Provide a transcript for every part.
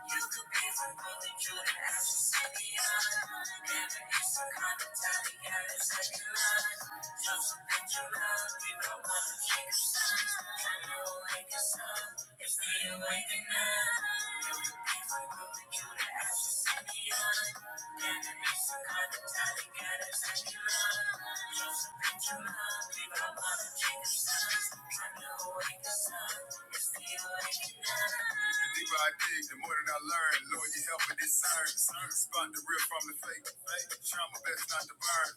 You could be from Brooklyn to the Exorcist, and generations coming together to save your life. Joseph Mitchell, people are watching the sun. I know it's up. It's still waking up. You could be from Brooklyn to the Exorcist, and generations coming together to save your life. Joseph Mitchell, people are watching the sun. I know it's up. It's still waking up. The deeper I dig, the more that I learn. Lord, you help me discern. Spot the real from the fake. Trauma best not to burn.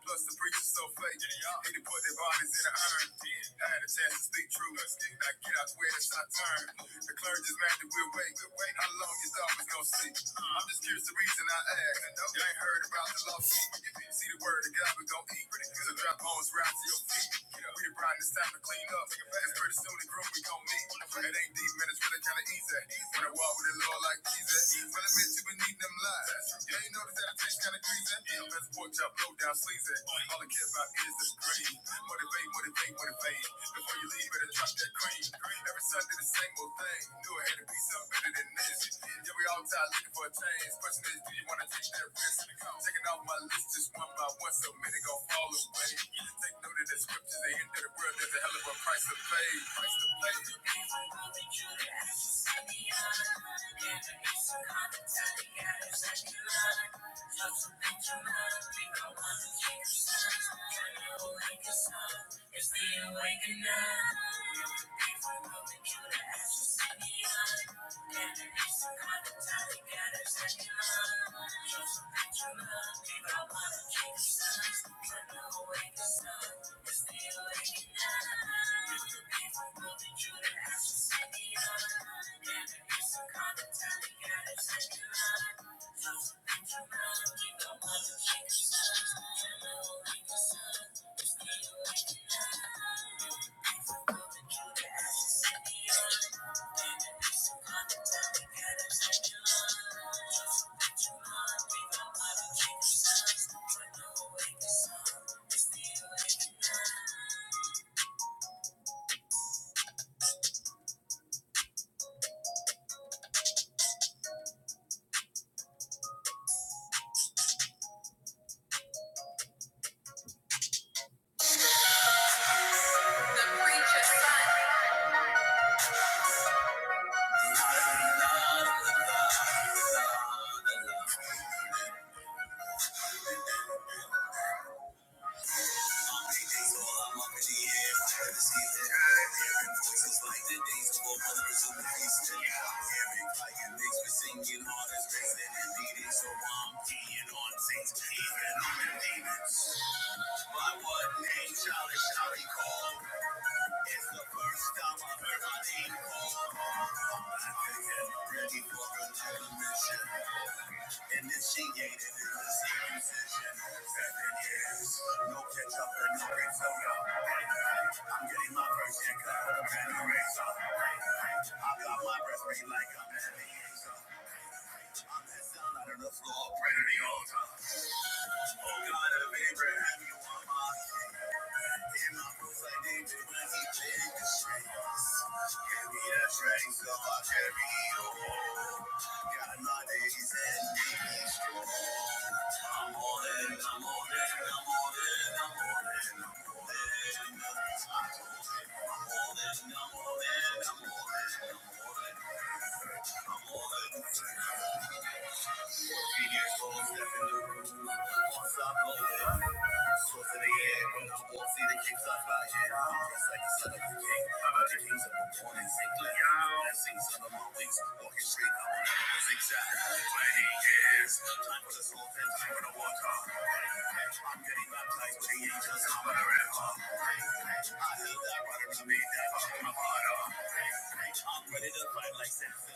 Plus the preacher's so fake. He to put their bodies in the urn. I had a chance to speak truth. I get out where it's our turn. The clergy's mad that we're wait. How long you thought was gonna sleep? I'm just curious the reason I ask. You ain't heard about the lost sheep. See the word of God, we gon' eat. So drop bones right to your feet. We the grind, it's time to clean up. And pretty soon the group we gon' meet. It ain't deep, man, it's really kinda easy. When I walk with the Lord like Jesus. Well, I meant you been needing them lies. You ain't noticed that it tastes kinda greasy. Best pork chop, low down sleazy. All I care about is the green. Motivate, motivate, motivate. Before you leave, better drop that cream. Every Sunday, the same old thing. Knew I had to be something better than this. Yeah, we all tired looking for a change. Question is, do you want to teach that real silicone? Checking off my list just one by one, so many gon' fall away. Take note of the scriptures, the end of the world, there's a hell of a price to pay. Price to pay. Just a picture, man, we got one of the things. Can you make a song? It's the awakening. waking up. If I wanted you to ask, set me up. Can't erase the carpet tile, you gotta set me up. Show some picture love, if I wanna keep the sun. Turn the awake sun. You're still waking up. If I wanted you to ask, you the astral, set me up. Can't erase the carpet tile, you gotta set me up. Show some picture love, if I wanna keep the sun. Turn the awake sun. The preacher. So I'm up in the air, trying to see that I'm voices like the days of brothers in Houston. Everybody in this was singing all this bass and beating, so I'm keying on things, even on the demons. By what name, Charlie, shall recall. It's the first time I've heard my name called. Back again, ready for another mission. Initiated in the same position. Seven years, no catch up and no refiller. I'm getting my first haircut with a pen and razor. I got my breath beat like I'm at the altar. I'm that sound out of the floor, praying to the altar. I'm all in, I'm all in, I'm all in, I'm all in. More than, more than, more than, more than, more than, more than, more than, more than. Four videos all stepping through. One stop over. So today, when I walk, see the king's on fire. It's like the southern king. How about the king's on? Thank you. I'm ready to fight like Samson. So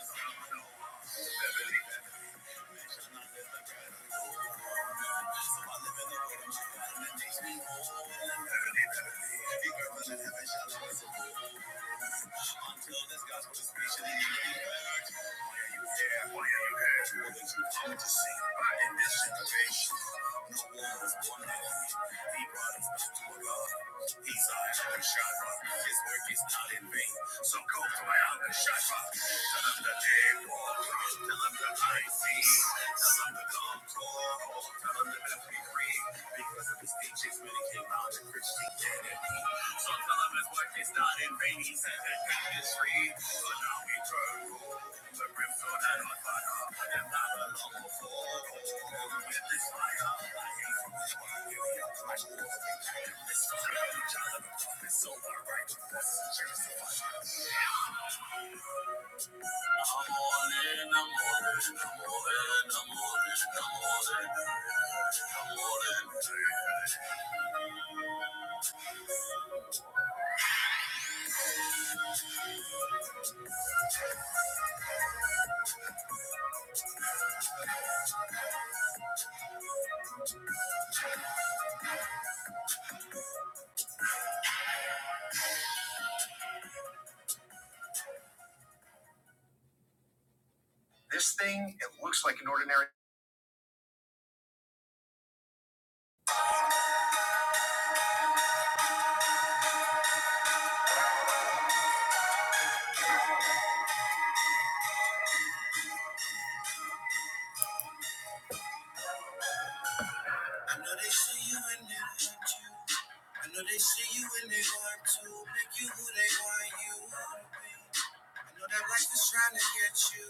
the way that you got heaven shall know it's a fool. Until this gospel is preached and you be back. Why are you there? Why are you there? Why are you there? in this generation. No one was born like you. He brought us to a God. He's our Alka Shara. His work is not in vain. So go to my Alka Shara. Tell him that they walk. Tell him that I see. Tell him that I'm tall. Tell him that we free. Because of his teachings, many came out to Christianity. So So so This thing, it looks like an ordinary I know they see you and they want you. I know they see you and they want to make you who they want you to be. I know that life is trying to get you.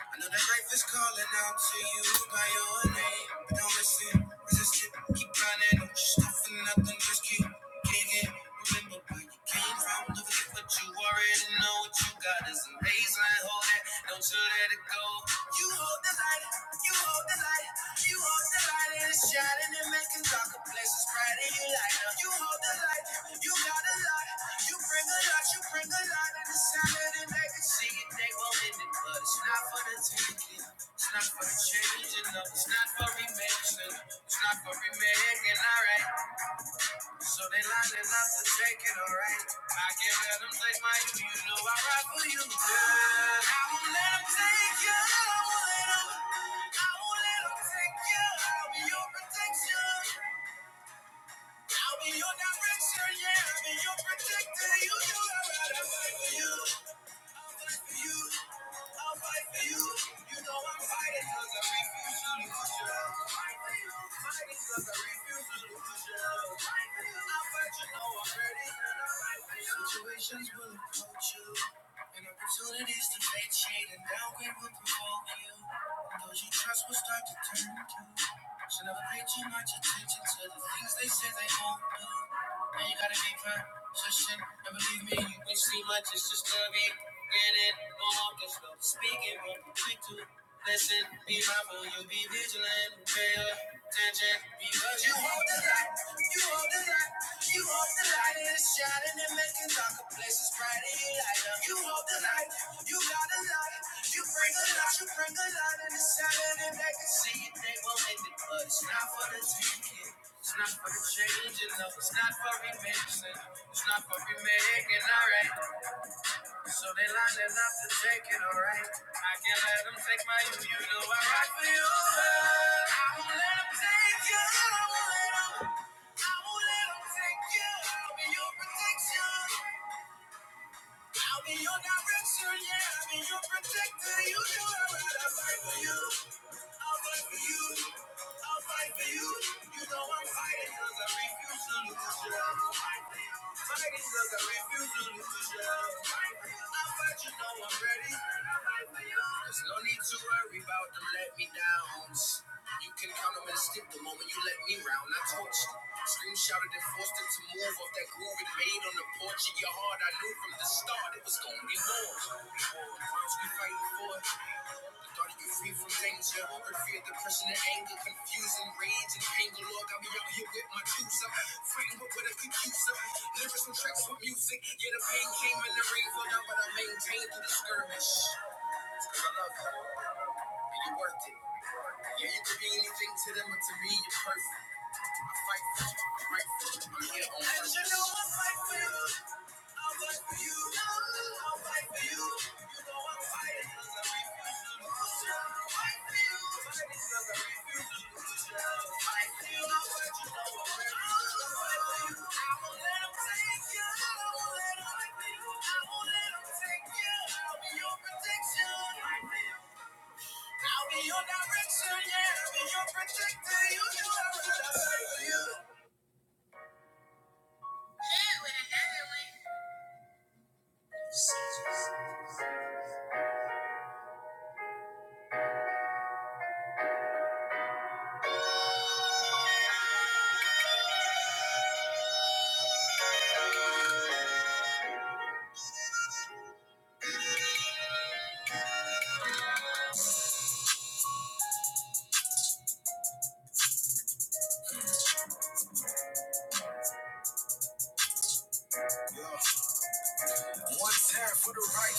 I know that life is calling out to you by your name. But don't listen, resist it, keep running. Don't you stop for nothing, just keep kicking. Remember where you came from, don't forget what you already know. What you got is amazing. Hold it, don't you let it go. You hold the light, you hold the light. You hold the light and it's shining and making darker places brighter. You light up. You hold the light. You got a lot. You bring a lot. You bring a lot. And it's solid and they can see it. They won't end it, but it's not for the taking. It's not for the changing. No, it's not for remaking. It's not for remaking. All right. So they lining up to take it, alright. I can't let them take my you, you know I ride for you, girl. I won't let them take you, I won't let them. I won't let them take you. I'll be your protection. I'll be your direction, yeah. I'll be your protector. You know I ride and fight for you. I'm right for you. I'm right for you. You know I'm fighting 'cause I refuse to lose you. Fight for Fighting 'cause I refuse to lose you. Fight for you. I fight you know I'm ready and I'm right Situations will approach you. And opportunities to fade shade and downgrade will provoke you. And those you trust will start to turn to. Should never pay too much attention to the things they say they won't do. Now you gotta be consistent and believe me, you ain't see much, it's just a Get it, on the slow. Speaking when you quick to listen. Be mindful, you be vigilant. Pay attention because you hold the light. You hold the light. You hold the light. and It's shining and making darker places brighter. You light up. You hold the light. You got a light. You bring a light. You bring a light and it's shining and they can see it. They won't make it, but it's not for the taking. It's not for the change, and love. It's not for remaking. It's not for remaking. All right. So they lined it up to take it, alright. I can't let them take my youth. You know I rock for you. I won't let them take you. I won't let them. I won't let them take you. I'll be your protection. I'll be your direction. Yeah, I'll be your protector. You know I'm right. I'll fight for you. I'll fight for you. I'll fight for you. You know I'm fighting 'cause I refuse to lose you. I'm fighting 'cause I refuse to lose you. I'll fight you know I'm ready. There's no need to worry about the let me downs. You can count them and skip the moment you let me round. I torched Scream shouted and forced them to move off that groove it made on the porch of your heart. I knew from the start it was gonna be more. Crimes we fighting for. it. The thought of you free from danger. Her fear, depression, and anger, confusion, rage, and anger. Lord, got me out here with my tools up. Fighting with what I could use up. Lyrics and tracks with music. Yeah, the pain came in the rain, filled out, but I maintained through the skirmish. I love you, and you're worth it. Yeah, you could be anything to them, but to me, you're perfect. I fight for you, right for you. I'm here on purpose. And you know I fight for you. I'll fight for you. I'll fight for you. You know I'm fighting 'cause I refuse to lose you. I'll fight for you. Fighting 'cause I refuse to lose you. I'll fight for you. I'll fight you. No, I refuse fight for you. I won't let let them take you. I won't let let them take you. I won't let let them take you. I'll be your protection. I'll Fight for you. I'll be your direction, yeah. I'll be your protector. You know I will for you. For the right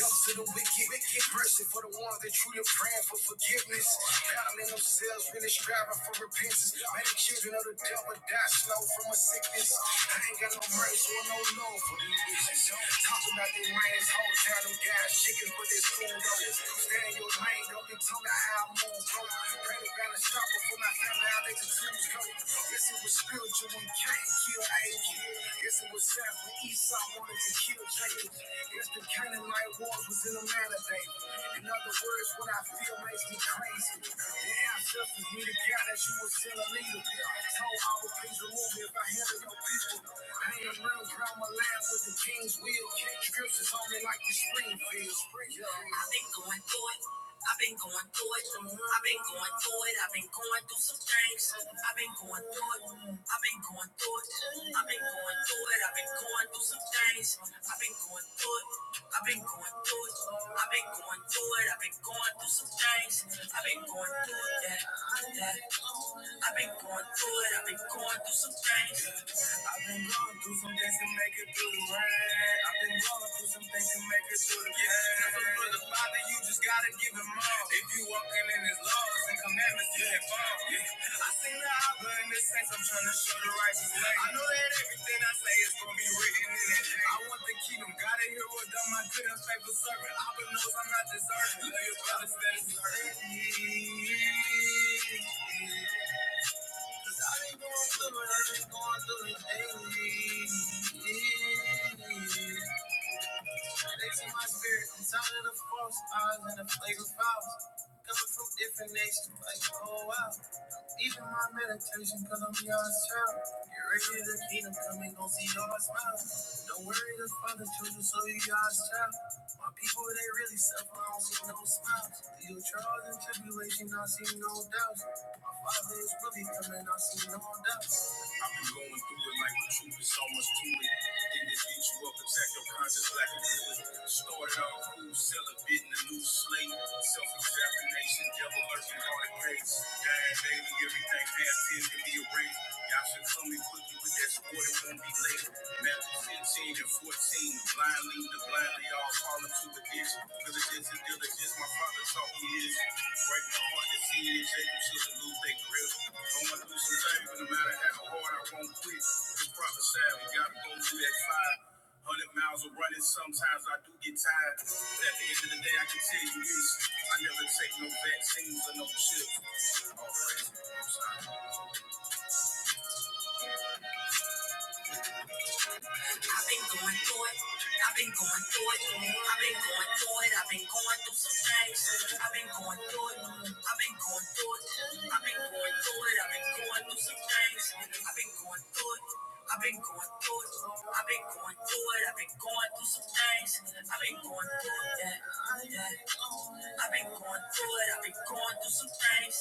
up to the wicked, wicked mercy for the ones that truly praying for forgiveness. Counting themselves, really striving for repentance. Many children of the devil die slow from a sickness. Got no mercy or no love. feel pain, don't be told how I move. Bro. Pray to God and stop before my family, I let the tools go. Yes, it was spiritual when Cain killed Abel. Yes, it was sad when Esau wanted to kill Jacob. It's the kind my wars was in the man of David. In other words, what I feel makes me crazy. The ancestors need to count that you were still a leader. Told I would things remove me if I handle your people. I ain't around, proud my land with the king's will. Scriptures on me like the spring feel. Spring. I been going through it. I've been going through it. I've been going through it. I've been going through some things. I've been going through it. I've been going through it. I've been going through it. I've been going through some things. I've been going through it. I've been going through it. I've been going through it. I've been going through some things. I've been going through it. Yeah, yeah. I've been going through it, I've been going through some things. I've been going through some things to make it through the rain. I've been going through some things to make it through the pain. Yeah, if it's for the Father, you just gotta give him all. If you walking in his laws and commandments, you have found. Yeah. I seen the Abba in this sense, I'm trying to show the righteous way. I know that everything I say is gonna be written in it. I will with God's favorite observer. Love your brother. Going through the things. They see my spirit, I'm tired of the false eyes and the flagrant vows. Coming from different nations, like, oh wow. Even my meditation, cause I'm God's child. Get ready to the kingdom coming, gon' see all my smiles. Don't worry, the father children, so you God's child. My people, they really suffer, I don't see no smiles. Through your trials and tribulation, I see no doubts. Father really coming, I see no doubt. I've been going through it like the truth is so much to it. Then it beats you up, attack your conscience like a bullet. Started off cool, selling bit in a new slate. Self-examination, devil lurking on the grace. God, baby, everything past tense can be erased. Y'all should come and put you with that sport, it won't be late. Matthew 15 and 14, blind lead the blindly, all fall into addiction. Because it's just a it is Diligence and diligence, my father taught me this. Break my heart to see these haters to lose their grip. I'm gonna lose some time, but no matter how hard I won't quit. It's prophesied, we gotta go through that fire. Hundred miles of running, sometimes I do get tired. But at the end of the day, I can tell you this: I never take no vaccines or no chips. All praise, to the I've been going through it. I've been going through it. I've been going through it. I've been going through some things. I've been going through it. I've been going through it. I've been going through it. I've been going through some things. I've been going through it. I've been going through it. I've been going through it. I've been going through some things. I've been going through it. Yeah, yeah. I've been going through it. I've been going through some things.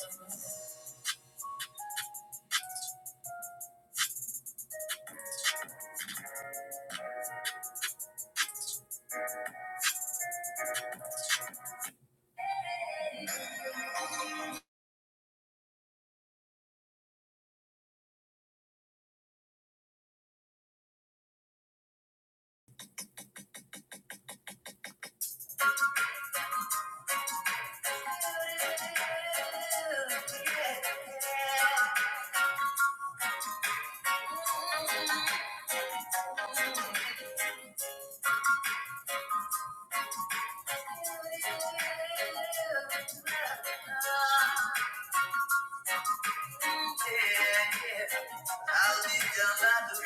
I've been down,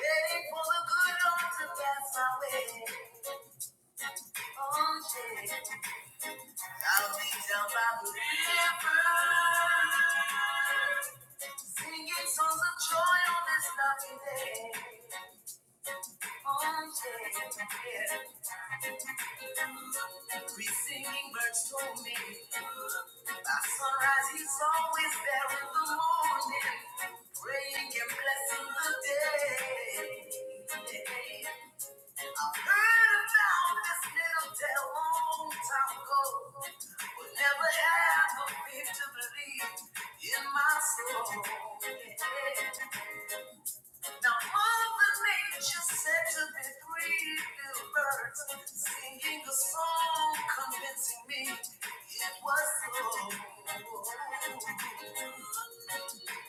Singing songs of joy on this lovely day. On day. We singing birds to me. By sunrise, is always there in the morning. Praying and blessing the day. Hey, hey. I've heard about this little tale a long time ago. Would never have a faith to believe in my soul. Now Mother Nature said to me three little birds singing a song, convincing me it was so. cool.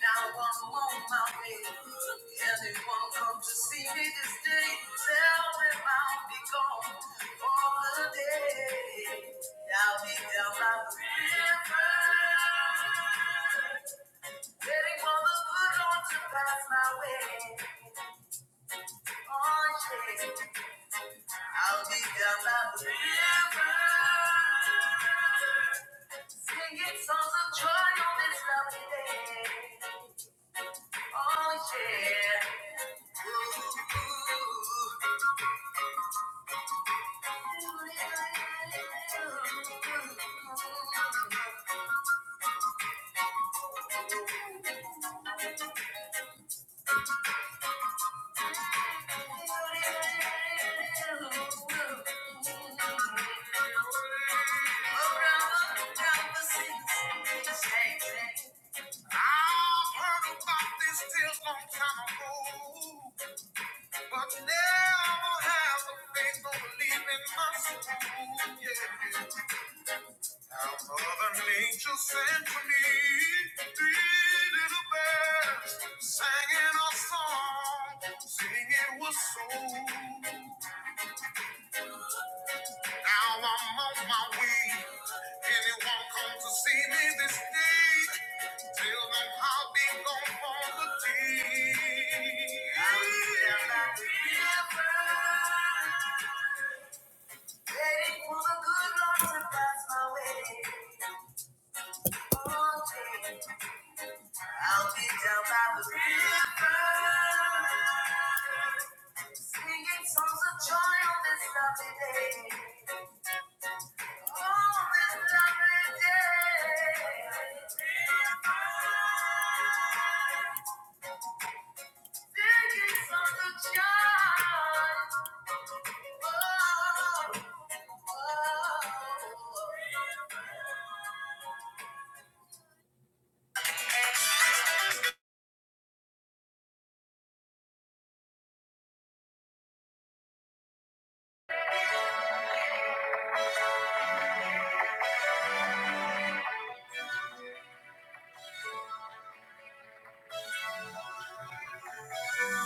Now I'm on my way. Anyone come to see me this day? Tell them I'll be gone for the day. I'll be down by the river, waiting for the good Lord to pass my way. Oh yeah, I'll be down by the river, singing songs of joy on this lovely day. Oh yeah. it's Feels long time ago. But now I won't have the faith, don't believe in myself. Yeah. How Mother Nature sent for me, three little birds singing a song, singing with soul. Now I'm on my way. Anyone come to see me this day? Tell them how they gon' fall the day. I'm waiting for the good Lord to pass my way. I'll be down by the river, singing songs of joy on this lovely day. Oh, this lovely day.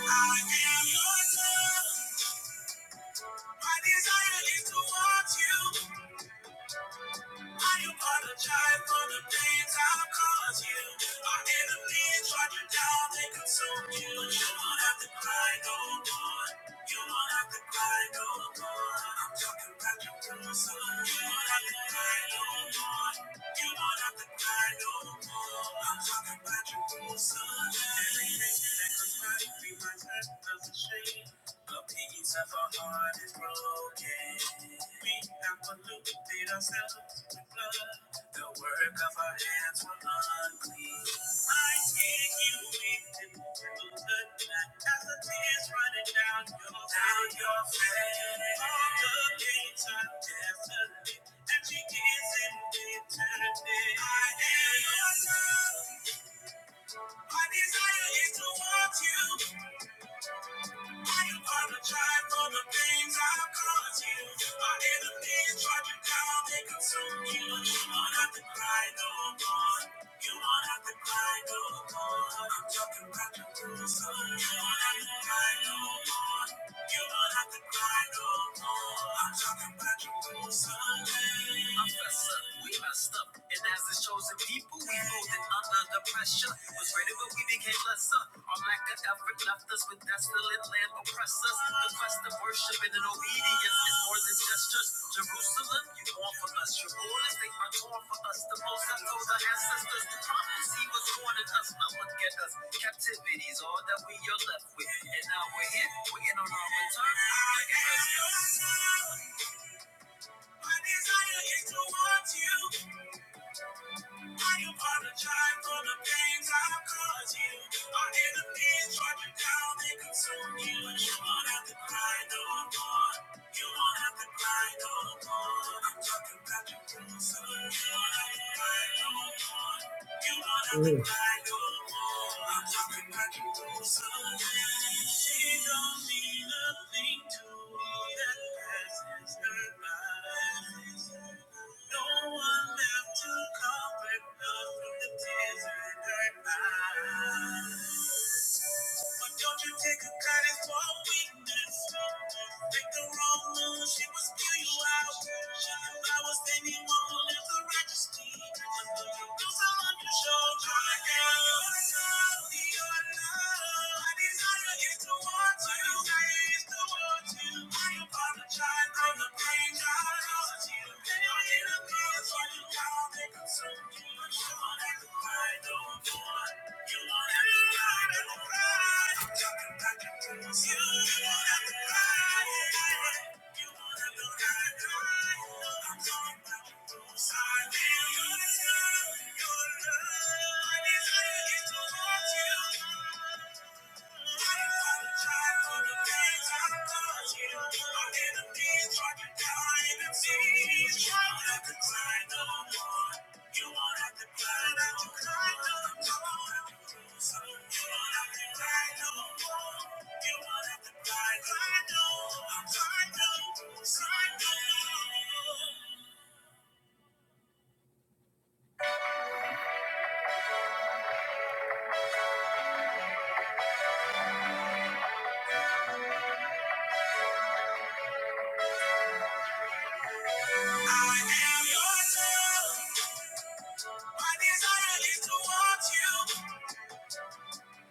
I am your love. My desire is to want you. I apologize for the things I've caused you. Our enemies tried you down, they consumed you. But you won't have to cry no more. You won't have to cry no more. I'm talking about your person. You won't have to cry no more. You won't have to cry no more. I'm talking about your person. Everybody behind that doesn't shame. A piece of our heart is broken. We have polluted ourselves. The work of our hands were unclean. I take you into the night as the tears running down your down your face. All the gates are desolate, and she is in eternity. I am your love. My desire is to want you. I apologize for the things I've caused you. My enemies tried you down, they consume you. You won't have to cry no more. You won't have to cry no more. I'm talking about you through the bruises. You won't have to cry. You won't have to cry no We messed up, and as his chosen people, we folded under the pressure. Was ready, but we became lesser. Our lack of effort left us with desolate land oppressors. The quest of worship and an obedience is more than gestures. Jerusalem, you mourn for us. Your rulers, they are torn for us. The most I told our ancestors, the prophecy was warning us. Now look at us. Captivity is all that we are left with, and now we're here. In turn, look at us. My desire is towards you. I apologize for the pains I've caused you. Our enemies brought you down and consume you. But you won't have to cry no more. You won't have to cry no more. I'm talking about your bruises. You won't have to cry no more. You won't have to Mm. cry no more. I'm talking about your bruises. She don't mean a thing to me that passes her by. No one left to comfort none from the tears in her eyes. But don't you take a credit for our weakness. Make the wrong move, she will spew you out. She was anyone who lives a righteous deed. Do someone to show your love. Your love. My desire is to want you. My desire is to want you. I apologize for the pain I caused you. Then I hit a cause for the God that consumed you. But you won't have to cry no more. Your love is all I get to want you. I am your love. My desire is to want you.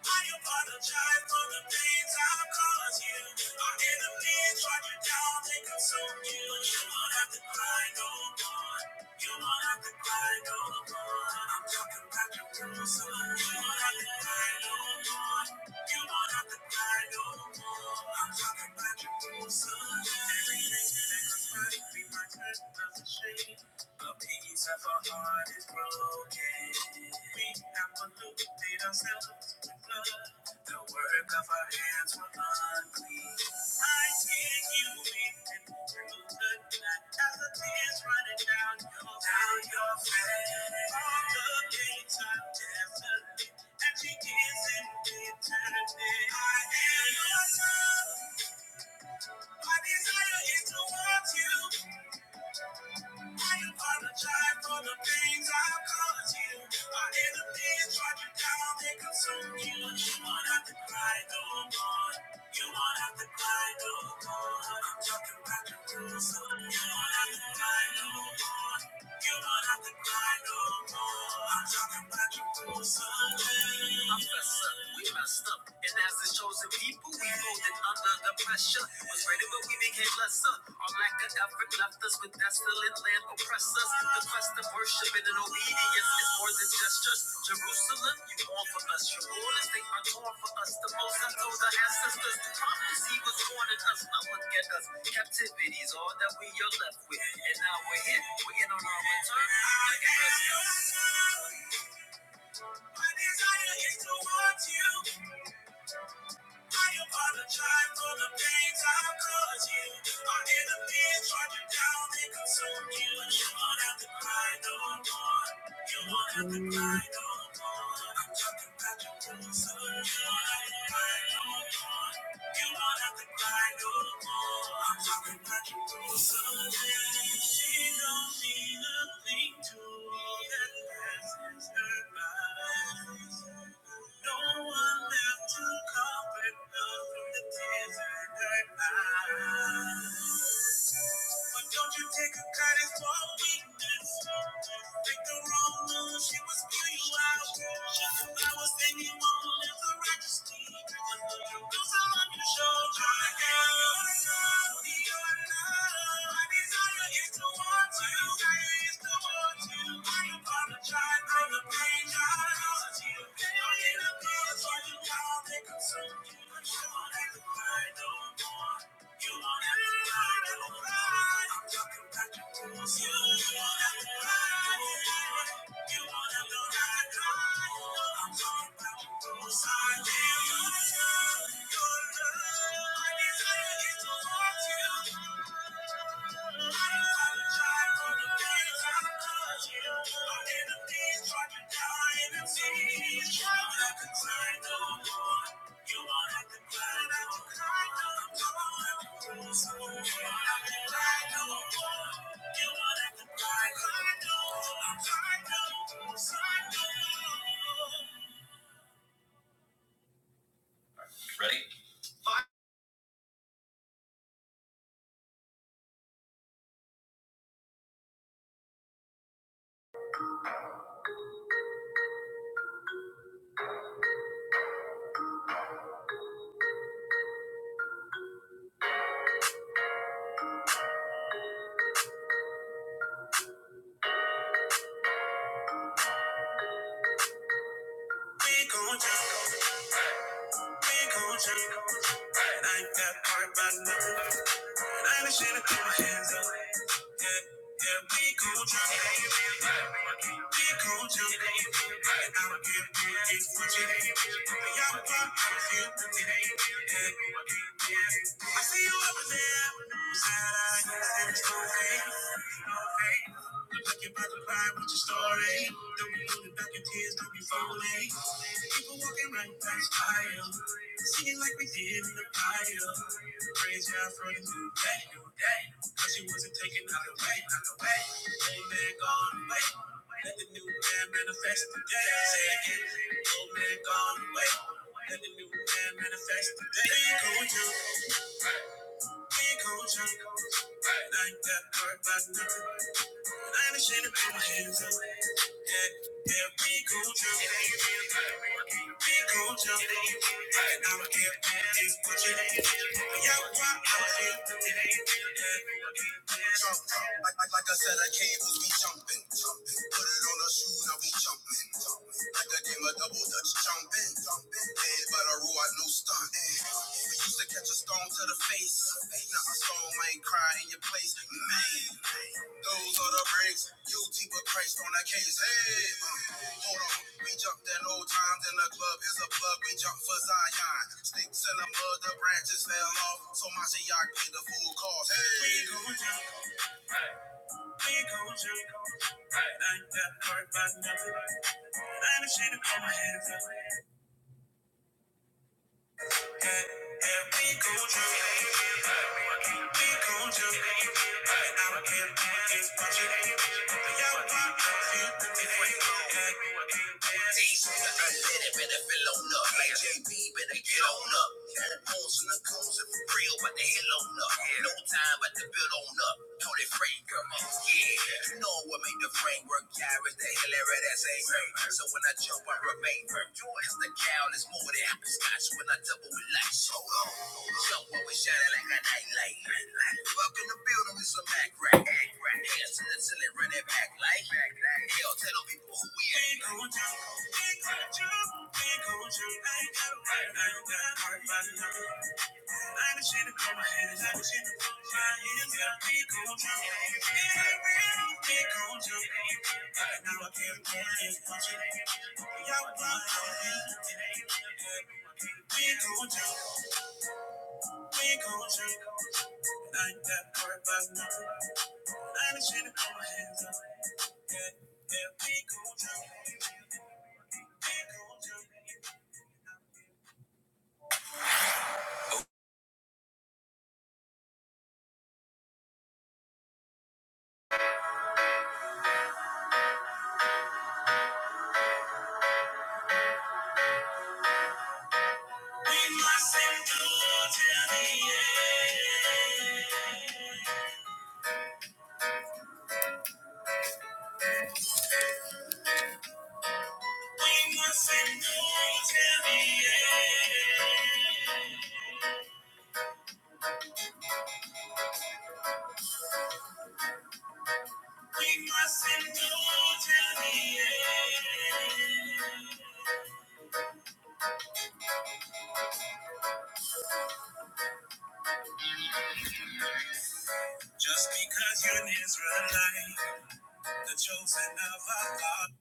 I apologize for the things I've caused you. Our enemies track you down, they consume you. You won't have to cry no more. You won't have to cry no more. I'm talking about your Jerusalem. You won't have to cry no more. You won't have to cry no more. I'm talking about your Jerusalem. Everything that could be my curse doesn't shame. The peace of our heart is broken. We have polluted ourselves with blood. The work of our hands were unclean. I see you weeping through the blood as the tears running down your down your face. All the gates are desolate, and she is in eternity. I am your son. My desire is to want you. I apologize for the things I've caused you. My enemies tried you down, they consumed you. You won't have to cry no more. You won't have to cry no more. I'm talking about the Jerusalem. You won't have to cry no more. You won't have to cry no more. I'm talking about the rules. I'm blessed as chosen. It Was rated, but we became lesser. Our lack of effort left us with desolate land oppress us. The quest of worship and an obedience is more than gestures. Jerusalem, you mourn for us. Your rulers, they are torn for us. The most I told the ancestors. The prophecy was warning us. Now look at us. Captivity is all that we are left with. And now we're here. We're in on our return. Look at us. My desire is to want you. I apologize for the pains I've caused you. Our enemies tried to down and consume you. You won't have to cry no more. You won't have to cry no more. I'm talking about your wounds, so you won't have to cry no more. You won't have to cry no more. I'm talking about your wounds, so she don't mean a thing to me that passes her by. No one left to comfort none from the tears in her eyes. But don't you take a credit for a weakness. Think the wrong move, she was pure you out. If I was anyone, it's a registry. Those are on your shoulder. You're not, you're not. My desire is to want you. Is to want you. I apologize for the pain I caused you. i are in a place where you gotta make a certain. I'm sure that I know more. Your love, is all I desire to want you. We gon' jump, we gon' jump, right like that part, but Story, don't be looking back at tears, don't be falling. People walking right past fire. Seems like we did in the bio. Praise God for the new day. New day. But she wasn't taken out of the way. Out of the way. Old man gone away. Let the new man manifest today. Say it again. Old man gone away. Let the new man manifest today. cold, jump. Big cold, jump. Like that part about nothing. I ain't ashamed to put my hands up. Yeah, yeah, we cold, jump. We go jump, we go jump. I'mma give it, give it what you need. Yeah, we're wild and free. Every time we jump, the face up, now I ain't crying in your place. Man, Briggs, you deeper, Christ on that case. Hey, hold on, we jumped at old times in the club. It's a plug, we jump for Zion. Sticks fell off, the branches fell off, so Machiavelli the full cost. We go jump, we go jump. I like that part, but never. Honestly, Yeah, yeah, it. We Yeah. better fill on up. Like JB, better get on up. Bones and the coons if for real, but the hill on up. No time, but the build on up. Tony Frank, come on, yeah. You know what made the framework, yeah, is the hill, that's ain't hurt. So when I jump, I remain firm. Joy is the cow, it's more. apple with apples. Hot when I double with lights. Hold on. Jump always shining like a nightlight. Fuck in the building with some Mac rack. Dancing until it run it back like. Hell, tell them people who we are. Ain't gon' jump. Ain't gon' jump. Ain't gon' jump. I ain't got a right. I ain't got a right. Ain't my same to the end. We must endure till the end. We must endure till the end. Just because you're an Israelite, the chosen of Allah.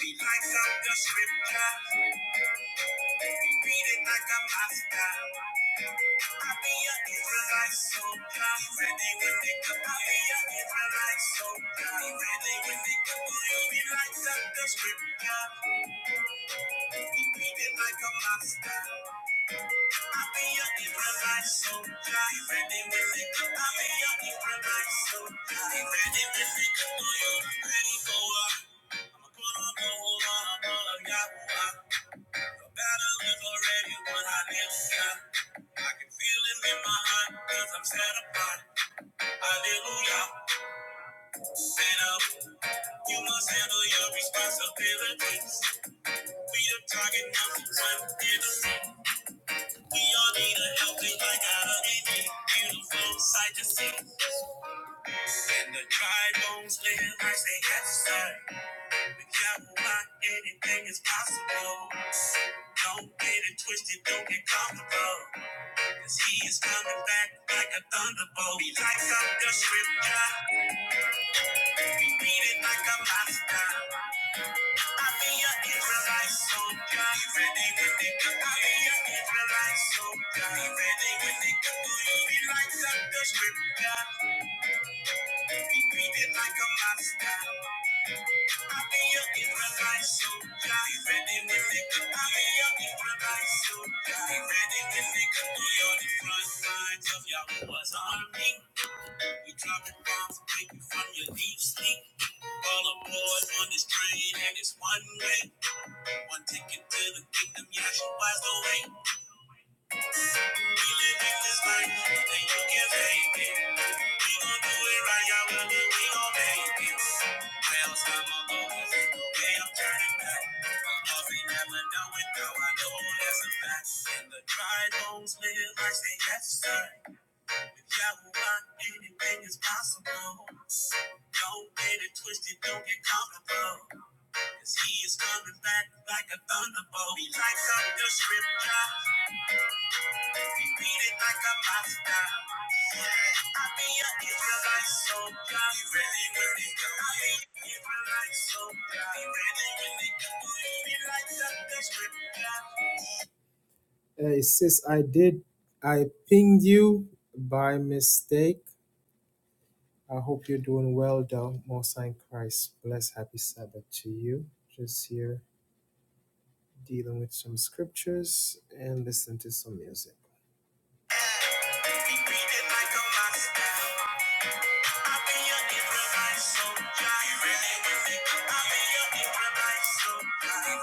We light up the scripture, we read it like a pastor. I be an Israelite soldier, ready when they come. I be an Israelite soldier, ready when they come. We light up the scripture, we read it like a master. I can feel him in my heart i I'm set apart. Hallelujah. Set up. You must handle your responsibilities. We are target number one We all need a helping like I Beautiful sight to see. And the dry bones live like they got started. With Yahweh, anything is possible. Don't get it twisted, don't get comfortable. Cause he is coming back like a thunderbolt. He lights up the scripture. We read it like a monster. I be an Israelite soldier. Be ready when they come. I be an Israelite soldier. Be ready when they come. He lights up the scripture. We read it like a monster. We dropping bombs, take you from your deep sleep. All aboard on this train, and it's one way. One ticket to the kingdom, yeah, she was the way. We live in this life, and you can hate it. Don't get it twisted, don't get comfortable. he is coming back like a thunderbolt. He lights up the scripture. Beat it like a master. Yeah, I be an Israelite soldier. Be ready when they come. I be an Israelite soldier. Be ready when they come. Lead like something scripture. Hey sis, I did. I pinged you by mistake. I hope you're doing well, though. Most High in Christ, bless, happy Sabbath to you. Just here dealing with some scriptures and listen to some music. Be beating like a master. I'll be your Israelite soldier. You ready with me? I'll You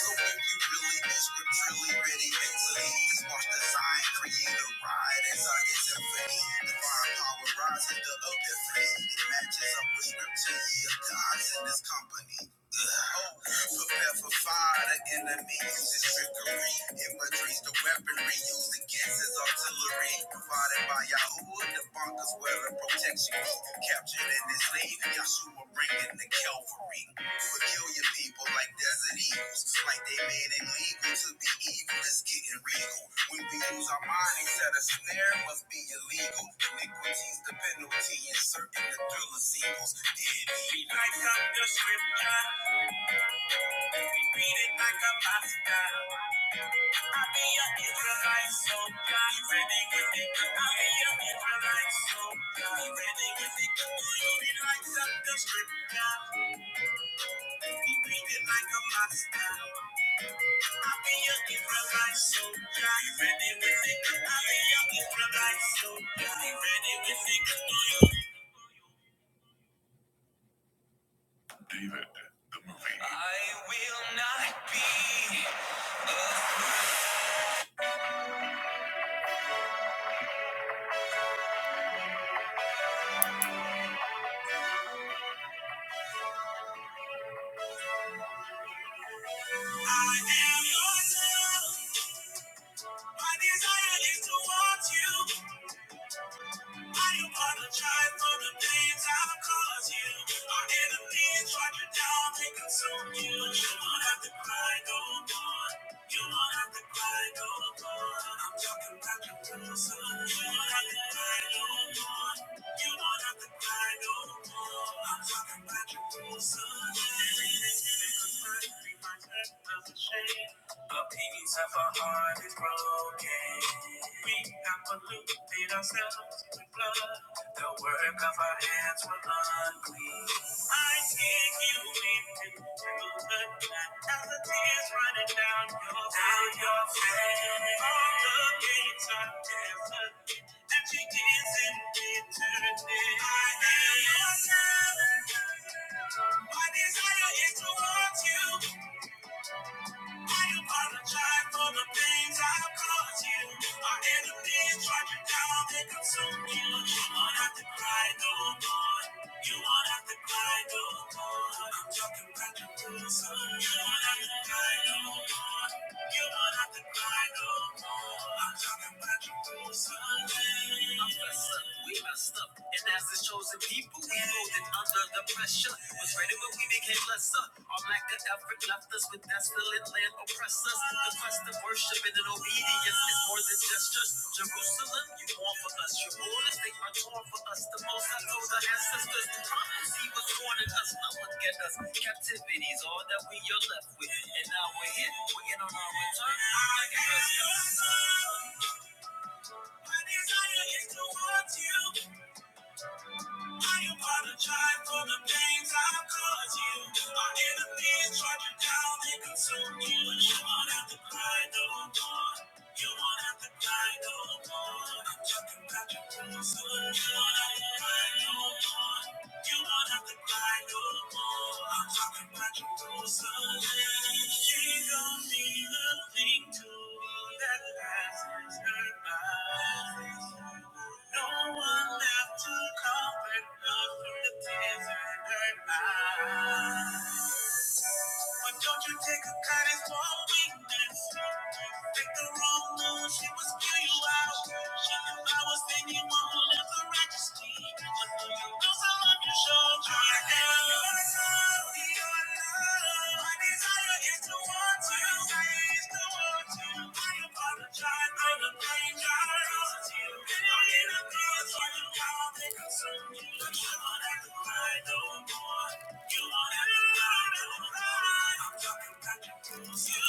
So if you really is really ready mentally, just watch the sign, create a ride inside Divine power rises to epiphany. It matches up with scripture. Yeah, God's in this company. Ugh. Prepare for fire, the enemy uses trickery. Imagery's the weaponry used against his artillery. Provided by Yahuwah, the bunkers where the protection. be. Captured in his sleeve, Yahshua bringing the Calvary. Peculiar people like desert eagles. Like they made it legal to be evil, it's getting real. When we lose our mind, they said a snare must be illegal. Iniquity's the penalty, inserting the thriller sequels. Did He light up the scripture. Beat it like a pasta. I be your Israelite soldier, ready with it. I be your Israelite soldier, ready with it. You will be like something scripture. Beat it like a pasta. I be your Israelite soldier, ready with it. I be your Israelite soldier, ready with it. I am your love. My desire is to want you. I apologize for the pains I've caused you. Our enemies tried you down, they consume you. You won't have to cry no more. You won't have to cry no more. I'm talking about your person. You won't have to cry no more. You won't have to cry no more. I'm talking about your person. Because my, my, my, my, the peace of our heart is broken. We have polluted ourselves with blood. The work of our hands were unclean. I take you into the blood as the tears running down your down your face. All the gates are desolate, and she is in eternity. I am your servant. My desire is to want you. I apologize for the things I've caused you. Our enemies tried you down, they consumed you. You won't have to cry no more. You won't have to cry no more. I'm talking about you to the sun. You won't have to cry no more. You won't have to cry no more. I'm talking about you to the sun. I'm blessed up, we messed up. And as his chosen people, we molded under the pressure was rated when we became lesser. All black Africa left us with desolate land oppress us. The quest of worship and an obedience is more than gestures. Jerusalem, you mourn for us. Your rulers, they are torn for us. The most I told our ancestors. The Prophecy was warning us. Now look at us. Captivity is all that we are left with. And now we're here, We're in on our return. I Like a Christmas. I desire is to want you. I apologize for the pains I've caused you. My enemies tried you down and consume you. You won't have to cry no more. You won't have to cry no more. I'm talking about your rules. You won't have to cry no more. You won't have to cry no more. I'm talking about your rules. You don't need a thing to that passes her by. No one left to comfort us from the tears in her eyes. Why don't you take a kindness for a weakness? Pick the wrong move, she will spew you out. She knew I was in you, won't live the registry. But do you know some love your showed you? I am your love, your love. My desire is to want you, my desire is to want you. I apologize for the pain I caused you. And I'm in a cause for the power that consumed you. But you don't have to cry no more. Thank you.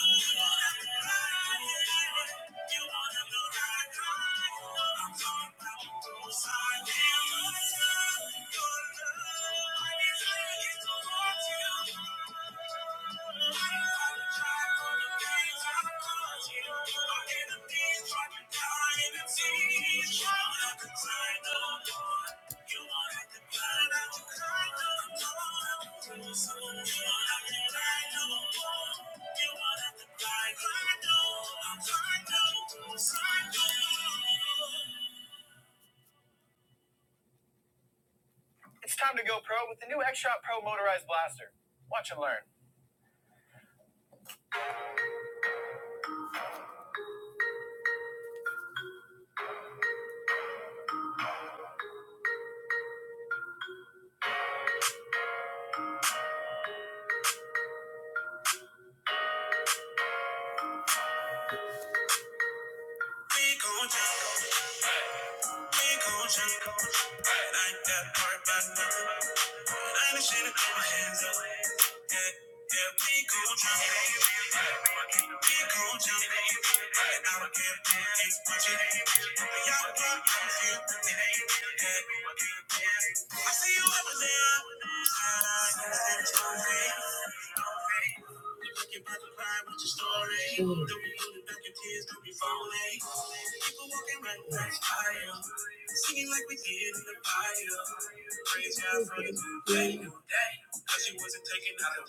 Expression, Young pop, I'm feel pretty. I see you over there. you said okay. Okay. looking back to cry with your story. Don't be holding back your tears, don't be falling. People walking right past fire. Singing like we did in the fire. Praise God for the new day, new day. Cause you wasn't taking out of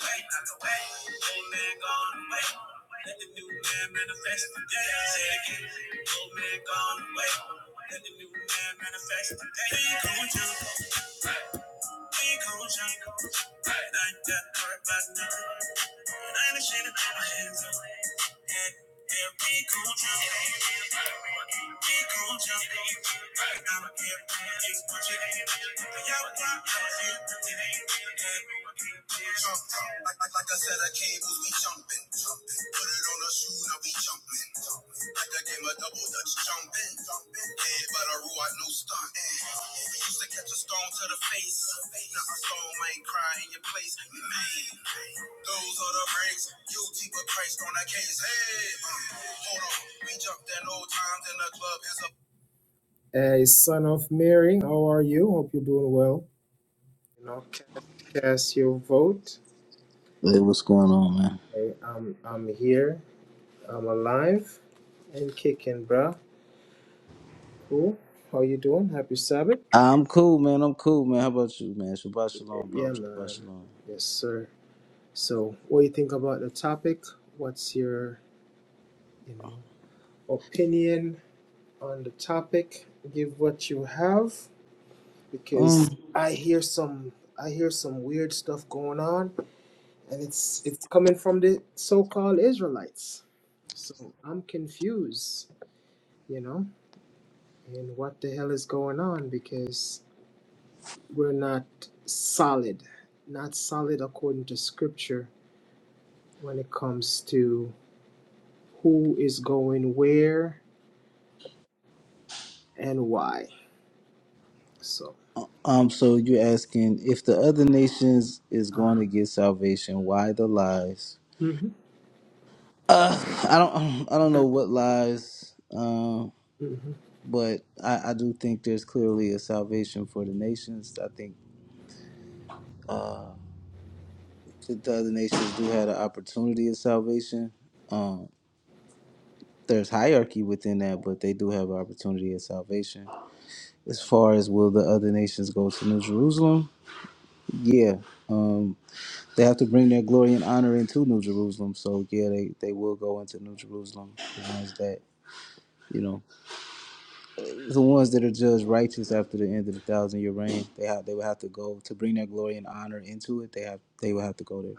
the man, man, man, man. man. Go jump, go jump. Yeah, like, like, like I said, I came, we jumping, jumping. Put it on her shoe, now we jumping. The game of double dutch jumping. Head but a rule, I no stunt. Used to catch a stone to the face. Now I stone my play. Those are the breaks. Guilty but Christ on the case. Hey, uh, hold on. We jumped in old times in the club. Hey, son of Mary, how are you? Hope you're doing well. You know, cast, cast your vote. Hey, what's going on, man? Hey, I'm I'm here. I'm alive and kicking, bruh. Cool. How you doing? Happy Sabbath. Ah, I'm cool, man. I'm cool, man. How about you, man? Shabbat shalom, bro. Yeah, Shabbat man. shalom. Yes, sir. So, what do you think about the topic? What's your, you know, opinion on the topic? Give what you have because Um, I hear some I hear some weird stuff going on and it's it's coming from the so-called Israelites. So, I'm confused, you know, and what the hell is going on because we're not solid, not solid according to scripture when it comes to who is going where and Y. So um. So you asking if the other nations is uh, going to get salvation? Why the lies? mhm, Uh, I don't. I don't know what lies. Um, mhm. but I, I do think there's clearly a salvation for the nations. I think that the other nations do have an opportunity of salvation. Um, there's hierarchy within that, but they do have an opportunity of salvation. as far as will the other nations go to New Jerusalem? Yeah, um, they have to bring their glory and honor into New Jerusalem. So yeah, they, they will go into New Jerusalem. The ones that you know, the ones that are judged righteous after the end of the thousand year reign, they have they will have to go to bring their glory and honor into it. They have they will have to go there.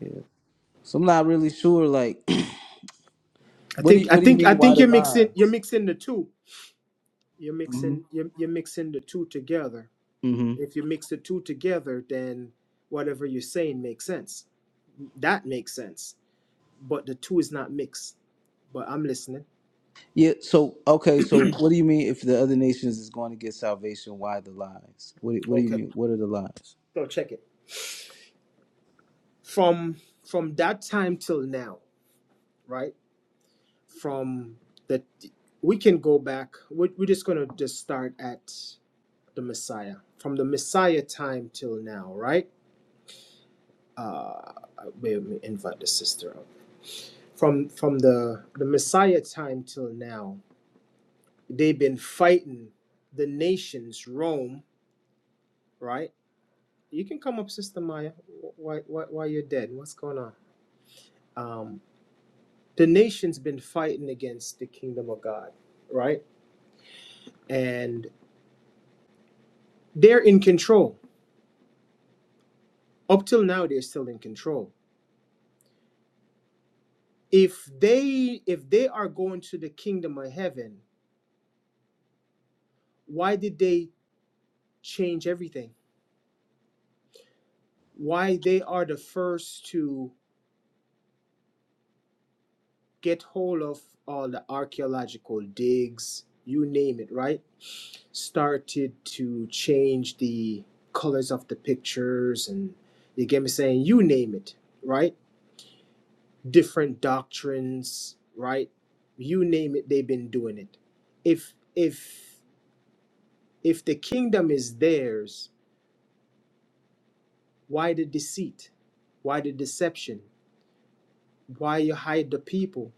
Yeah. So I'm not really sure. Like, I what do you think I what do you think I mean? Why think the you're mixing you're lines? mixing the two. You're Mm-hmm. mixing you're, you're mixing the two together. Mm-hmm. If you mix the two together, then whatever you're saying makes sense. That makes sense. But the two is not mixed. But I'm listening. Yeah. So okay. So what do you mean if the other nations is going to get salvation? Why the lies? What What do you Okay. mean? What are the lies? So check it. From from that time till now, right? From the we can go back. We're, we're just gonna just start at the Messiah. From the Messiah time till now, right? uh wait, let me invite the sister up from from the the messiah time till now they've been fighting the nations rome right you can come up sister maya why why, why you're dead what's going on um the nations been fighting against the kingdom of god right and they're in control up till now they're still in control if they if they are going to the kingdom of heaven why did they change everything why they are the first to get hold of all the archaeological digs, you name it, right? Started to change the colors of the pictures and you get me saying, you name it, right? Different doctrines, right? You name it, they've been doing it. If if if the kingdom is theirs, why the deceit? Why the deception? Why you hide the people?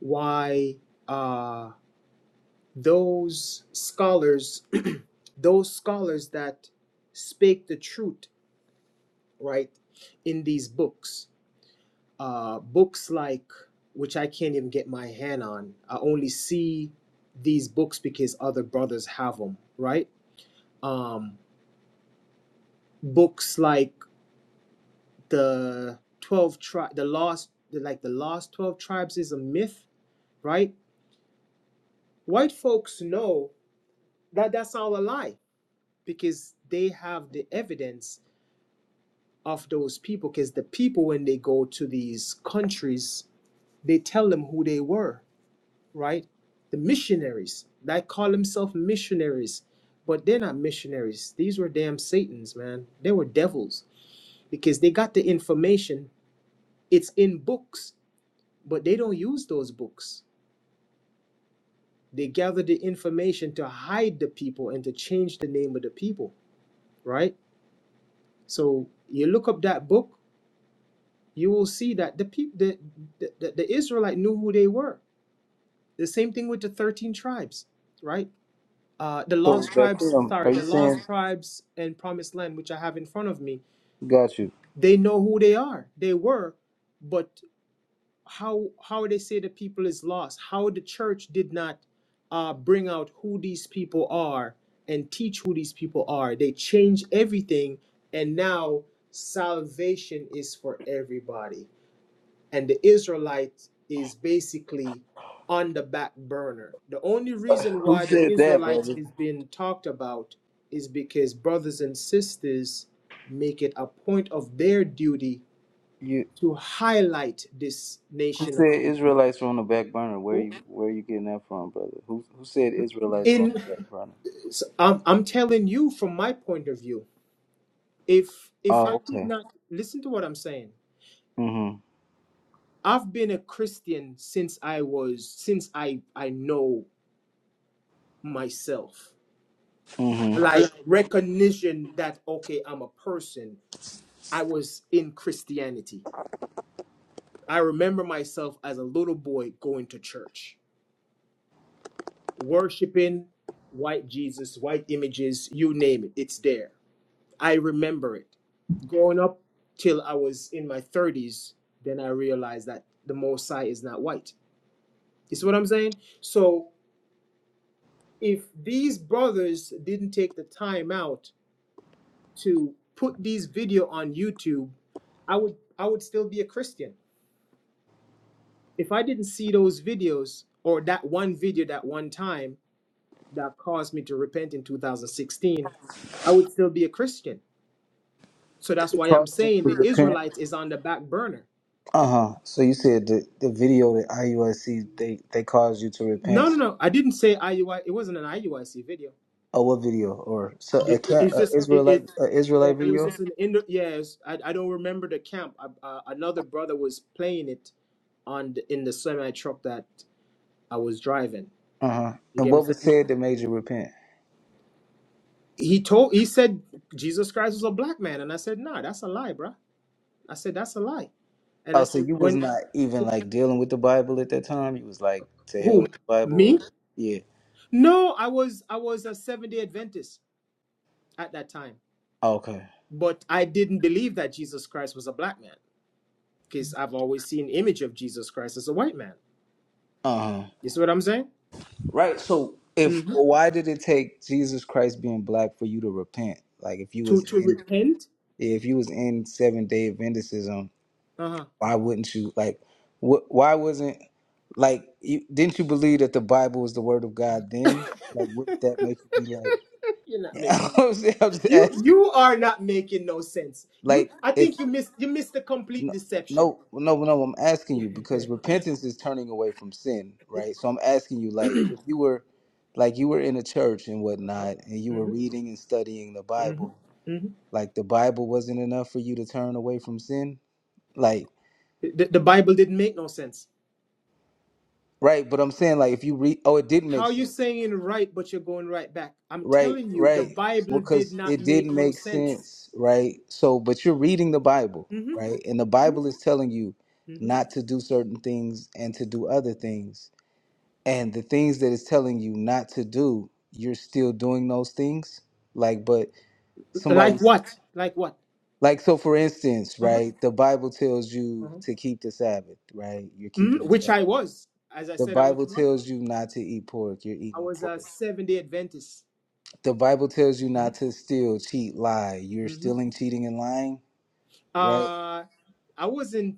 Why uh, those scholars those scholars that spake the truth right in these books uh books like which i can't even get my hand on i only see these books because other brothers have them right um books like the 12 tri- the lost like the lost 12 tribes is a myth right white folks know that that's all a lie because they have the evidence of those people because the people when they go to these countries they tell them who they were right the missionaries they call themselves missionaries but they're not missionaries these were damn satans man they were devils because they got the information it's in books but they don't use those books they gather the information to hide the people and to change the name of the people right so you look up that book you will see that the people the, the, the israelite knew who they were the same thing with the 13 tribes right uh the So lost tribes Zakim, sorry are you the saying? lost tribes and promised land which i have in front of me Got you. they know who they are they were but how how they say the people is lost how the church did not uh bring out who these people are and teach who these people are they change everything and now salvation is for everybody and the Israelites is basically on the back burner. The only reason Who why the said that, Israelites brother? is being talked about is because brothers and sisters make it a point of their duty You to highlight this who nation of said Israelites are on the back burner? Where you people. Where you getting that from, brother? Who Who said Israelites are on In the back burner? so I'm, I'm telling you from my point of view, if if Oh, I did okay. not listen to what I'm saying, Mm-hmm. I've been a Christian since I was since I I know myself. Mm-hmm. like recognition that okay i'm a person i was in christianity i remember myself as a little boy going to church worshiping white jesus white images you name it it's there i remember it growing up till i was in my 30s then i realized that the mosai is not white you see what i'm saying so if these brothers didn't take the time out to put these video on YouTube, I would I would still be a Christian. If I didn't see those videos or that one video that one time that caused me to repent in 2016, I would still be a Christian. So that's It why I'm caused you saying to the repent. Israelites is on the back burner. Uh huh. So you said the, the video that IUSC they they caused you to No, repent. no, So, no. I didn't say IUI. It wasn't an IUIC video. oh, what video or so It, a, it- ca- it's a just it, it. Israelite a Yeah, Israelite it was video? just an Indo. Yeah, it was- I, I don't remember the camp. Uh, uh, another brother was playing it on the, in the semi truck that I was driving. Uh huh. You And get me what was saying? said that made you repent? He told he said Jesus Christ was a black man, and I said, nah, that's a lie, bruh. I said that's a lie. And I Oh, so said, you was when not even like dealing with the Bible at that time. You was like to hell who? with the Bible. Or, Me? yeah. No, I was I was a seventh day Adventist at that time. Okay. But I didn't believe that Jesus Christ was a black man. Because I've always seen image of Jesus Christ as a white man. Uh huh. You see what I'm saying? Right. So if Mm-hmm. why did it take Jesus Christ being black for you to repent? Like if you To was to in repent. if you was in Seven Day Adventism, Uh-huh. why wouldn't you like? Wh- why wasn't like you, didn't you believe that the Bible was the word of God then? Like wouldn't that make you be like? You're not making I'm just I'm just you asking. you are not making no sense. You Like I if think you missed you missed the complete No, deception. no, no, no. I'm asking you because repentance is turning away from sin, right? So I'm asking you, like, if you were, like, you were in a church and whatnot, and you Mhm. were reading and studying the hmm Bible, hmm like, the Bible wasn't enough for you to turn away from sin, like, The, the Bible didn't make no sense. right? But I'm saying, like, if you read, oh, it didn't How make are you sense, saying right, but you're going right back? I'm right? telling you, the Right? Bible Well, did because not it make didn't no make sense. sense, right? So, but you're reading the Bible, hmm right? And the Bible is telling you hmm not to do certain things and to do other things and the things that it's telling you not to do, you're still doing those things. Like, but Like somebody's what? Like what? like, so for instance, Uh-huh. right? The Bible tells you Uh-huh. to keep the Sabbath, right? You're keeping Mhm. the Which Sabbath. I was. As I The said, I was Bible a what? tells you not to eat pork. You're I eating was a pork. Seventh day Adventist. The Bible tells you not hmm to steal, cheat, lie. You're hmm stealing, cheating, and lying, right? Uh, I wasn't.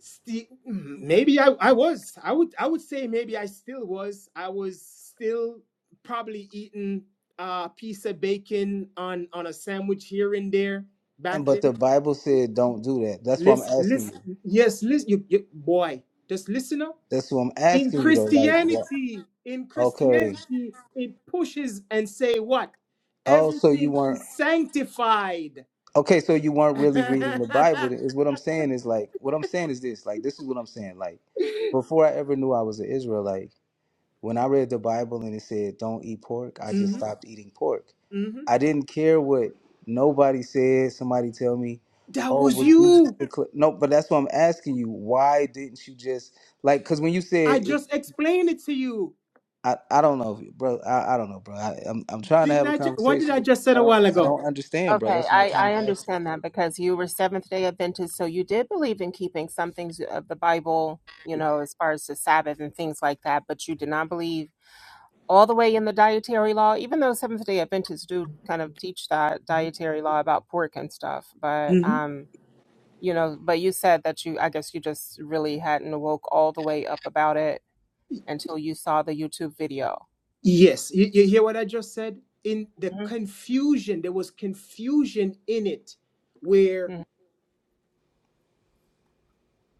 Sti- maybe I, I was i would i would say maybe i still was i was still probably eating a piece of bacon on on a sandwich here and there And back but the then Bible said don't do that. That's what listen I'm asking listen you. yes listen you, you boy just listen up That's what I'm in asking you though. Like, what? christianity in Okay. christianity it pushes and say what Oh, so you everything weren't. is sanctified Okay, so you weren't really reading the Bible. Is what I'm saying is like what I'm saying is this. Like this is what I'm saying. Like before I ever knew I was an Israelite, when I read the Bible and it said don't eat pork, I just Mhm, stopped eating pork. mhm. I didn't care what nobody said. Somebody tell me, that oh, was but Jesus. you decla-" No, but that's what I'm asking you. Why didn't you just like? Because when you i said, it, just explained it to you I I don't know, bro. I, I don't know, bro. I, I'm I'm trying to Didn't have a I? Ju- what did I conversation. just said I a don't while I ago? don't understand, bro. Okay, That's what I'm I, trying I to ask you. understand that because you were Seventh day Adventist, so you did believe in keeping some things of the Bible, you know, as far as the Sabbath and things like that, but you did not believe all the way in the dietary law, even though Seventh day Adventists do kind of teach that dietary law about pork and stuff. But, hmm um, you know, but you said that you, I guess you just really hadn't woke all the way up about it until you saw the YouTube video. Yes, you, you hear what I just said? In the hmm confusion, there was confusion in it, where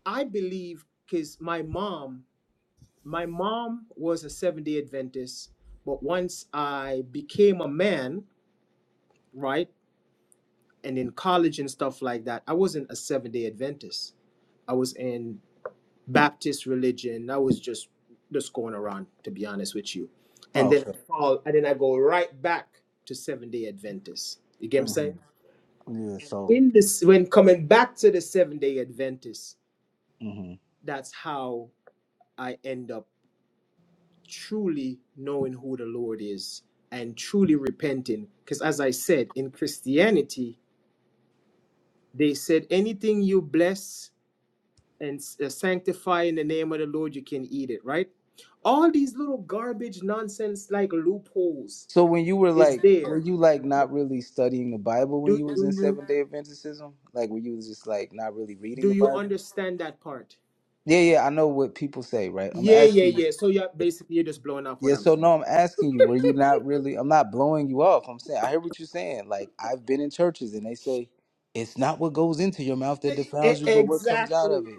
I believe because my mom, my mom was a Seventh Day Adventist, but once I became a man, right, and in college and stuff like that, I wasn't a Seventh Day Adventist. I was in. Baptist religion. I was just just going around, to be honest with you. Oh, And then okay. I fall, and then I go right back to Seventh Day Adventists. You get what I'm Mm-hmm. saying? Yeah. So. In this, when coming back to the Seventh Day Adventists, hmm that's how I end up truly knowing who the Lord is and truly repenting. Because as I said, in Christianity, they said anything you bless and uh, sanctify in the name of the Lord, you can eat it, right? All these little garbage nonsense like loopholes So when you were is like, were there. you like not really studying the Bible when Do you was do in you Seventh Day Adventism? Like, were you just like not really reading do the you Bible? understand that part? Yeah, yeah. I know what people say, right? I'm Yeah, yeah, asking you. yeah. So yeah, basically you're just blowing off what Yeah, I'm so saying. no, I'm asking you, were you not really? I'm not blowing you off. I'm saying, I hear what you're saying. Like, I've been in churches and they say, it's not what goes into your mouth that E- e- defiles you, but what comes out Exactly, of it.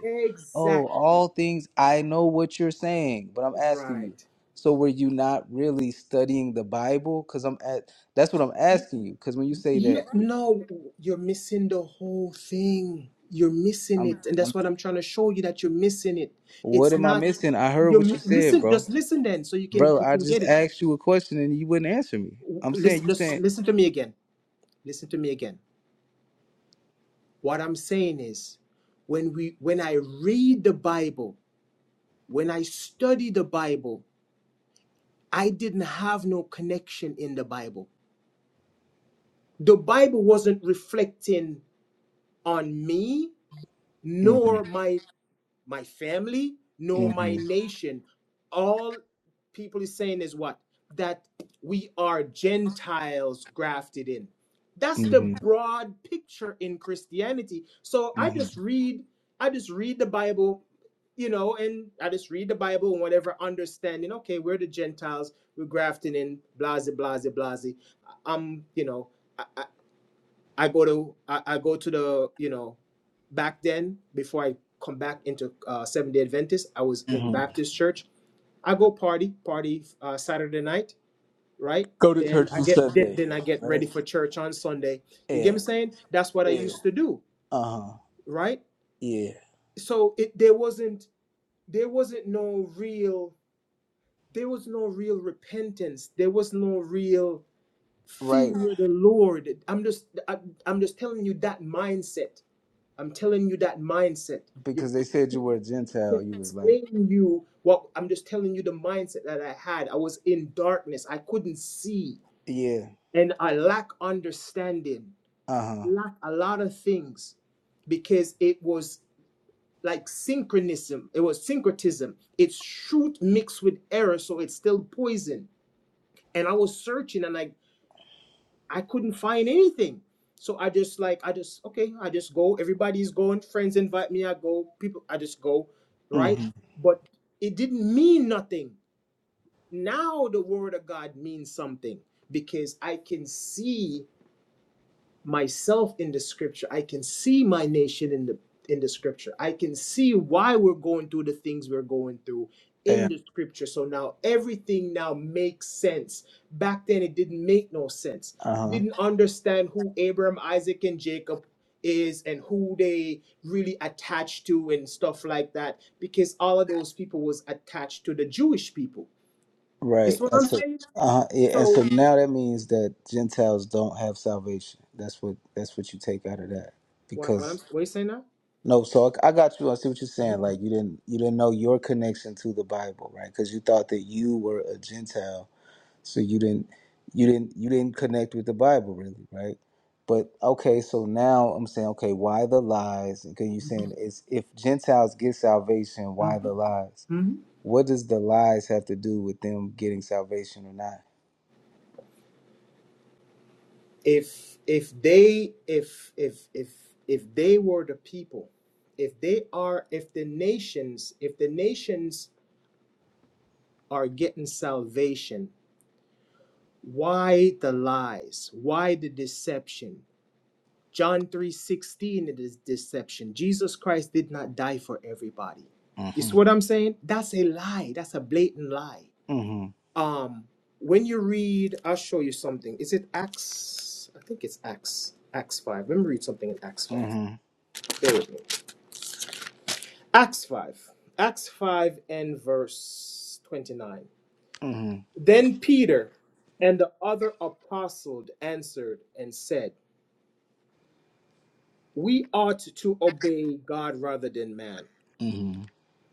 Oh, exactly. all things, I know what you're saying, but I'm asking you, Right. so were you not really studying the Bible? Because I'm at, that's what I'm Y- asking you. Because when you say that, Yeah, it- no, you're missing the whole thing. You're missing I'm, it, and I'm, that's what I'm trying to show you that you're missing it. what It's am I not. missing? I heard You're what you said, listen. bro. Just listen then, so you can Bro, you I can just get it. asked you a question and you wouldn't answer me. I'm saying, listen you just saying, listen to me again listen to me again what i'm saying is when we when i read the bible when i study the bible i didn't have no connection in the bible the bible wasn't reflecting on me hmm nor my my family nor my mm nation. All people is saying is what? That we are Gentiles grafted in. That's the hmm broad picture in Christianity. So I Mhm. just read, I just read the Bible, you know, and I just read the Bible and whatever understanding, okay, we're the Gentiles, we're grafted in, blase, blase, blase. I'm, you know, I, I, I go to I, I go to the you know back then before I come back into uh, Seventh Day Adventist. I was in Mhm. Baptist church. I go party party uh, Saturday night, right? Go to Then church I on get then, Sunday, then I get right? ready for church on Sunday. You get me Yeah, saying? That's what I yeah, used to do, uh huh, right? yeah, So it there wasn't there wasn't no real there was no real repentance. There was no real right. fear of the Lord. I'm just I, I'm just telling you that mindset I'm telling you that mindset. You Because they you said you were a can't, I Gentile, can't you was like, explain you what I'm just telling you the mindset that I had. I was in darkness. I couldn't see, yeah, and I lack understanding. uh huh, Lack a lot of things because it was like synchronism. It was syncretism. It's truth mixed with error, so it's still poison. And I was searching, and I I couldn't find anything. So I just like I just okay, I just go. Everybody's going, friends invite me, I go, people I just go, right? hmm But it didn't mean nothing. Now the word of God means something because I can see myself in the scripture. I can see my nation in the in the scripture. I can see why we're going through the things we're going through in yeah, the scripture. So now everything now makes sense. Back then it didn't make no sense. uh huh, Didn't understand who Abraham, Isaac, and Jacob is and who they really attached to and stuff like that because all of those people was attached to the Jewish people. You right. see what And I'm so, saying? uh huh, yeah. And so So now that means that Gentiles don't have salvation. That's what that's what you take out of that what what I'm because. what are you saying now? No, so I I got you. I see what you're saying. Like you didn't, you didn't know your connection to the Bible, right? Because you thought that you were a Gentile, So you didn't you didn't you didn't connect with the Bible really, right? But okay, so now I'm saying, okay, why the lies? Because you're Mm-hmm. saying it's if Gentiles get salvation, why Mm-hmm. the lies? What does the lies have to do with them getting salvation or not? if if they if if if if they were the people if they are if the nations if the nations are getting salvation why the lies why the deception john 3:16 it is deception jesus christ did not die for everybody you Mm-hmm. see what i'm saying that's a lie that's a blatant lie Mm-hmm. um when you read i'll show you something is it acts i think it's acts acts 5 let me read something in acts 5 Mm-hmm. Bear with me. Acts 5. Acts 5 and verse 29. Then Peter and the other apostles answered and said, We ought to obey God rather than man, Mm-hmm.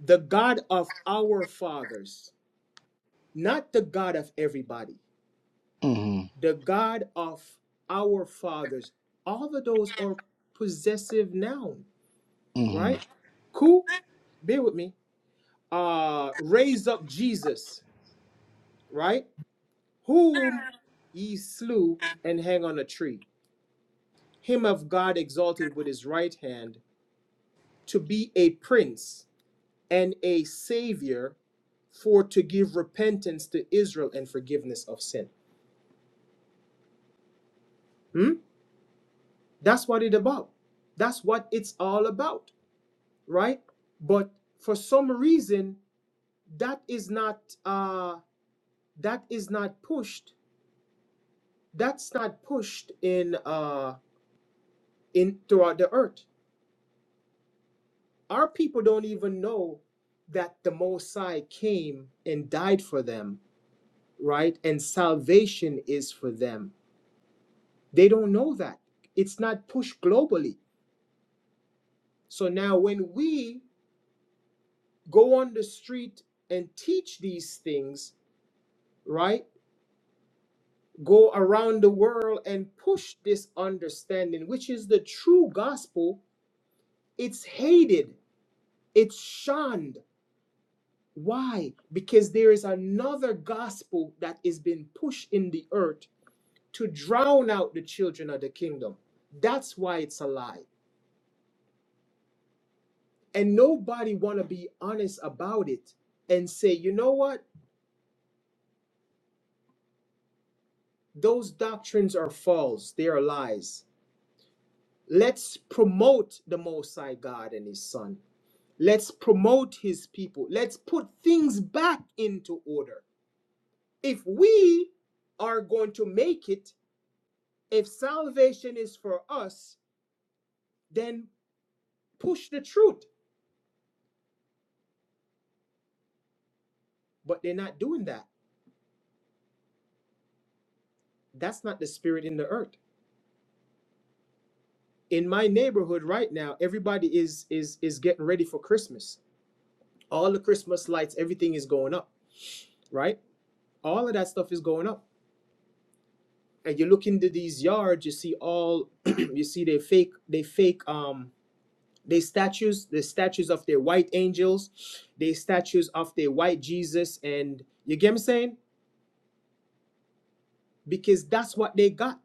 the God of our fathers, not the God of everybody, Mm-hmm. the God of our fathers. All of those are possessive noun, Mm-hmm. right? Cool? Bear with me. Uh, raise up Jesus, right? whom ye slew and hang on a tree. Him of God exalted with his right hand to be a prince and a savior for to give repentance to Israel and forgiveness of sin. Hmm? That's what it about. That's what it's all about, right? But for some reason, that is not uh that is not pushed. That's not pushed in uh in throughout the earth. Our people don't even know that the Messiah came and died for them, right? And salvation is for them. They don't know that. It's not pushed globally. So now when we go on the street and teach these things, right? Go around the world and push this understanding, which is the true gospel, it's hated, it's shunned Why? Because there is another gospel that is being pushed in the earth to drown out the children of the kingdom. That's why it's a lie. And nobody want to be honest about it and say, you know what? Those doctrines are false. They are lies. Let's promote the Most High God and His Son. Let's promote His people. Let's put things back into order. If we are going to make it, If salvation is for us, then push the truth. But they're not doing that. That's not the spirit in the earth. In my neighborhood right now, everybody is is is getting ready for Christmas. All the Christmas lights, everything is going up, right? All of that stuff is going up. And you look into these yards, you see all you see they fake they fake um they statues, the statues of their white angels, they statues of their white Jesus, and you get me saying? Because that's what they got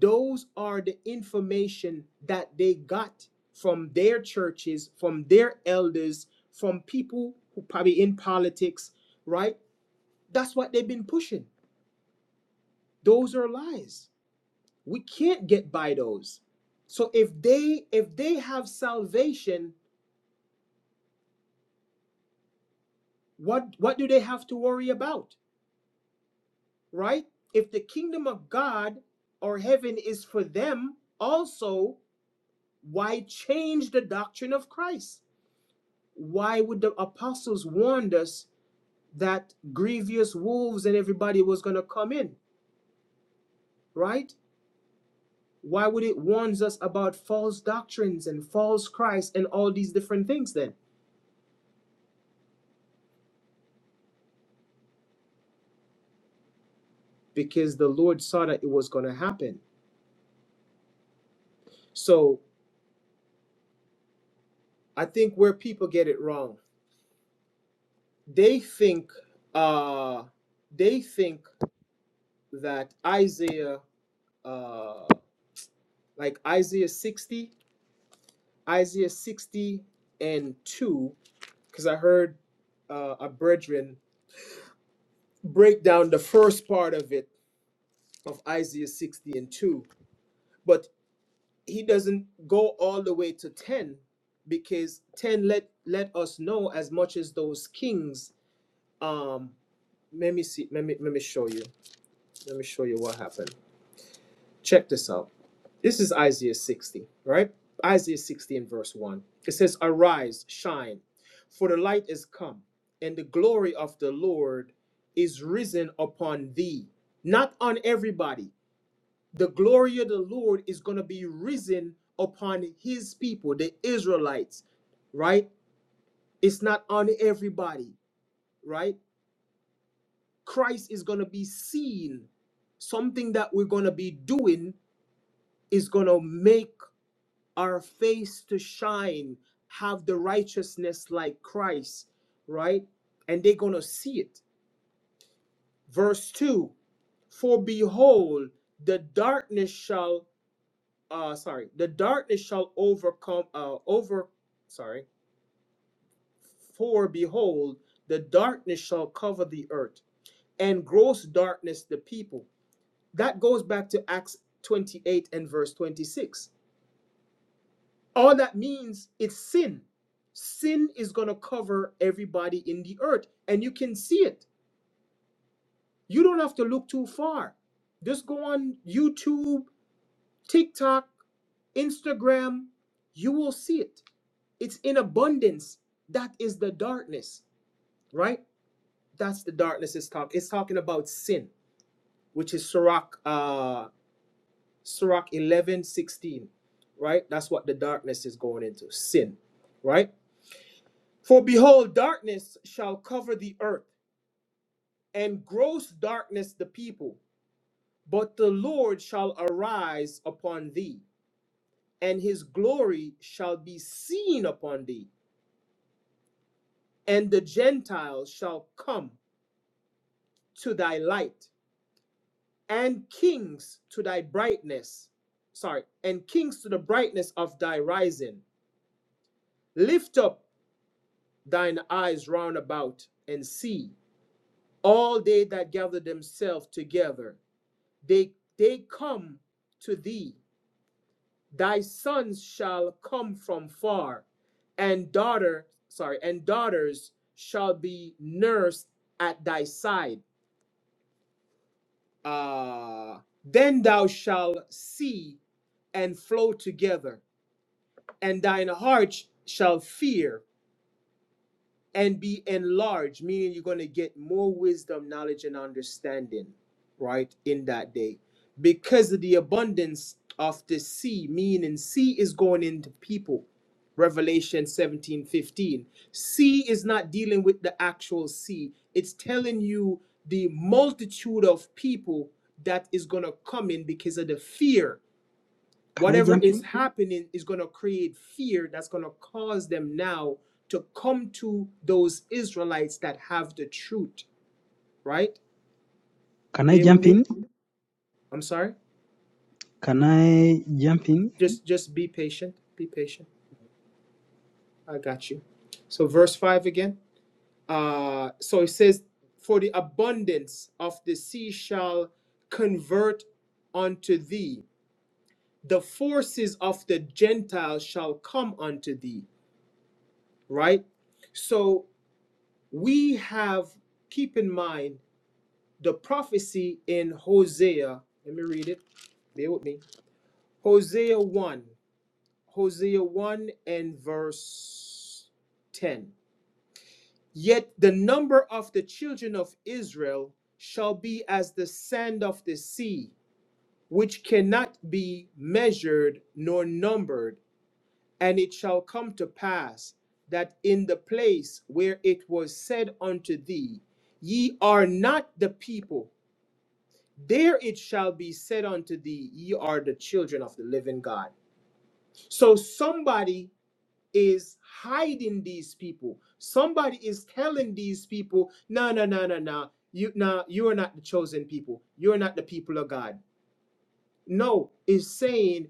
those are the information that they got from their churches from their elders from people who probably in politics right that's what they've been pushing those are lies we can't get by those so if they if they have salvation what what do they have to worry about right if the kingdom of god or heaven is for them also why change the doctrine of christ why would the apostles warn us that grievous wolves and everybody was going to come in right why would it warn us about false doctrines and false christ and all these different things then because the lord saw that it was going to happen so i think where people get it wrong they think uh they think that isaiah uh like isaiah 60 isaiah 60 and 2 because I heard uh, a brethren break down the first part of it of Isaiah 60 and 2, but he doesn't go all the way to 10 because 10 let let us know as much as those kings um let me see let me let me show you let me show you what happened Check this out. This is Isaiah 60, right? Isaiah 60 and verse 1. It says, Arise, shine, for the light is come, and the glory of the Lord is risen upon thee. Not on everybody. The glory of the Lord is going to be risen upon his people, the Israelites, right? It's not on everybody, right? Christ is going to be seen. Something that we're going to be doing is going to make our face to shine, have the righteousness like Christ, right? And they're going to see it. Verse 2 For behold, the darkness shall, uh, sorry, the darkness shall overcome, uh, over, sorry, for behold, the darkness shall cover the earth and gross darkness the people. That goes back to Acts 28 and verse 26 all that means it's sin sin is going to cover everybody in the earth and you can see it you don't have to look too far just go on youtube tiktok instagram you will see it it's in abundance that is the darkness right that's the darkness it's talking it's talking about sin which is sirach uh sirach 11:16, right that's what the darkness is going into sin right For behold, darkness shall cover the earth, and gross darkness the people. But the Lord shall arise upon thee, and his glory shall be seen upon thee, and the Gentiles shall come to thy light, and kings to thy brightness. Sorry, and kings to the brightness of thy rising. Lift up thine eyes round about and see all they that gather themselves together. they they come to thee thy sons shall come from far and daughter sorry and daughters shall be nursed at thy side Ah, then thou shalt see and flow together and thine heart shall fear and be enlarged, meaning you're going to get more wisdom, knowledge, and understanding, right, in that day. Because of the abundance of the sea, meaning sea is going into people. Revelation 17 15. Sea is not dealing with the actual sea, it's telling you the multitude of people that is going to come in because of the fear Can I Whatever jump is in? happening is going to create fear that's going to cause them now to come to those Israelites that have the truth, right? Can I Bear with jump me. in? I'm sorry. Can I jump in? Just just be patient. Be patient. I got you. So verse 5 again. Uh so it says for the abundance of the sea shall convert unto thee. The forces of the Gentiles shall come unto thee, right? So we have keep in mind the prophecy in Hosea. Let me read it. Bear with me. Hosea 1. Hosea 1 and verse 10. Yet the number of the children of Israel shall be as the sand of the sea, which cannot be measured nor numbered. And it shall come to pass that in the place where it was said unto thee, Ye are not the people, there it shall be said unto thee, Ye are the children of the living God. So somebody is hiding these people. Somebody is telling these people, No, no, no, no, no. You no, you are not the chosen people. You are not the people of God. No, is saying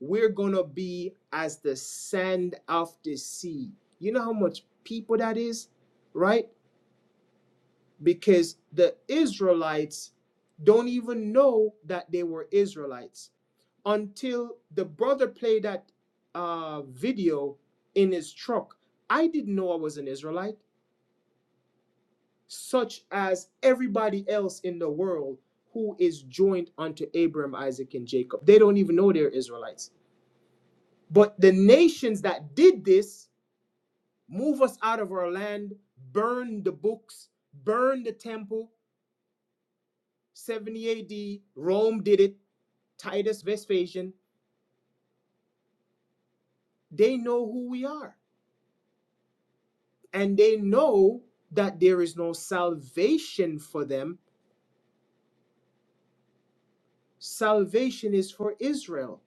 we're gonna be as the sand of the sea. You know how much people that is, right? Because the Israelites don't even know that they were Israelites until the brother played that uh, video in his truck. I didn't know I was an Israelite, such as everybody else in the world who is joined unto Abraham, Isaac, and Jacob. They don't even know they're Israelites. But the nations that did this, Move us out of our land, burn the books, burn the temple. 70 AD, Rome did it, Titus Vespasian. They know who we are, and they know that there is no salvation for them. Salvation is for Israel.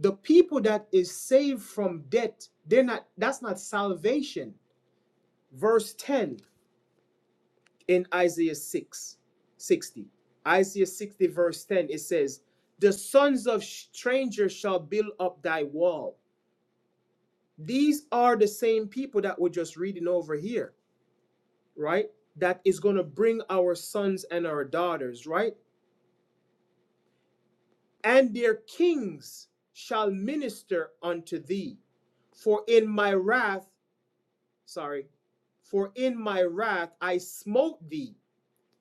The people that is saved from debt, they're not that's not salvation. Verse 10 in Isaiah 6, 60, Isaiah 60, verse 10, it says, The sons of strangers shall build up thy wall. These are the same people that we're just reading over here, right? That is going to bring our sons and our daughters, right? And their kings shall minister unto thee. For in my wrath, sorry, for in my wrath I smote thee,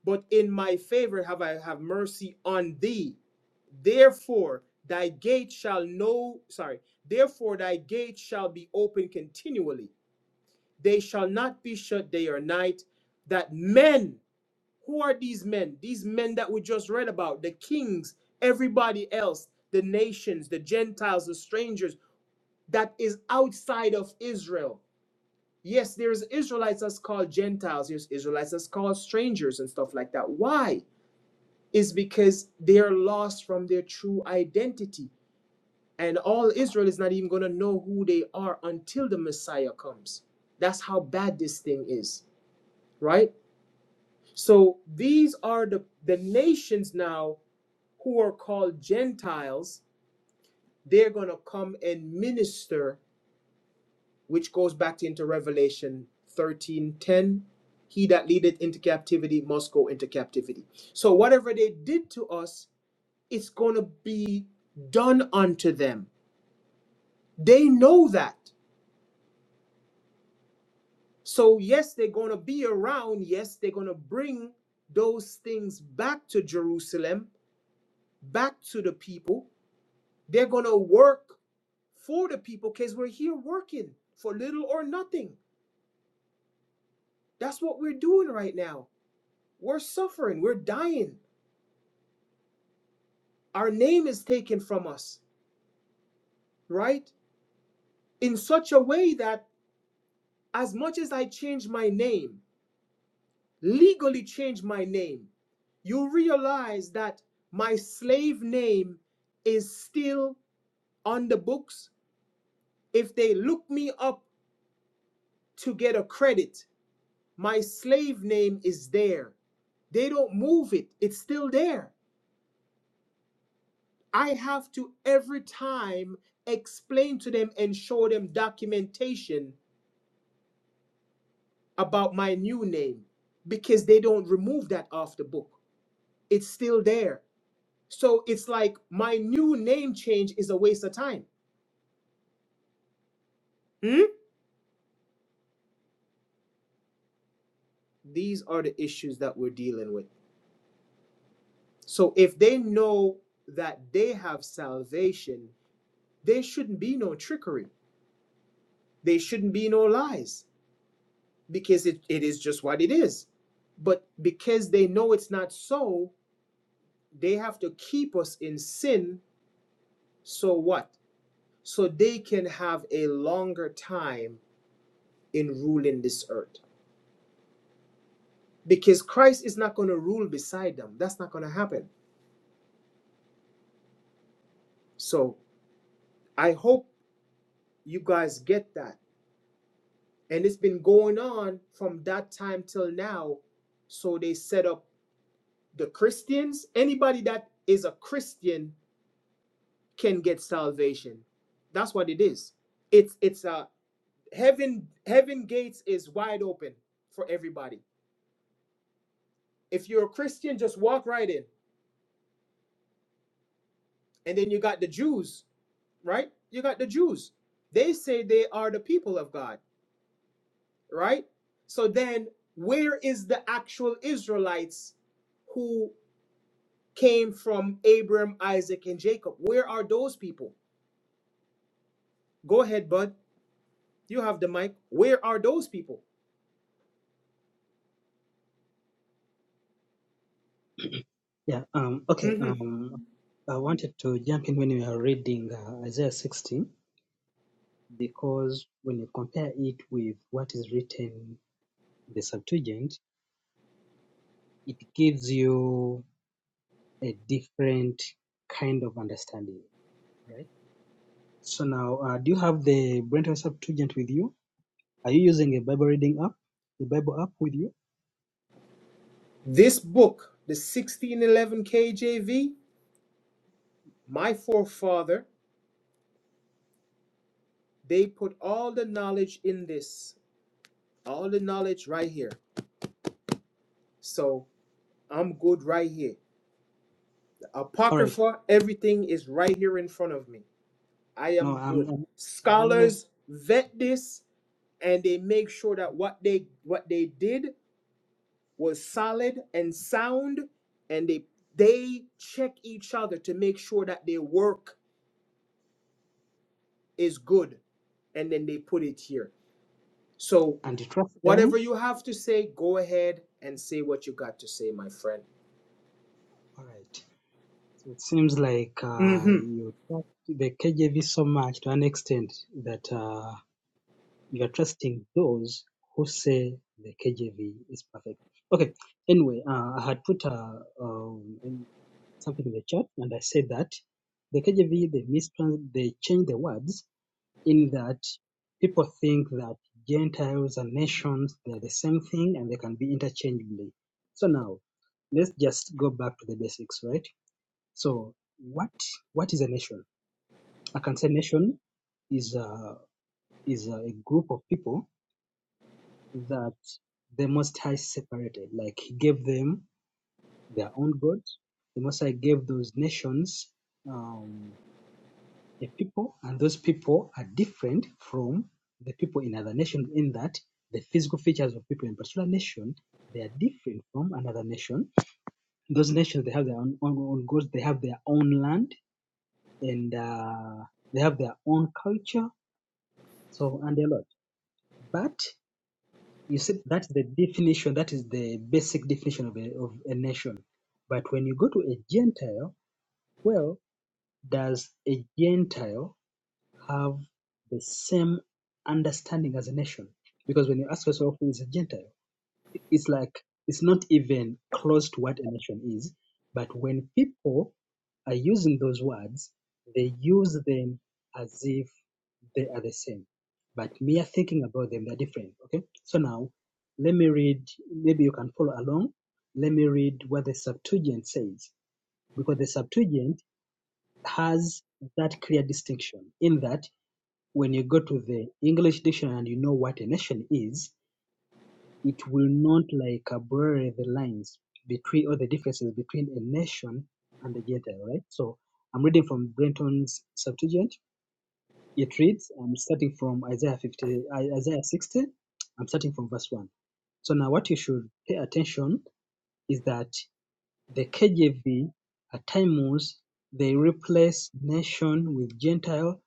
but in my favor have I have mercy on thee Therefore, thy gate shall no, sorry, therefore thy gate shall be open continually. They shall not be shut day or night. That men, who are these men? These men that we just read about, the kings, everybody else, the nations, the Gentiles, the strangers, that is outside of Israel. Yes, there's Israelites that's called Gentiles, there's Israelites that's called strangers and stuff like that. Why? Is because they're lost from their true identity And all Israel is not even going to know who they are until the Messiah comes. That's how bad this thing is, right? So these are the, the nations now who are called Gentiles. They're going to come and minister, which goes back to into Revelation 13 10. He that leadeth into captivity must go into captivity. So whatever they did to us, it's going to be done unto them. They know that. So, yes, they're going to be around. Yes, they're going to bring those things back to Jerusalem, back to the people. They're going to work for the people because we're here working for little or nothing. That's what we're doing right now. We're suffering, we're dying. Our name is taken from us, right? In such a way that as much as I change my name, legally change my name, you realize that my slave name is still on the books, if they look me up to get a credit, my slave name is there. They don't move it, it's still there. I have to every time explain to them and show them documentation about my new name because they don't remove that off the book. It's still there. So it's like my new name change is a waste of time. Hmm? These are the issues that we're dealing with. So if they know that they have salvation, there shouldn't be no trickery. There shouldn't be no lies because it, it is just what it is. But because they know it's not so, they have to keep us in sin. So what? So they can have a longer time in ruling this earth. Because Christ is not going to rule beside them. That's not going to happen. So I hope you guys get that and it's been going on from that time till now so they set up the christians anybody that is a christian can get salvation that's what it is it's it's a heaven heaven gates is wide open for everybody if you're a christian just walk right in and then you got the jews right you got the jews they say they are the people of god right so then where is the actual israelites who came from Abraham, Isaac, and Jacob. Where are those people? Go ahead, bud. You have the mic. Where are those people? Yeah. Um. Okay. hmm Um. I wanted to jump in when you are reading uh, Isaiah 60 because when you compare it with what is written in the Septuagint, it gives you a different kind of understanding, right? So now, uh, do you have the Brenton Septuagint with you? Are you using a Bible reading app, the Bible app with you? This book, the 1611 KJV, my forefather, they put all the knowledge in this, all the knowledge right here. So I'm good right here. The All right. Apocrypha, everything is right here in front of me. I No, am I'm, good. I'm, I'm only Scholars vet this and they make sure that what they what they did was solid and sound and they they check each other to make sure that their work is good and then they put it here so and you trust whatever them. you have to say go ahead and say what you got to say my friend All right. So it seems like uh, hmm you trust the KJV so much to an extent that uh, you are trusting those who say the KJV is perfect. Okay. Anyway, uh, I had put uh, um, in something in the chat, and I said that the KJV they mistrans they change the words in that people think that Gentiles and nations they're the same thing and they can be interchangeably. So now let's just go back to the basics, right? So what what is a nation? I can say nation is a is a group of people that the Most High separated. Like He gave them their own God. The Most High gave those nations um, a people, and those people are different from the people in other nations in that the physical features of people in particular nation they are different from another nation. Those nations they have their own, own, own gods. They have their own land and uh, they have their own culture, so and a lot. But you see, that's the definition. That is the basic definition of a, of a nation. But when you go to a Gentile, well, does a Gentile have the same understanding as a nation? Because when you ask yourself who is a Gentile, It's like it's not even close to what emotion is, but when people are using those words, they use them as if they are the same. But mere thinking about them, they're different. Okay. So now let me read, maybe you can follow along. Let me read what the Septuagint says, because the Septuagint has that clear distinction in that when you go to the English dictionary and you know what a nation is, it will not like uh, blur the lines between or the differences between a nation and the Gentile, right? So I'm reading from Brenton's Septuagint. It reads, I'm starting from Isaiah 50, I- Isaiah 60. I'm starting from verse 1. So now what you should pay attention is that the KJV, at times they replace "nation" with "Gentile",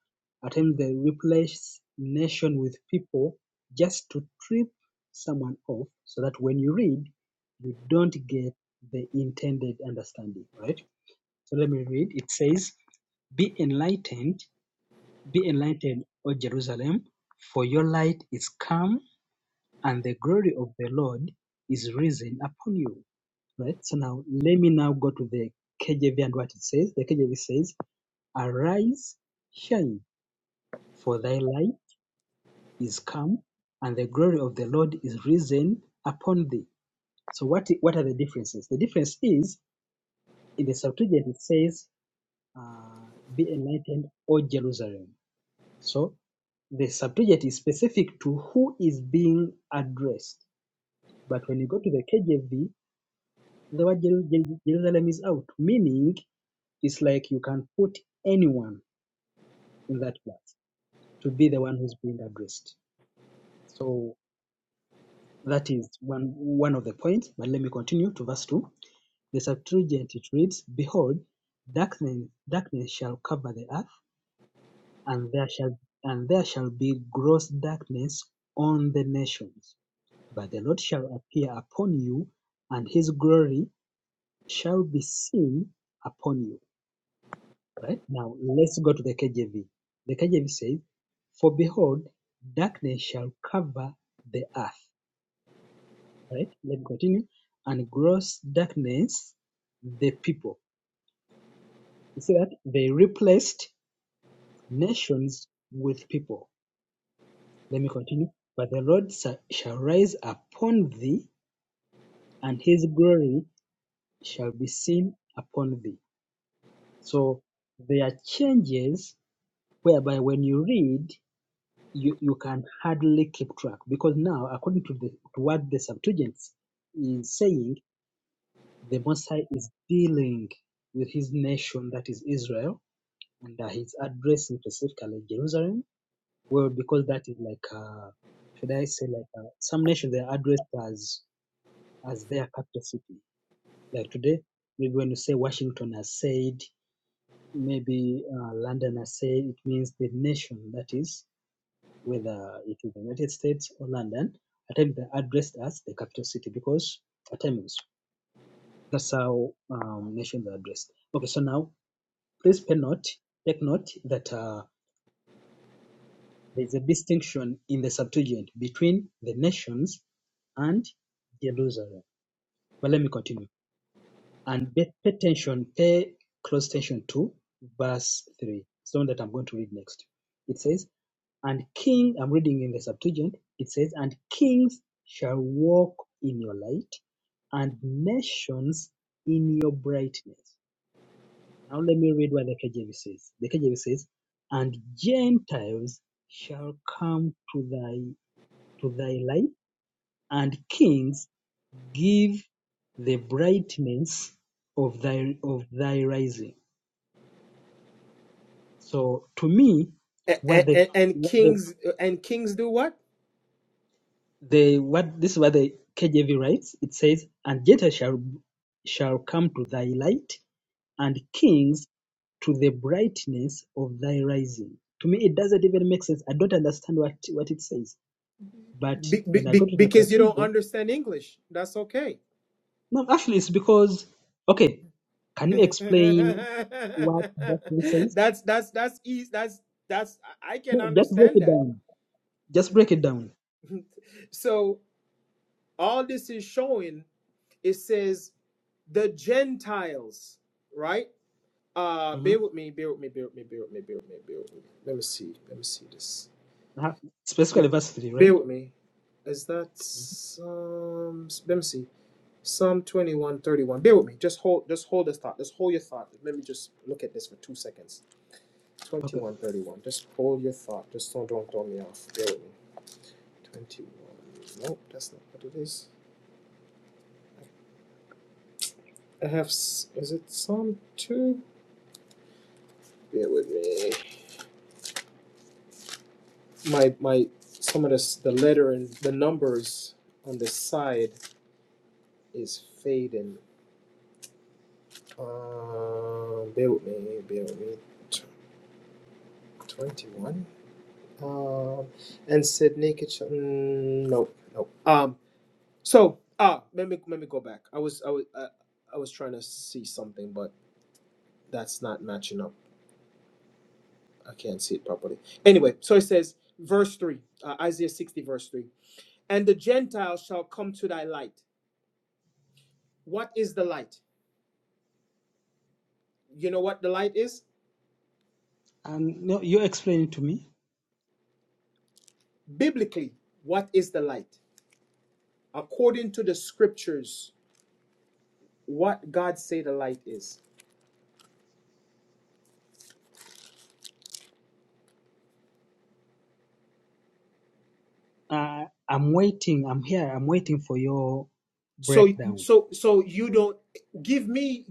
at times they replace "nation" with "people", just to trip someone off so that when you read, you don't get the intended understanding, right? So let me read. It says, Be enlightened, be enlightened, O Jerusalem, for your light is come, and the glory of the Lord is risen upon you. Right. So now let me now go to the KJV and what it says. The KJV says, Arise, shine, for thy light is come, and the glory of the Lord is risen upon thee. So what what are the differences? The difference is in the Septuagint it says, uh, Be enlightened, O Jerusalem. So the Septuagint is specific to who is being addressed. But when you go to the KJV, the word Jeru- Jeru- Jerusalem is out, meaning It's like you can put anyone in that class to be the one who's being addressed. So that is one one of the points. But let me continue to verse two. The Septuagint it reads, "Behold, darkness darkness shall cover the earth, and there shall and there shall be gross darkness on the nations. But the Lord shall appear upon you, and His glory shall be seen upon you." Right? Now let's go to the KJV. The KJV says, For behold, darkness shall cover the earth. Right? Let me continue. And gross darkness the people. You see that? They replaced nations with people. Let me continue. But the Lord shall rise upon thee, and his glory shall be seen upon thee. So there are changes whereby when you read you, you can hardly keep track because now, according to, the, to what the Septuagint is saying, the Messiah is dealing with his nation, that is Israel, and uh, he's addressing specifically Jerusalem. Well, because that is like, uh, should I say, like uh, some nations they are addressed as as their capital city. Like today, maybe when you say Washington has said, maybe uh, London has said, it means the nation that is. whether it is the United States or London, at times they addressed as the capital city because at times that's how um, nations are addressed. Okay, so now please pay note, take note that uh, there is a distinction in the Septuagint between the nations and Jerusalem. But let me continue. and pay, attention, pay close attention to verse 3. It's the one that I'm going to read next. It says, And king, I'm reading in the Septuagint, it says, And kings shall walk in your light, and nations in your brightness. Now let me read what the KJV says. The KJV says, And Gentiles shall come to thy to thy light, and kings give the brightness of thy of thy rising. So to me, and, what the and, and what the, kings and kings do what the what this is what the KJV writes. It says, "And Jetta shall shall come to thy light, and kings to the brightness of thy rising." To me, it doesn't even make sense. I don't understand what what it says. But be, be, when I go be- to the because you don't cathedral, understand english that's okay no, actually, it's because okay. Can you explain what that means? that's that's that's easy that's that's i I can No, just break understand it that down. Just break it down. so all this is showing it says the Gentiles, right? Uh, hmm bear with me, bear with me, bear with me, bear with me, bear with me, bear with me. Let me see, let me see this. Bear Specifically, with me. verse 3, right? Bear with me. Is that Psalm? Let me see. Psalm twenty-one, thirty-one. Bear with me. Just hold, just hold this thought. Just hold your thought. Let me just look at this for two seconds. Okay. Twenty-one, thirty-one. Just hold your thought. Just don't, don't throw me off. Bear with me. Twenty-one. Nope, that's not what it is. I have. s- Is it Psalm two? Bear with me. my my some of this the letter and the numbers on the side is fading. Um, bear with me, bear with me. Twenty one. Um, and said naked. Sh- mm, no, no. Um, so ah, let me let me go back. I was I was uh, I was trying to see something, but that's not matching up. I can't see it properly. Anyway, so it says verse three, uh, Isaiah sixty verse three, and the Gentiles shall come to thy light. What is the light? You know what the light is? And no, you explain it to me. Biblically, what is the light? According to the scriptures, what God say the light is. Uh, I'm waiting. I'm here. I'm waiting for your So breakdown. so so you don't give me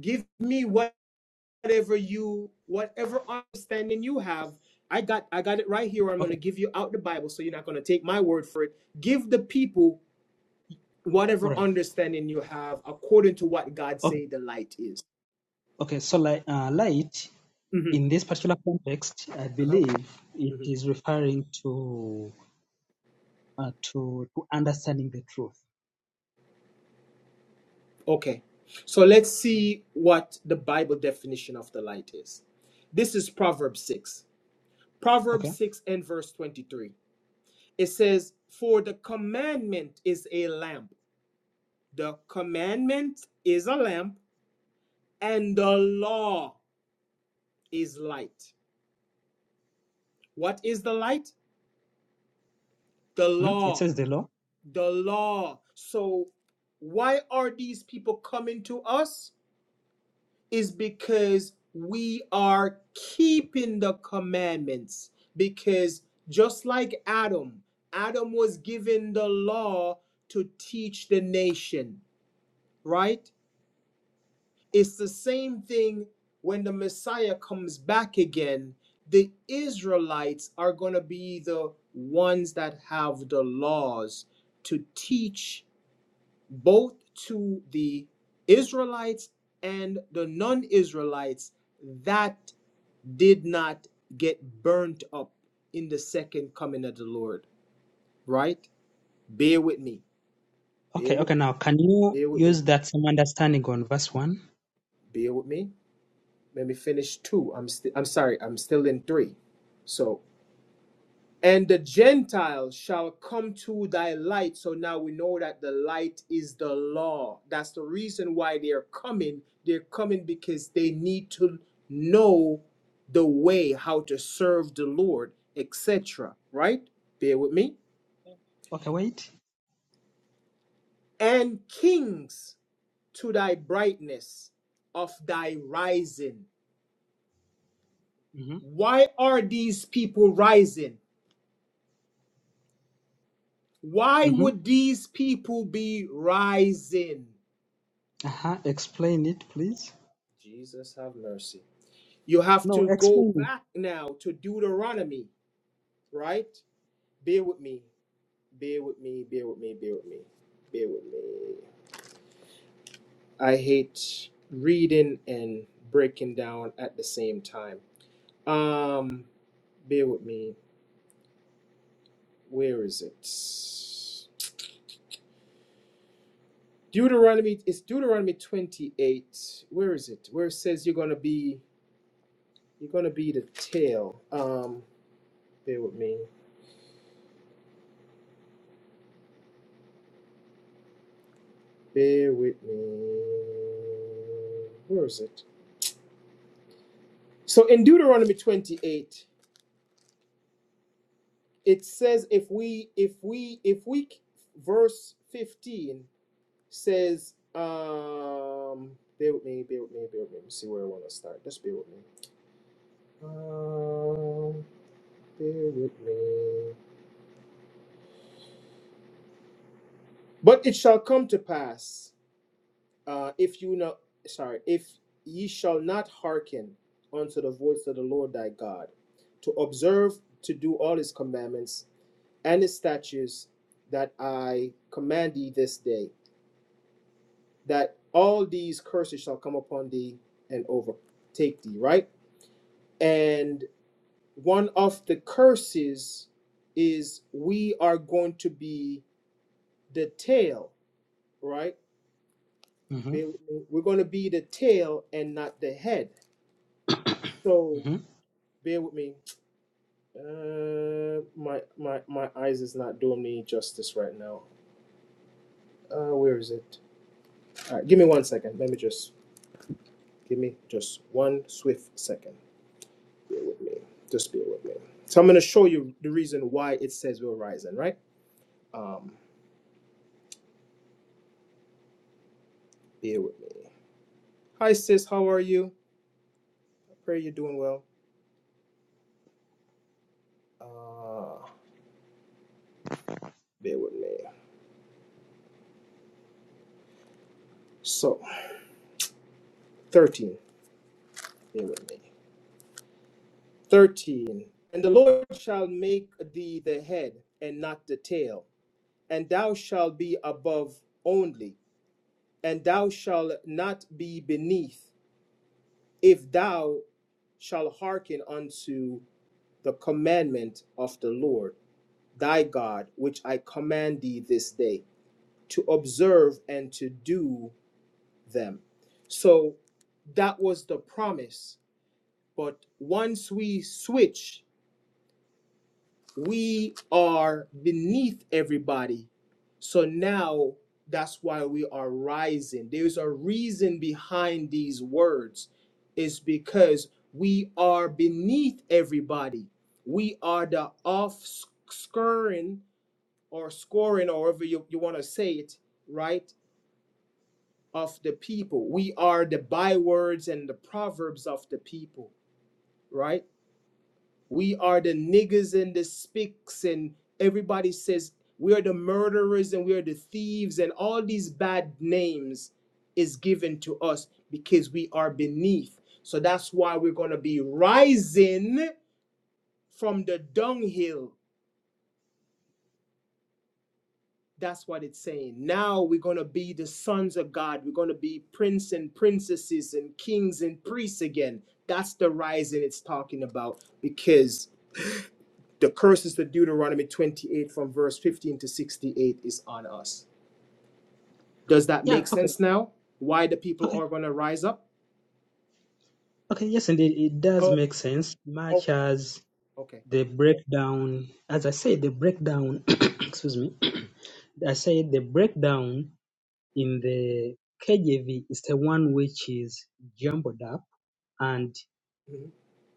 give me whatever you whatever understanding you have. I got I got it right here. I'm going Okay. to give you out the Bible so you're not going to take my word for it. Give the people All whatever right. understanding you have according to what God Okay. say the light is. Okay. So, like, uh, light Mhm. in this particular context, I Uh-huh. believe it Mm-hmm. is referring to uh, to to understanding the truth. Okay. So let's Mm. see what the Bible definition of the light is. This is Proverbs 6. Proverbs Okay. 6 and verse 23. It says, For the commandment is a lamp. The commandment is a lamp, and the law is light. What is the light? The Mhm. It law. says the law. The law. So why are these people coming to us? is because we are keeping the commandments. Because just like Adam, Adam was given the law to teach the nation, right? It's the same thing when the Messiah comes back again. The Israelites are going to be the ones that have the laws to teach both to the Israelites and the non Israelites that did not get burnt up in the second coming of the Lord, right? Bear with me. Bear Okay. with Okay. me. Now, can you Bear with me. use that same understanding on verse one? Bear with me. Let me finish two. I'm st- I'm sorry. I'm still in three. So, and the Gentiles shall come to thy light. So now we know that the light is the law. That's the reason why they're coming. They're coming because they need to know the way how to serve the Lord, etc. Right? Bear with me Okay. Wait. and kings to thy brightness of thy rising. Why are these people rising? Why Mm-hmm. would these people be rising? Uh-huh. Explain it, please. Jesus, have mercy. You have No, to go explain back now to Deuteronomy, right? Bear with me, bear with me, bear with me, bear with me, bear with me. I hate reading and breaking down at the same time. Um, bear with me. Where is it? Deuteronomy. It's Deuteronomy twenty-eight. Where is it? Where it says you're gonna be. You're gonna be the tail. Um. Bear with me. Bear with me. Where is it? So in Deuteronomy 28, it says if we if we if we verse 15 says um bear with me, bear with me, bear with me. Let me see where I want to start. Just bear with me. Um bear with me. But it shall come to pass, uh, if you not, sorry, if ye shall not hearken unto the voice of the Lord thy God, to observe to do all his commandments and his statutes that I command thee this day, that all these curses shall come upon thee and overtake thee, right? And one of the curses is we are going to be the tail, right? it. Mm-hmm. bear with me. We're going to be the tail and not the head. So Mm-hmm. bear with me. Uh, my my my eyes is not doing me justice right now. Uh, where is it? All right, give me one second. Let me just give me just one swift second. Bear with me. Just bear with me. So I'm going to show you the reason why it says we're rising, right? Um, bear with me. Hi sis, how are you? I pray you're doing well. Uh, bear with me. So 13. Bear with me. 13 and the lord shall make thee the head and not the tail and thou shalt be above only and thou shalt not be beneath if thou shalt hearken unto the commandment of the lord thy god which i command thee this day to observe and to do them so that was the promise but once we switch we are beneath everybody. So now that's why we are rising. There's a reason behind these words. It's because we are beneath everybody. We are the offscouring or scoring, or however you, you want to say it, right? Of the people. We are the bywords and the proverbs of the people, right? We are the niggas and the spicks, and everybody says we are the murderers and we are the thieves, and all these bad names is given to us because we are beneath. So that's why we're going to be rising from the dunghill. That's what it's saying. Now we're going to be the sons of God. We're going to be prince and princesses and kings and priests again. That's the rising it's talking about because the curses to Deuteronomy 28 from verse 15 to 68 is on us. Does that Yeah, make okay. sense now? Why the people Okay. are going to rise up? Okay, yes, indeed. It does Okay. make sense, Okay. much as Okay. the breakdown, as I said, the breakdown, excuse me, I said the breakdown in the KJV is the one which is jumbled up and Mhm,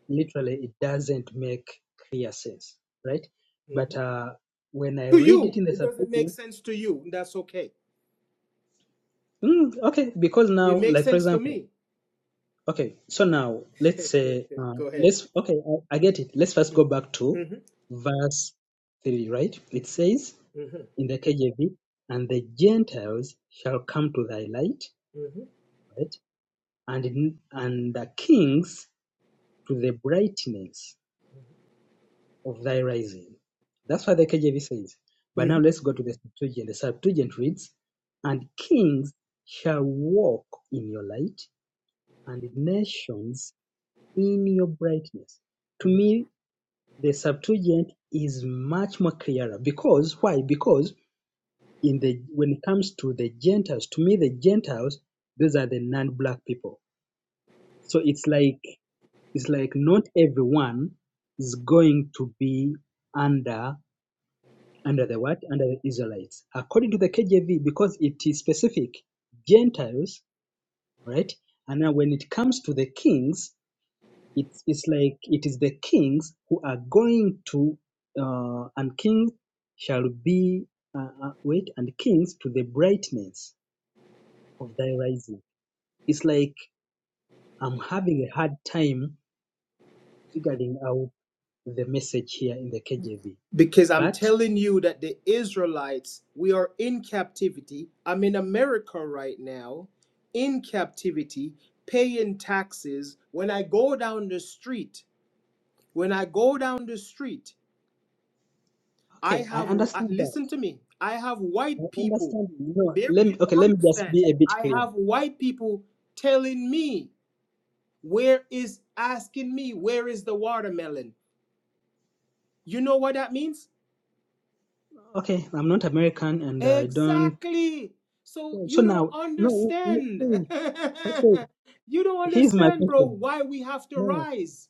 literally it doesn't make clear sense, right? But mhm. uh, when I To read you, it in the it doesn't make subtitle, sense to you. and That's okay. mm, okay, because It now, makes like for sense to example, me. Okay, so now let's say uh, Go ahead. let's okay, I, I get it. Let's first Mhm, go back to mhm, verse three, right? It says in the KJV, "And the Gentiles shall come to thy light, mhm, right? And in, and the kings to the brightness of thy rising." That's what the KJV says. But now mhm, let's go to the Septuagint. The Septuagint reads, "And kings shall walk in your light, and nations in your brightness." to mhm. me the Septuagint is much more clearer because why? Because in the when it comes to the Gentiles, to me the Gentiles, those are the non-black people. So it's like it's like not everyone is going to be under under the what? Under the Israelites. According to the KJV, because it is specific, Gentiles, right? And now when it comes to the kings, It's it's like it is the kings who are going to uh, and kings shall be uh, uh, wait and kings to the brightness of thy rising. It's like I'm having a hard time figuring out the message here in the KJV. Because I'm But telling you that the Israelites, we are in captivity. I'm in America right now, in captivity, paying taxes. When I go down the street, when I go down the street, I okay, I have, uh, understand that. listen to me, I have I white people. understand. No, Bear- let You me okay. Let don't me just understand. be a bit I clear. have white people telling me, where is, asking me, where is the watermelon? You know what that means? Okay, I'm not American and I don't. Exactly. So So you don't now, no, no, understand. please, that's right. you don't Here's my understand, bro, question. why we have to No, rise.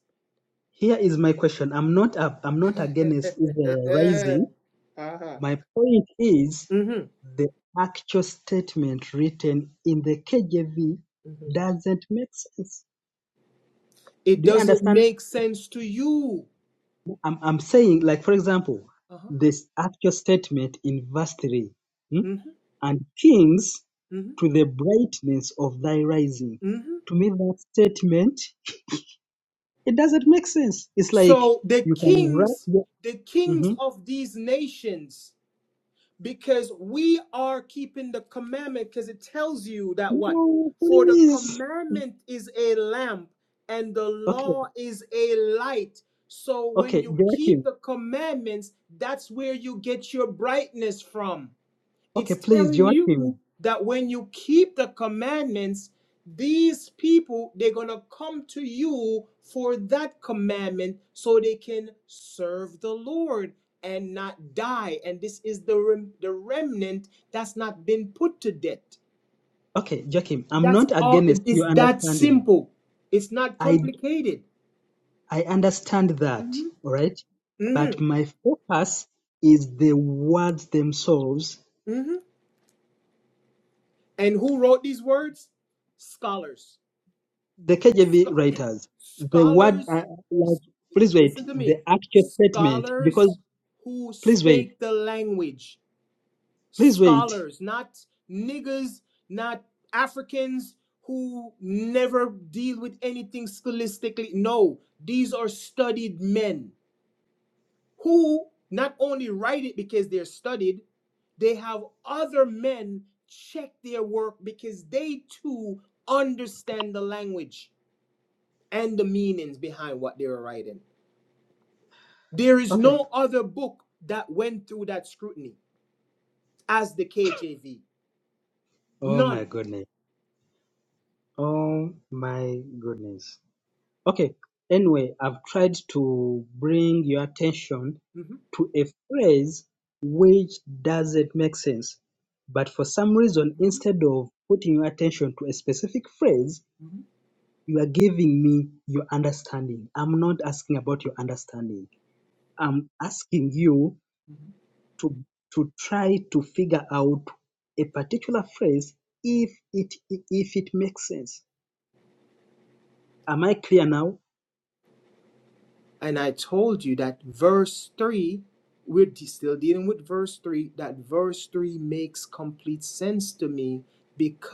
Here is my question. I'm not up, I'm not against Israel rising. uh-huh. My point is hmm the actual statement written in the KJV hmm doesn't make sense. It Do you doesn't understand? make sense to you. I'm, I'm saying, like, for example, Uh-huh. this actual statement in verse 3 hmm? hmm and kings hmm to the brightness of thy rising. hmm To me, that statement, it doesn't make sense. It's like So the you can write kings, your. the kings Mhm. of these nations, because we are keeping the commandment because it tells you that what No, for the please. commandment is a lamp and the Okay. law is a light so when Okay, you keep Joachim. the commandments that's where you get your brightness from Okay, it's please, telling you Joachim. that when you keep the commandments, these people, they're going to come to you for that commandment so they can serve the Lord and not die. And this is the, rem- the remnant that's not been put to death. Okay, Joachim, I'm That's not all. against It's your that understanding. simple. It's not I complicated. I understand that, hmm all right? hmm But my focus is the words themselves, hmm And who wrote these words? Scholars. the KJV Scho- writers, the word, uh, scholars like, please wait, listen to the me actual statement, because, scholars who please wait, spake the language please wait. scholars not niggas not africans who never deal with anything scholastically no these are studied men who not only write it because they're studied they have other men check their work because they too understand the language and the meanings behind what they were writing There is Okay. no other book that went through that scrutiny as the KJV. Oh my None. goodness. Oh my goodness. Okay. Anyway, I've tried to bring your attention Mhm, to a phrase which doesn't make sense, but for some reason, mhm, instead of putting your attention to a specific phrase, mhm, you are giving me your understanding. I'm not asking about your understanding. I'm asking you mhm. to, to try to figure out a particular phrase if it if it makes sense. Am I clear now? And I told you that verse 3, we're still dealing with verse 3, that verse 3 makes complete sense to me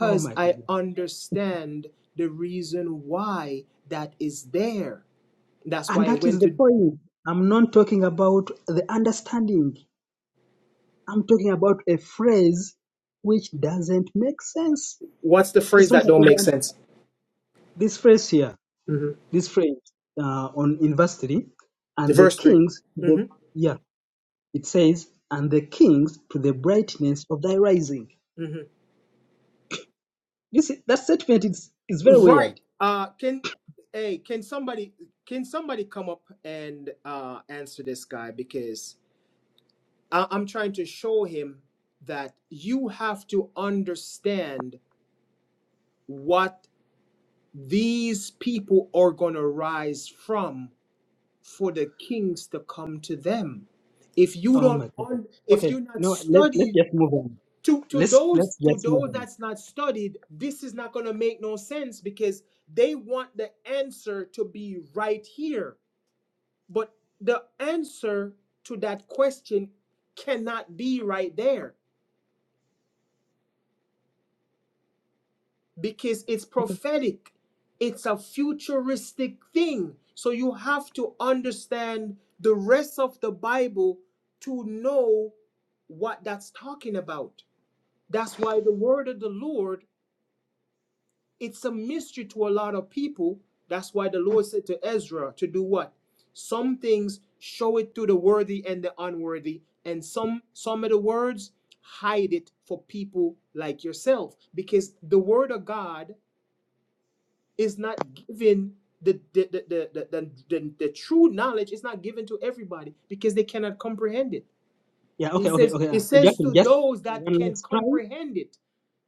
Oh my I goodness. understand the reason why that is there. That's And why I that is went the to. point. I'm not talking about the understanding. I'm talking about a phrase which doesn't make sense. What's the It's phrase not that don't make about the- sense? this phrase here, Mhm. this phrase uh, on in verse 3, and the Verse 3. kings, to the, Mm-hmm. yeah, it says, and the kings to the Mm-hmm. brightness of thy rising. Mm-hmm. You see, that statement is, is very Right. weird. Uh, can hey, can somebody can somebody come up and uh, answer this guy because I- I'm trying to show him that you have to understand what these people are gonna rise from for the kings to come to them. If you Oh don't, my goodness. un- if Okay, you're not no, let, let's studied just move on. to to Let's those let's to just move those on. that's not studied this is not going to make no sense because they want the answer to be right here but the answer to that question cannot be right there because it's prophetic it's a futuristic thing so you have to understand the rest of the bible to know what that's talking about that's why the word of the lord It's a mystery to a lot of people. That's why the Lord said to Ezra to do what? Some things show it to the worthy and the unworthy, and some some of the words hide it for people like yourself because the word of God is not given the the the the, the, the, the, true knowledge is not given to everybody because they cannot comprehend it. Yeah, It okay, okay, says okay. it Uh, says Joachim, to just those that one can last try. comprehend it.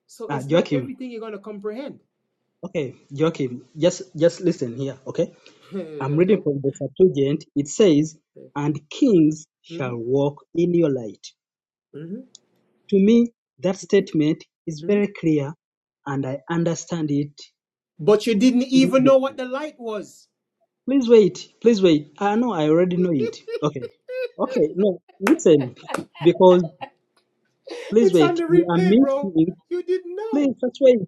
So Ah, it's not Joachim, everything you're going to comprehend. okay, Joachim, just just listen here, okay? I'm reading from the Septuagint. It says, And kings Mhm. shall walk in your light. Mhm, To me, that mhm, statement is mhm. very clear and I understand it But you didn't even know what immediately. the light was. Please wait. Please wait. I know I already know it. Okay. Okay. No, listen. Because please It's on wait. the You are replay, bro. missing. You didn't Please know. first wait.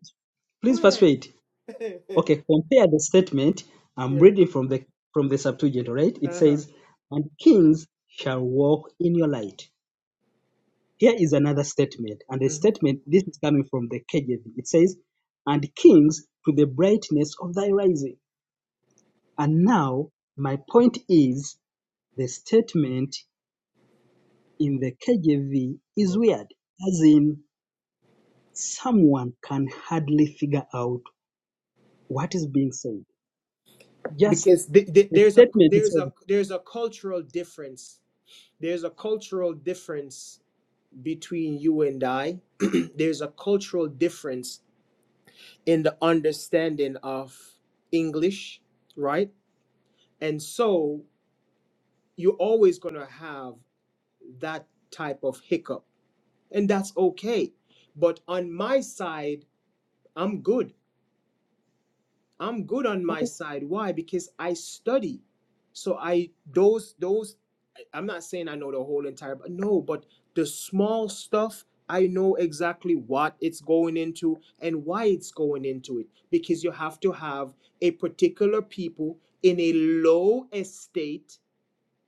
Please Go first ahead. wait. Okay, compare the statement. I'm yeah. reading from the from the Septuagint, all right? It Uh huh. says, And kings shall walk in your light. Here is another statement, and the statement, this is coming from the KJV. It says, And kings to the brightness of thy rising. And now, my point is the statement in the KJV Yeah. is weird, as in, someone can hardly figure out what is being said. Just Because th- th- the there's a statement there's itself. a there's a cultural difference. There's a cultural difference between you and I. there's a cultural difference in the understanding of English, right? And so you're always gonna have that type of hiccup and that's okay. But on my side, I'm good. I'm good on my Okay, side. Why? Because I study. So I those those I'm not saying I know the whole entire but no, but the small stuff I know exactly what it's going into and why it's going into it because you have to have a particular people in a low estate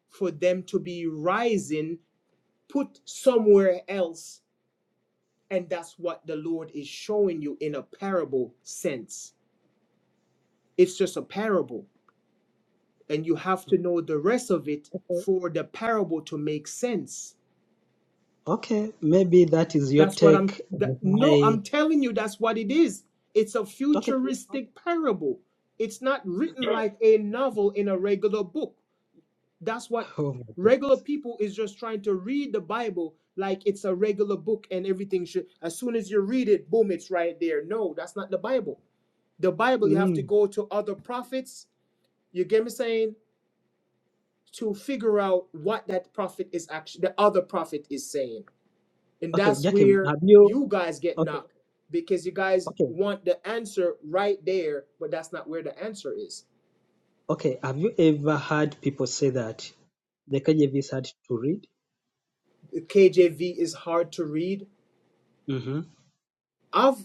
for them to be rising put somewhere else And that's what the Lord is showing you in a parable sense. It's just a parable. And you have to know the rest of it okay, for the parable to make sense. okay, maybe that is your That's what I'm, take. on that, no, why- I'm telling you, that's what it is. It's a Okay, okay. futuristic parable. It's not written like a novel in a regular book. That's what Oh my God. regular people is just trying to read the Bible like it's a regular book and everything should, as soon as you read it, boom, it's right there. No, that's not the Bible. the Bible, you have Mm. to go to other prophets. You get me saying to figure out what that prophet is actually the other prophet is saying, and Okay, that's Jakim, where have you? you guys get Okay, knocked because you guys okay. want the answer right there, but that's not where the answer is. Okay, have you ever heard people say that the KJV is hard to read? The KJV is hard to read. hmm I've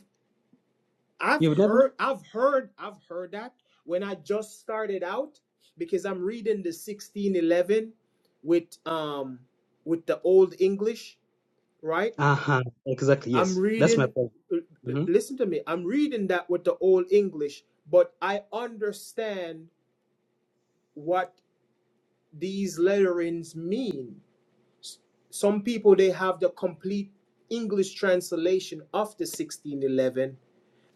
I've You've never? heard I've heard I've heard that when I just started out because I'm reading the 1611 with um with the old English, right? Uh-huh, exactly, I'm yes. That's my reading, point. uh, uh, hmm listen to me, I'm reading that with the Old English, but I understand what these letterings mean. Some people, they have the complete English translation of the 1611.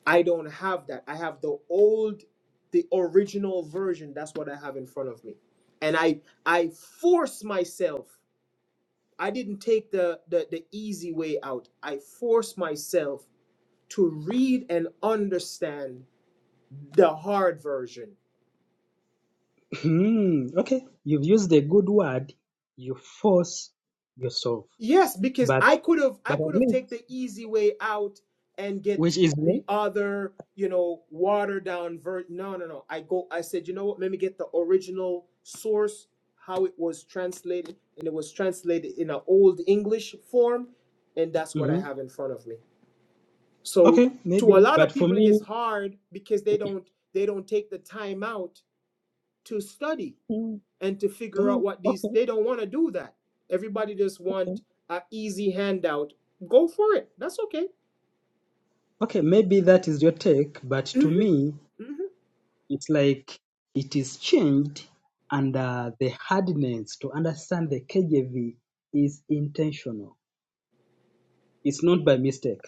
I don't have that. I have the old, the original version. That's what I have in front of me. And I, I force myself. I didn't take the, the, the easy way out. I force myself to read and understand the hard version. Okay, you've used a good word, you force yourself, Yes, because but I could have I but at could have take least, the easy way out and get which is the me. other, you know, watered down version. No, no, no. I go I said, you know what? Let me get the original source how it was translated and it was translated in an old English form and that's what I hmm have in front of me. So Okay, to a maybe, lot of but for people it's me, hard because they don't they don't take the time out to study mm, and to figure out oh, what these okay, they don't want to do that everybody just okay, want an easy handout go for it that's okay okay, maybe that is your take, but to Mhm, me, mhm. it's like it is changed and uh, the hardness to understand the KJV is intentional. It's not by mistake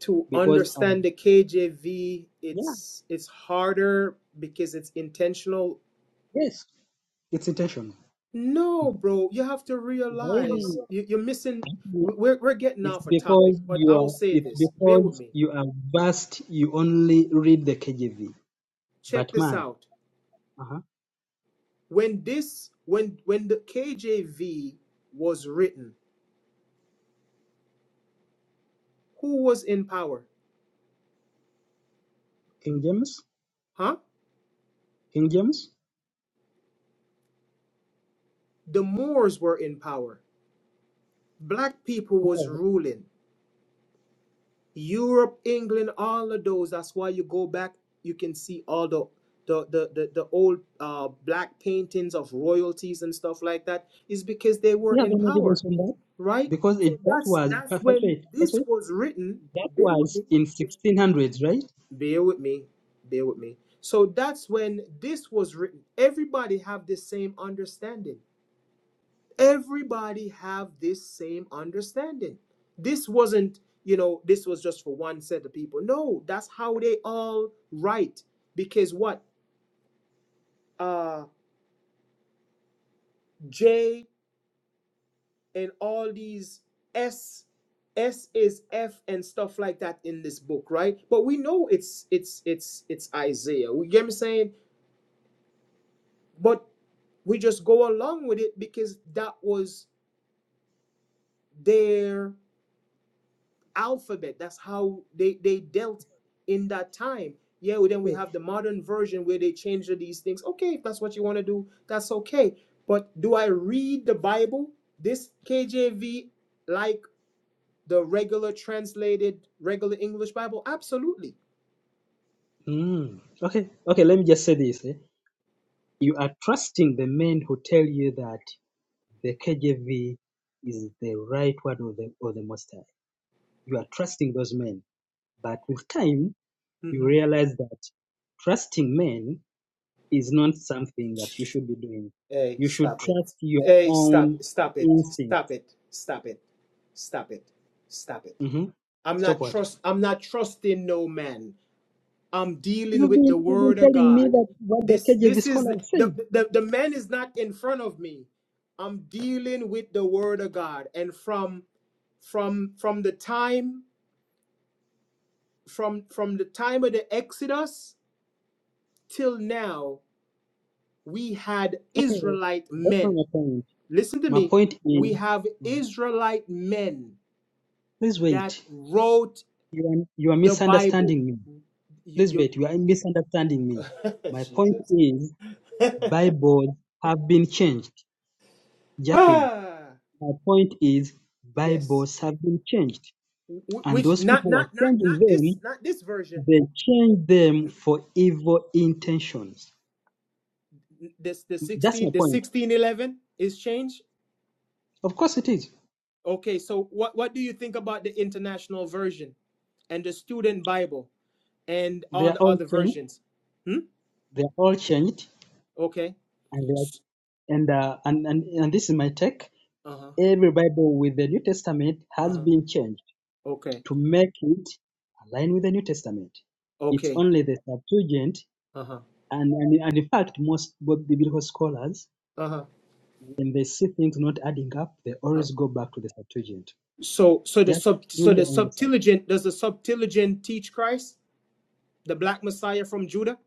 to because, understand um, the kjv yeah, it's it's harder because it's intentional yes, it's intentional. no bro you have to realize Maybe you, you're missing we're, we're getting it's off a topic because but you i will are, say it's this bear with because me you are vast, you only read the KJV. check But this man, out uh-huh, when this when when the kjv was written who was in power King James, huh King James, the Moors were in power. Black people who was are- do ruling. Europe, England, all of those. That's why you go back, you can see all the the the the, the old uh, black paintings of royalties and stuff like that. Is because they were you have in any power, evidence on that? right? Because So it, that that's was, that's when perpetuate, this perpetuate, was written. that Bear with was me. in 1600s, right? Bear with me. Bear with me. So that's when this was written. Everybody have the same understanding everybody have this same understanding this wasn't you know this was just for one set of people no that's how they all write because what uh j and all these s s is f and stuff like that in this book right but we know it's it's it's it's isaiah we get me saying but we just go along with it because that was there alphabet. That's how they, they dealt in that time. Yeah, well, then we Okay. have the modern version where they change these things. Okay, if that's what you want to do, that's okay. But do I read the Bible, this KJV, like the regular translated, regular English Bible? Absolutely. Mm, okay, okay, let me just say this. eh. You are trusting the men who tell you that the KJV is the right one or the, or the most high. You are trusting those men. But with time, you hmm realize that trusting men is not something that you should be doing. Hey, You should stop it. trust your Hey, stop, own stop it, instinct. stop it, stop it, stop it, stop it. hmm I'm Stop not what? trust. I'm not trusting no man. I'm dealing You've been, with the you've been word of telling me God. that what the This KJV this is the scholars say. the, the man is not in front of me. I'm dealing with the word of God. And from from from the time from from the time of the Exodus till now, we had Israelite That's not my men. point. Listen to My me. point We have is, Israelite men please that wait. wrote You are, you are the Bible. misunderstanding me. You, Please you wait. You are misunderstanding me. My point is Bibles have been changed. Jackie, ah my point is yes, Bibles have been changed. Wh- And which those not people were not not changing not this them, not this version. they changed them for evil intentions. this the 16 That's my the point. 1611 is changed Of course it is. okay so what what do you think about the international version and the student bible and They all are the all other changed. versions hmm They are all changed. okay And they are, and, uh, and, and and this is my take. uh-huh Every Bible with the New Testament has uh-huh been changed okay to make it align with the New Testament. It's okay only the Septuagint, and, and, and in fact, most both biblical scholars, uh-huh when they see things not adding up, they always go back to the Septuagint. so so the Just sub do so the your own research. Septuagint does the Septuagint teach christ the black messiah from judah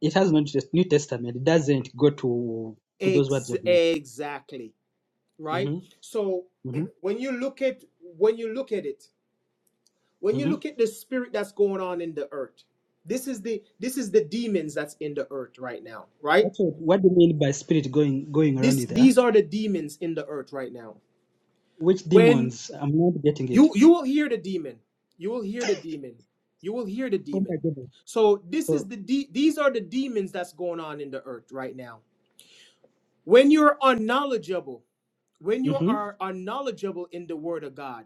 It has no Test- New Testament. It doesn't go to to those words Ex- of men. exactly right hmm so hmm when you look at when you look at it when you hmm look at the spirit that's going on in the earth this is the this is the demons that's in the earth right now right Also, what what do you mean by spirit going going around this with her? these are the demons in the earth right now Which when demons? I'm not getting it. you you will hear the demon you will hear the demon you will hear the Oh my demon goodness. so this is So, the de- these are the demons that's going on in the earth right now when you're unknowledgeable when hmm you are unknowledgeable in the word of god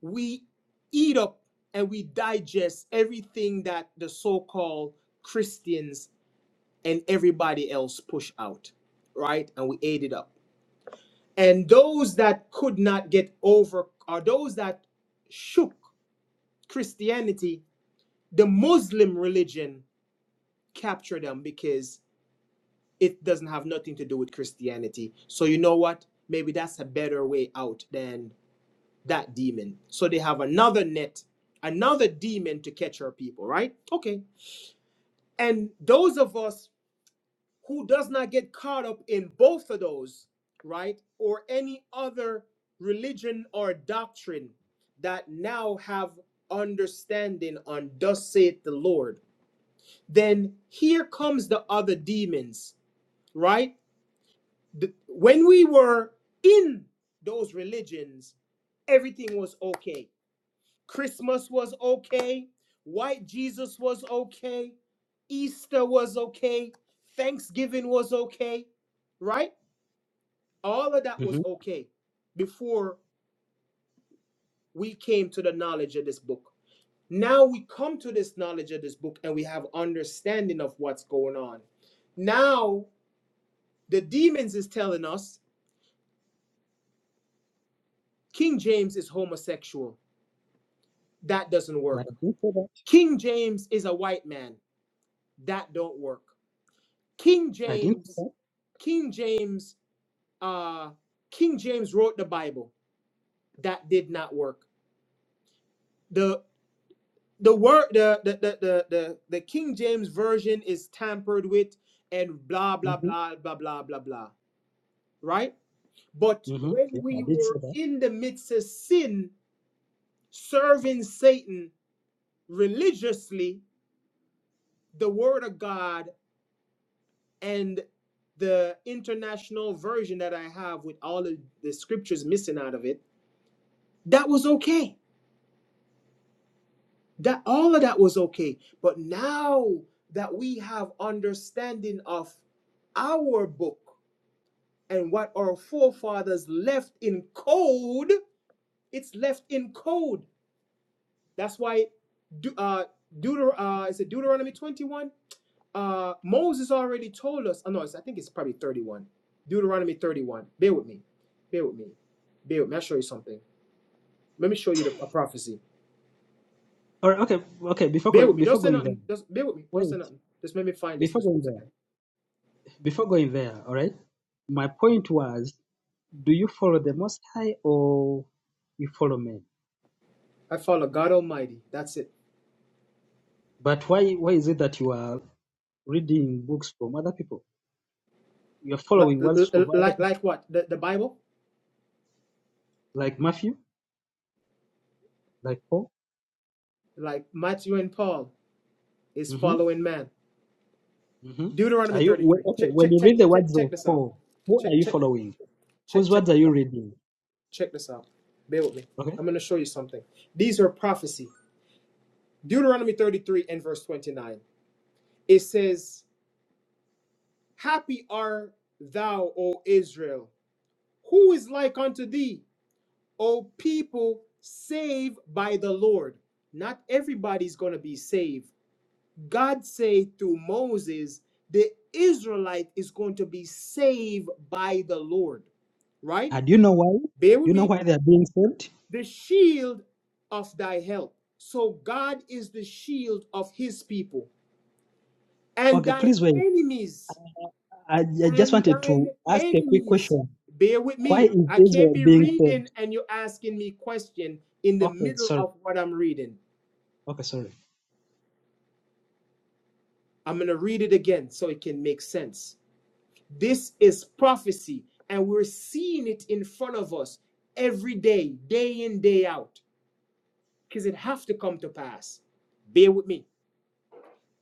we eat up and we digest everything that the so-called christians and everybody else pushed out, right? And we ate it up. And those that could not get over, or those that shook Christianity, the Muslim religion captured them because it doesn't have nothing to do with Christianity. So you know what? Maybe that's a better way out than that demon. So they have another net, another demon to catch our people, right? Okay. And those of us who does not get caught up in both of those, right? Or any other religion or doctrine that now have understanding on thus saith the Lord. Then here comes the other demons, right? The- when we were in those religions, everything was okay. Christmas was okay. White Jesus was okay. Easter was okay. Thanksgiving was okay, right? all of that was hmm okay before we came to the knowledge of this book now we come to this knowledge of this book and we have understanding of what's going on now the demons is telling us king james is homosexual that doesn't but work I didn't say that. king james is a white man that don't work king I didn't say james that. king james uh king james wrote the bible that did not work The the word the the, the the the the King James version is tampered with and blah blah Mm-hmm. blah blah blah blah blah right but Mm-hmm. when Yeah, I we did say were that. in the midst of sin serving Satan religiously the word of God and the international version that I have with all of the scriptures missing out of it that was okay that all of that was okay but now that we have understanding of our book and what our forefathers left in code, it's left in code. That's why De- uh, Deuter- uh, is it Deuteronomy 21? Uh, Moses already told us. Oh, no, it's, I think it's probably 31. Deuteronomy 31. Bear with me. Bear with me. Bear with me. I'll show you something. Let me show you the a prophecy. All right. Okay. Okay. Before Bear go- with me. Don't before say going there, nothing. Just bear with me. Don't say wait. nothing. Just let me find this. Before Just going two there, seconds. before going there. All right. My point was, do you follow the Most High or you follow men? I follow God Almighty. That's it. But why why is it that you are reading books from other people? You are following words of other Like, people, like what? The, the Bible? like Matthew, like Paul. Like Matthew and Paul is Mm-hmm. following man. Mm-hmm. Deuteronomy Are you 33. wh- okay? Check, When check, you check, read the check, words check of this out. Paul, who are Check, you check, following? check, Whose check words this are you out. reading? Check this out. Bear with me. Okay. I'm going to show you something. These are prophecy. Deuteronomy 33 and verse 29. It says, Happy are thou, O Israel, who is like unto thee, O people, saved by the Lord. Not everybody's going to be saved. God said through Moses, the Israelite is going to be saved by the Lord, right? And do you know why? bear Do with you know me, why they are being saved? the shield of thy help. So God is the shield of his people and Okay. thine Please wait. enemies I, I just and wanted thine to ask a quick enemies. question. Bear with Why me. is I can't Israel be being reading saved? and you're asking me question in the Okay, middle sorry. of what I'm reading. Okay, sorry. I'm going to read it again so it can make sense. This is prophecy and we're seeing it in front of us every day, day in, day out, because it has to come to pass. Bear with me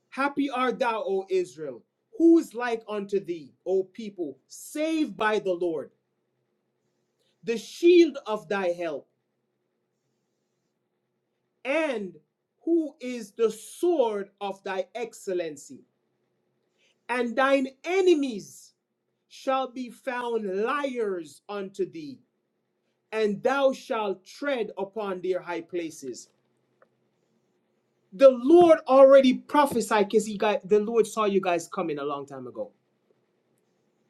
Happy art thou, O Israel. Who is like unto thee, O people, saved by the Lord, the shield of thy help, and who is the sword of thy excellency? And thine enemies shall be found liars unto thee, and thou shalt tread upon their high places. The Lord already prophesied because he got the Lord saw you guys coming a long time ago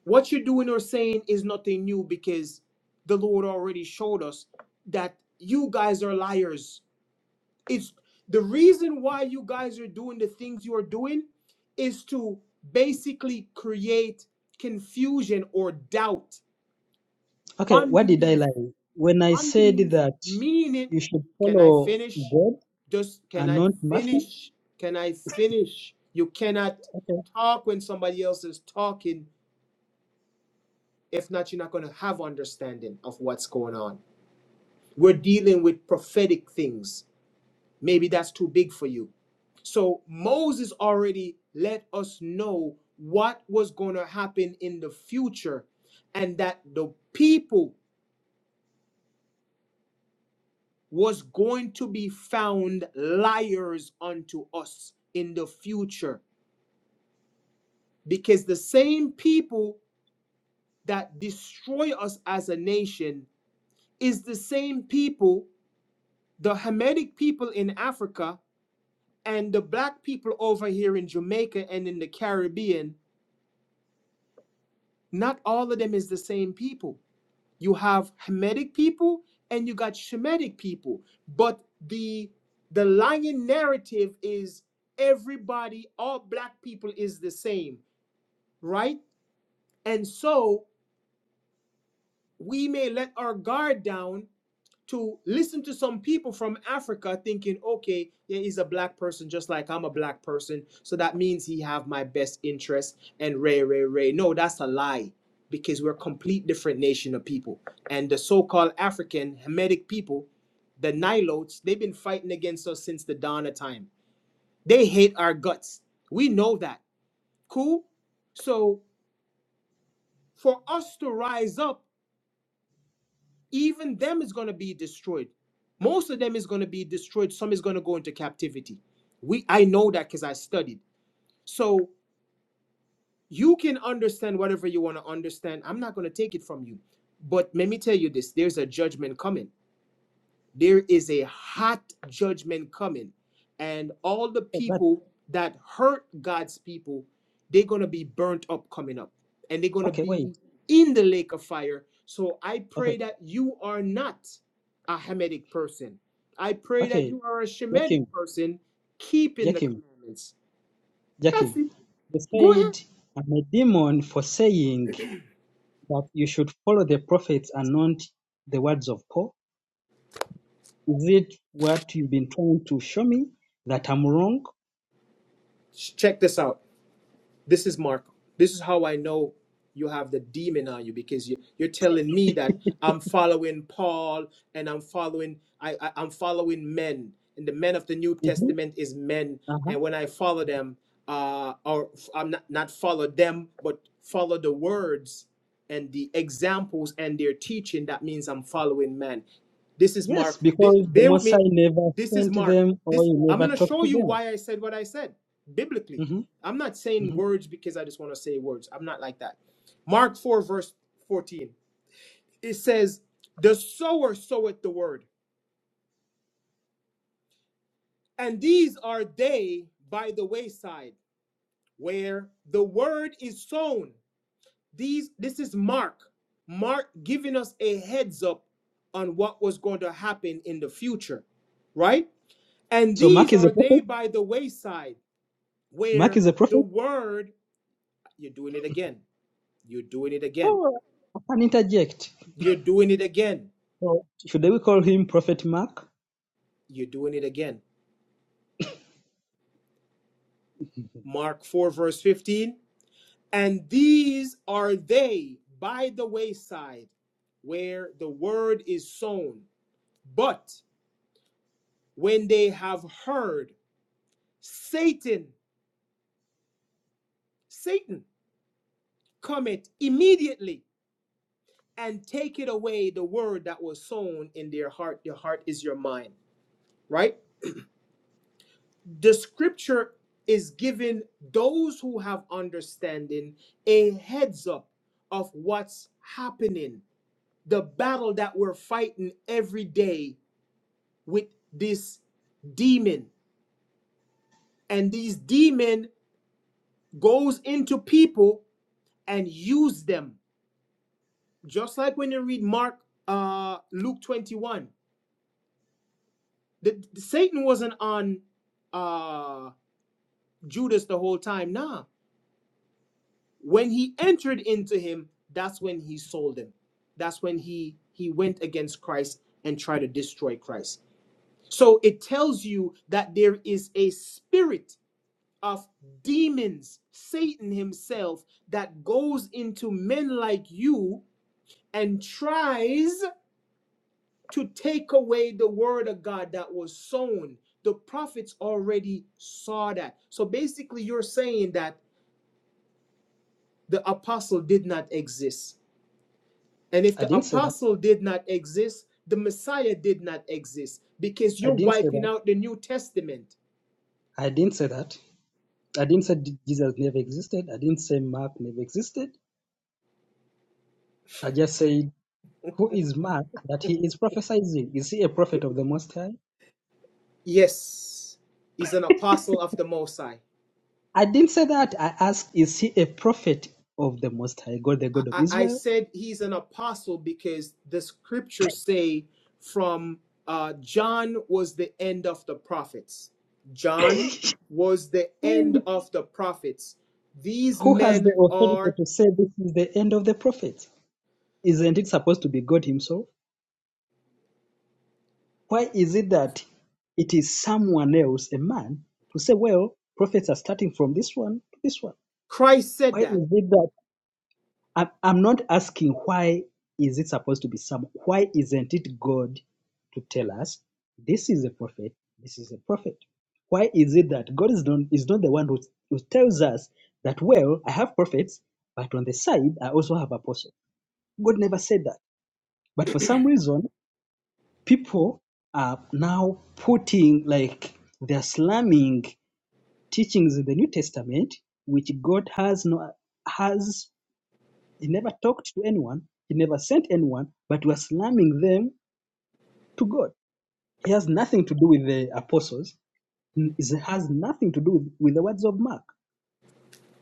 What you're doing or saying is nothing new because the Lord already showed us that you guys are liars. It's the reason why you guys are doing the things you are doing is to basically create confusion or doubt, Okay, what did I unbelief, lie? When I said unbelief, that meaning, you should can I follow finish? God Just can and I not Murphy. finish? Can I finish? You cannot Okay, talk when somebody else is talking If not, you're not going to have understanding of what's going on. We're dealing with prophetic things. Maybe that's too big for you. So Moses already let us know what was going to happen in the future and that the people was going to be found liars unto us in the future because the same people that destroy us as a nation is the same people the Hamitic people in Africa and the black people over here in Jamaica and in the Caribbean, not all of them is the same people. You have Hamitic people and you got Shemitic people, but the the lying narrative is everybody, all black people is the same, right? And so we may let our guard down to listen to some people from Africa thinking, okay, yeah, he's a black person just like I'm a black person, so that means he have my best interest and ray ray ray. No, that's a lie because we're a complete different nation of people. And the so-called African Hamitic people, the Nilotes, they've been fighting against us since the dawn of time. They hate our guts. We know that. Cool? So for us to rise up even them is going to be destroyed most of them is going to be destroyed some is going to go into captivity we i know that because i studied so you can understand whatever you want to understand i'm not going to take it from you but let me tell you this there's a judgment coming there is a hot judgment coming, and all the okay, but people that hurt God's people, they're going to be burnt up coming up, and they're going to okay, be wait. in the lake of fire. So I Okay, pray that you are not a Hamitic person. I pray that okay, you are a Shemitic Jakim, person keeping the Jakim, commandments. That's Jakim. it. You Go ahead. said I'm a demon for saying that you should follow the prophets and not the words of Paul. Is it what you've been trying to show me that I'm wrong? Check this out. This is Marco. This is how I know you have the demon on you because you, you're telling me that I'm following Paul and I'm following I, I I'm following men and the men of the New Mm-hmm. Testament is men Uh-huh." and when I follow them uh or i I'm not not follow them but follow the words and the examples and their teaching that means I'm following men. This is Yes, Mark. This, because the bear with me. Mosai never This is sent Mark. them or This he I'm never gonna talked show to you them. why I said what I said biblically. hmm I'm not saying hmm words because I just want to say words. I'm not like that. Mark 4, verse 14. It says, The sower soweth the word. And these are they by the wayside, where the word is sown. These this is Mark. Mark giving us a heads up on what was going to happen in the future, right? And So Mark these is a are prophet. they by the wayside, Mark where is a the prophet. word, you're doing it again. You're doing it again. Oh, I can interject. You're doing it again. So should we call him Prophet Mark? You're doing it again. Mark 4, verse 15. And these are they by the wayside where the word is sown. But when they have heard, Satan, Satan cometh immediately and take it away the word that was sown in their heart. Your heart is your mind, right? The scripture is giving those who have understanding a heads up of what's happening the battle that we're fighting every day with this demon and these demon goes into people and use them just like when you read mark uh luke 21 the, the satan wasn't on uh judas the whole time nah when he entered into him that's when he sold him that's when he he went against christ and tried to destroy christ so it tells you that there is a spirit of demons, Satan himself, that goes into men like you and tries to take away the word of God that was sown. The prophets already saw that. So basically, you're saying that the apostle did not exist. And if I the didn't say that. apostle did not exist, the Messiah did not exist because I you're didn't say wiping that. out the New Testament. I didn't say that. I didn't say Jesus never existed. I didn't say Mark never existed. I just said, who is Mark that he is prophesizing? Is he a prophet of the Most High? Yes, he's an apostle of the Most High. I didn't say that. I asked, is he a prophet of the Most High God, the God of I, I Israel? said he's an apostle because the scriptures say from uh, John was the end of the prophets. John was the end Wait. of the prophets. These Who has the men authority are to say this is the end of the prophets? Isn't it supposed to be God Himself? Why is it that it is someone else, a man, to say, well, prophets are starting from this one to this one? Christ Why said that. is it that I'm, I'm not asking why is it supposed to be some? Why isn't it God to tell us this is a prophet, this is a prophet? Why is it that God is not, is not the one who, who tells us that, well, I have prophets, but on the side, I also have apostles? God never said that. But for some reason, people are now putting like they're slamming teachings in the New Testament, which God has no has he never talked to anyone, he never sent anyone, but we're slamming them to God. He has nothing to do with the apostles. It has nothing to do with, with the words of Mark.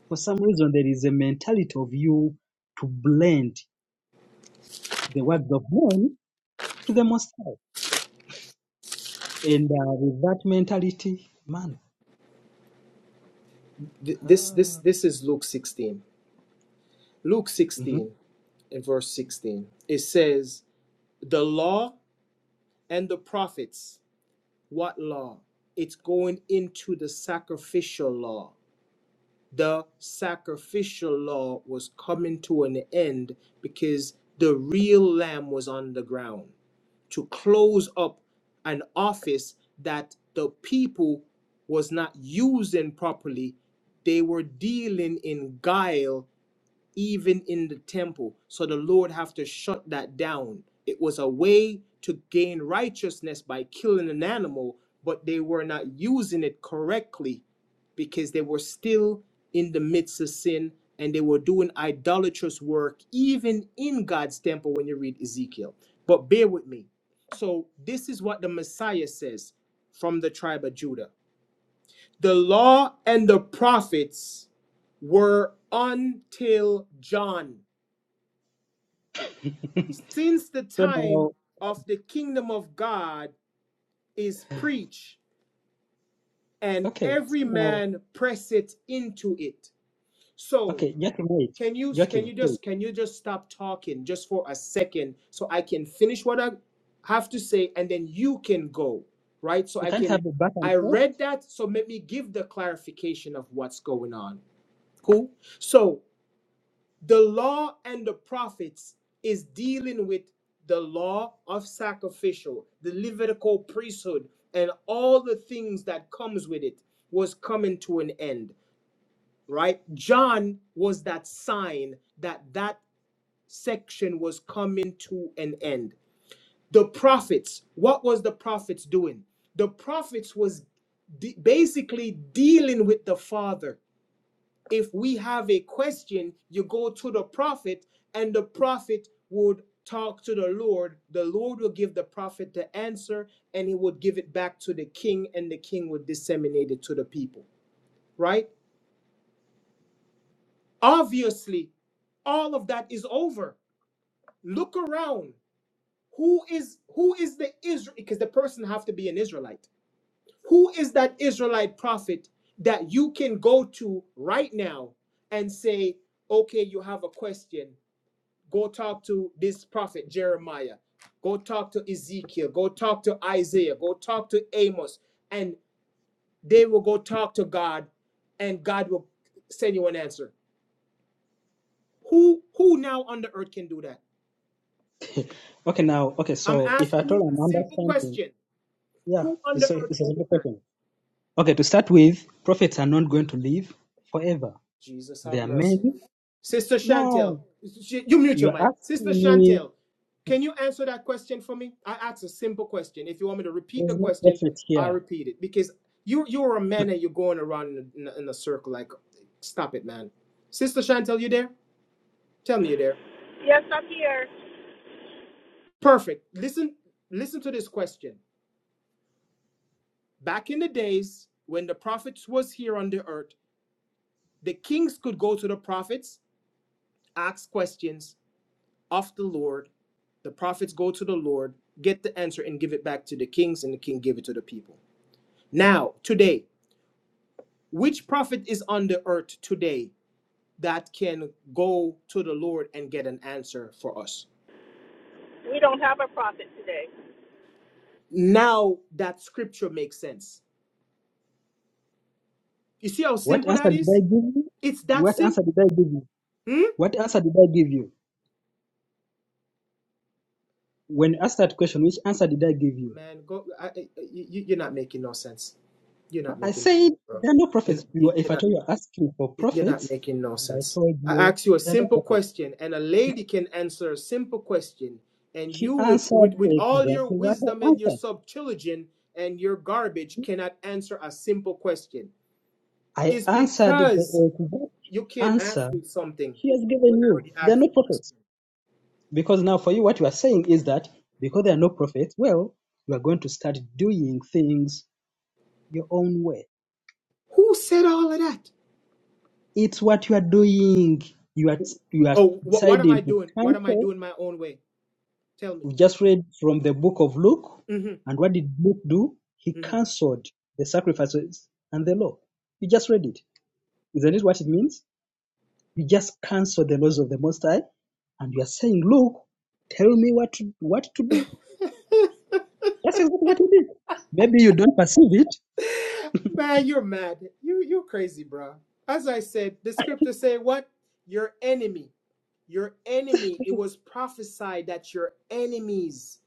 For some reason, there is a mentality of you to blend the words of men to the Most High. And uh, with that mentality, man, Th- This this Ah, this is Luke 16. Luke hmm 16 and verse 16. It says, "The law and the prophets, what law? It's going into the sacrificial law the sacrificial law was coming to an end because the real lamb was on the ground to close up an office that the people was not using properly they were dealing in guile even in the temple. So the Lord have to shut that down. It was a way to gain righteousness by killing an animal, but they were not using it correctly because they were still in the midst of sin and they were doing idolatrous work even in God's temple when you read Ezekiel. But bear with me. So this is what the Messiah says from the tribe of Judah. The law and the prophets were until John since the So now, time of the kingdom of God is preached, and okay, so every now, man press it into it. So okay, Joachim, wait, can you can Joachim, you wait. just can you just stop talking just for a second so I can finish what I have to say and then you can go right? So We I can't have can it back and I forth. read that so let me give the clarification of what's going on. Cool. So The law and the prophets is dealing with the law of sacrificial, the Levitical priesthood, and all the things that comes with it was coming to an end, right? John was that sign that that section was coming to an end. The prophets, what was the prophets doing? The prophets was de- basically dealing with the Father if we have a question, you go to the prophet, and the prophet would talk to the Lord. The Lord will give the prophet the answer, and he would give it back to the king, and the king would disseminate it to the people, right? Obviously, all of that is over. Look around. Who is who is the Israel? Because the person have to be an Israelite. Who is that Israelite prophet that you can go to right now and say, okay, you have a question Go talk to this prophet Jeremiah. Go talk to Ezekiel. Go talk to Isaiah. Go talk to Amos. And they will go talk to God and God will send you an answer. Who who now on the earth can do that? Okay, now, okay, I'm so if asking at all you a I'm simple understanding, question. yeah, Who on the it's a, earth it's a can do simple that? question. Okay, to start with, prophets are not going to live forever. Jesus They have are mercy. many. Sister Chantel, No, you mute you your are mic. Sister asking me, Chantel, can you answer that question for me? I asked a simple question. If you want me to repeat the there's no question, prophet I here. repeat it because you you're a man and you're going around in a, in a circle. Like, stop it, man. Sister Chantel, you there? Tell me you there. Yes, I'm here. Perfect. Listen, listen to this question. Back in the days when the prophets was here on the earth, the kings could go to the prophets, ask questions, of the Lord. The prophets go to the Lord, get the answer, and give it back to the kings, and the king give it to the people. Now, today, which prophet is on the earth today that can go to the Lord and get an answer for us? We don't have a prophet today. Now that scripture makes sense. You see how What simple answer that did I is? give you? It's that What answer simple. did I give you? Hmm? What answer did I give you? When you asked that question, which answer did I give you? Man, go. I, I, you, you're not making no sense. You're not I making no sense, said there are no bro. prophets. You're, You, if you're at not. all you're asking for Y- You're not prophets, making no and I sense. told I you asked you a there are no simple prophets, question, and a lady can answer a simple question. And she you, with, with, answered with all exactly your what wisdom I and your answered. subtilogen and your garbage, cannot answer a simple question. I It's answered because the exact you can't answer ask me something she has when given I you. already There are asked no you a question. prophets. Because now for you, what you are saying is that because there are no prophets, well, you are going to start doing things your own way. Who said all of that? It's what you are doing. You are you are Oh, wh- what am deciding I to doing? What am I cancel doing my own way? Tell We just read from the book of Luke. me. And what did Luke do? He hmm cancelled the sacrifices and the law. You just read it. Isn't it what it means? You just cancel the laws of the Most High, and you are saying, "Look, tell me what to, what to do." That's exactly what you did. Maybe you don't perceive it, Man, you're mad. You you're crazy, bro. As I said, the scripture say what? Your enemy. Your enemy. It was prophesied that your enemies.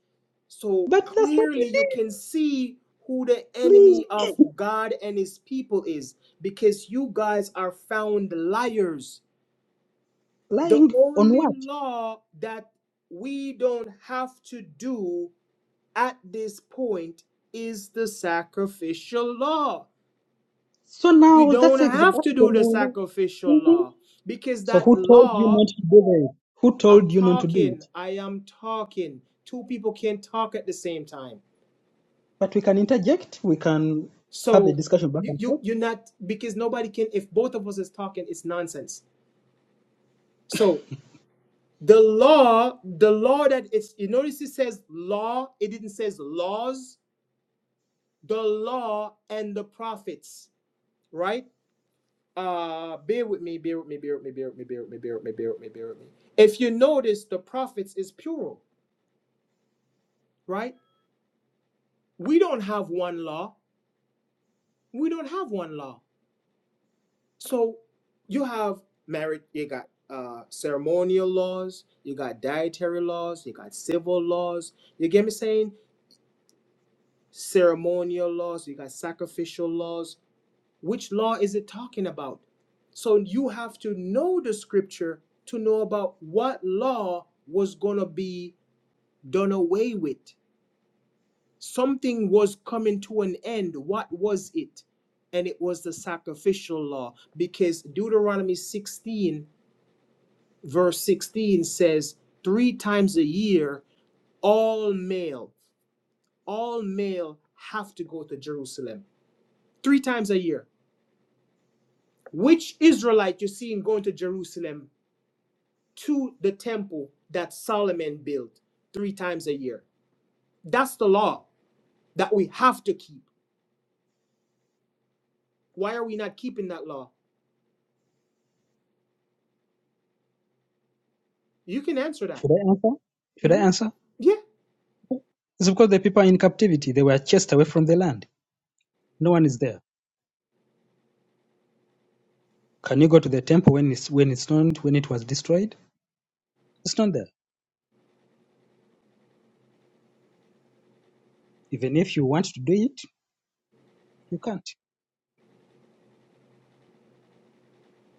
So but that's what clearly you you did. can see who the Please, enemy of God and his people is because you guys are found liars. The lying on only what? law that we don't have to do at this point is the sacrificial law So we now don't that's exactly have that's to the do the law. sacrificial Mhm. law because So that who told you law not to do it? Who i'm told you not to do talking it? i am talking two people can't talk at the same time But we can interject. We can have a so discussion back you, and you forth. you're not because nobody can if both of us is talking it's nonsense so the law the law that it's you notice it says law it didn't says laws the law and the prophets right uh bear with me bear with me bear with me bear with me bear with me bear with me bear with me bear with me if you notice the prophets is plural right we don't have one law we don't have one law so you have marriage you got uh ceremonial laws you got dietary laws you got civil laws you get me saying ceremonial laws you got sacrificial laws which law is it talking about so you have to know the scripture to know about what law was going to be done away with. Something was coming to an end. What was it? And it was the sacrificial law because Deuteronomy 16, verse 16 says, Three times a year, all male, all male have to go to Jerusalem. Three times a year. Which Israelite you seeing going to Jerusalem to the temple that Solomon built three times a year? That's the law that we have to keep. Why are we not keeping that law? You can answer that. Should I answer? Should I hmm answer? Yeah. It's because the people are in captivity. They were chased away from the land. No one is there. Can you go to the temple when it's when it's not when it was destroyed? It's not there. Even if you want to do it, you can't.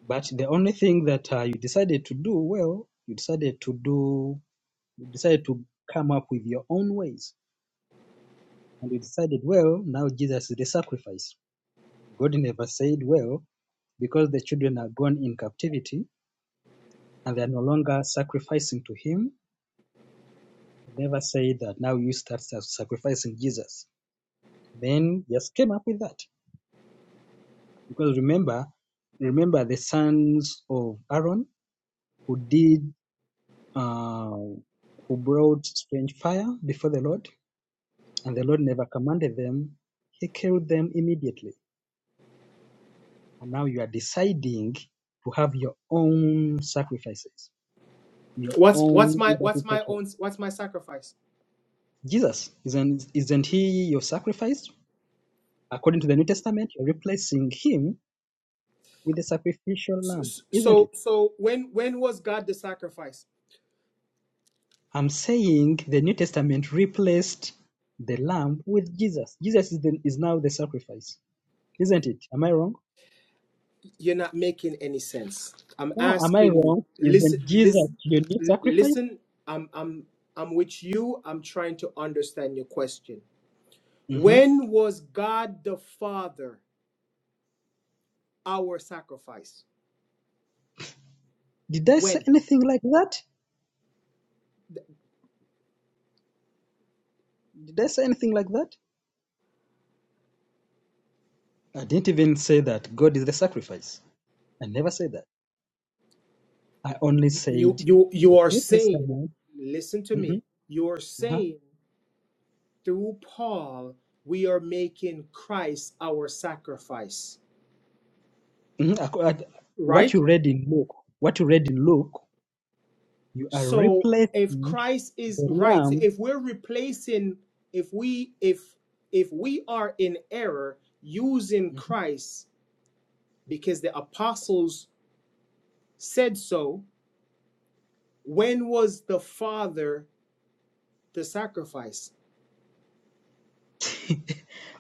But the only thing that uh, you decided to do, well, you decided to do, you decided to come up with your own ways, and you decided, well, now Jesus is the sacrifice. God never said, well, because the children are gone in captivity and they are no longer sacrificing to him. He never say that now you start sacrificing Jesus. Then just came up with that. Because remember, remember the sons of Aaron who did uh, who brought strange fire before the Lord, and the Lord never commanded them. He killed them immediately. And now you are deciding to have your own sacrifices, your What's what's own my what's my own what's my sacrifice? Jesus, isn't, isn't he your sacrifice? According to the New Testament, you're replacing him with a sacrificial S- lamb, isn't it? So so when when was God the sacrifice? I'm saying the New Testament replaced the lamb with Jesus. Jesus is, the, is now the sacrifice, isn't it? Am I wrong? You're not making any sense. I'm No, am I asking you. wrong? Listen Isn't Jesus listen your new sacrifice? listen. I'm I'm I'm with you. I'm trying to understand your question. hmm When was God the Father our sacrifice? Did I say When anything like that? Did I say anything like that? I didn't even say that God is the sacrifice. I never said that. I only you said you the you are New saying, Testament. listen to me. Mhm. You are saying. through Paul, we are making Christ our sacrifice, Mhm, ac- at- What right? you read in Luke, what you read in Luke, you are So if replacing Christ the is right, so lamb. if we're replacing, if we if if we are in error using Mhm. Christ because the apostles said so, when was the Father the sacrifice?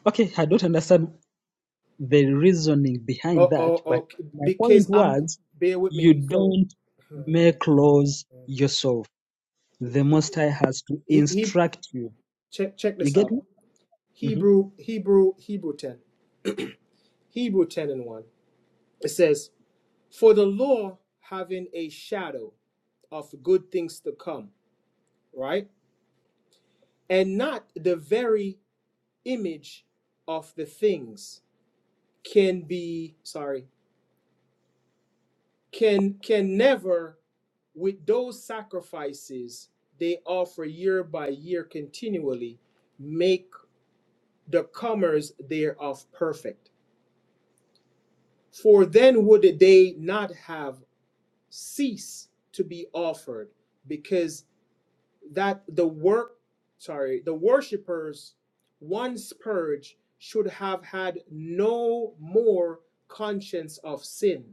Okay, I don't understand the reasoning behind Oh, that, oh, but oh my because point I'm was bear with you me. So don't make laws yourself. The Most High has to he, he instruct you. check check You this get out. me? hmm Hebrew, Hebrew, Hebrew 10. Hebrew 10 and 1. It says, For the law having a shadow of good things to come, right? And not the very image of the things can be, sorry, can can never with those sacrifices they offer year by year continually make the comers thereof perfect. For then would they not have cease to be offered because that the work sorry the worshippers once purged should have had no more conscience of sin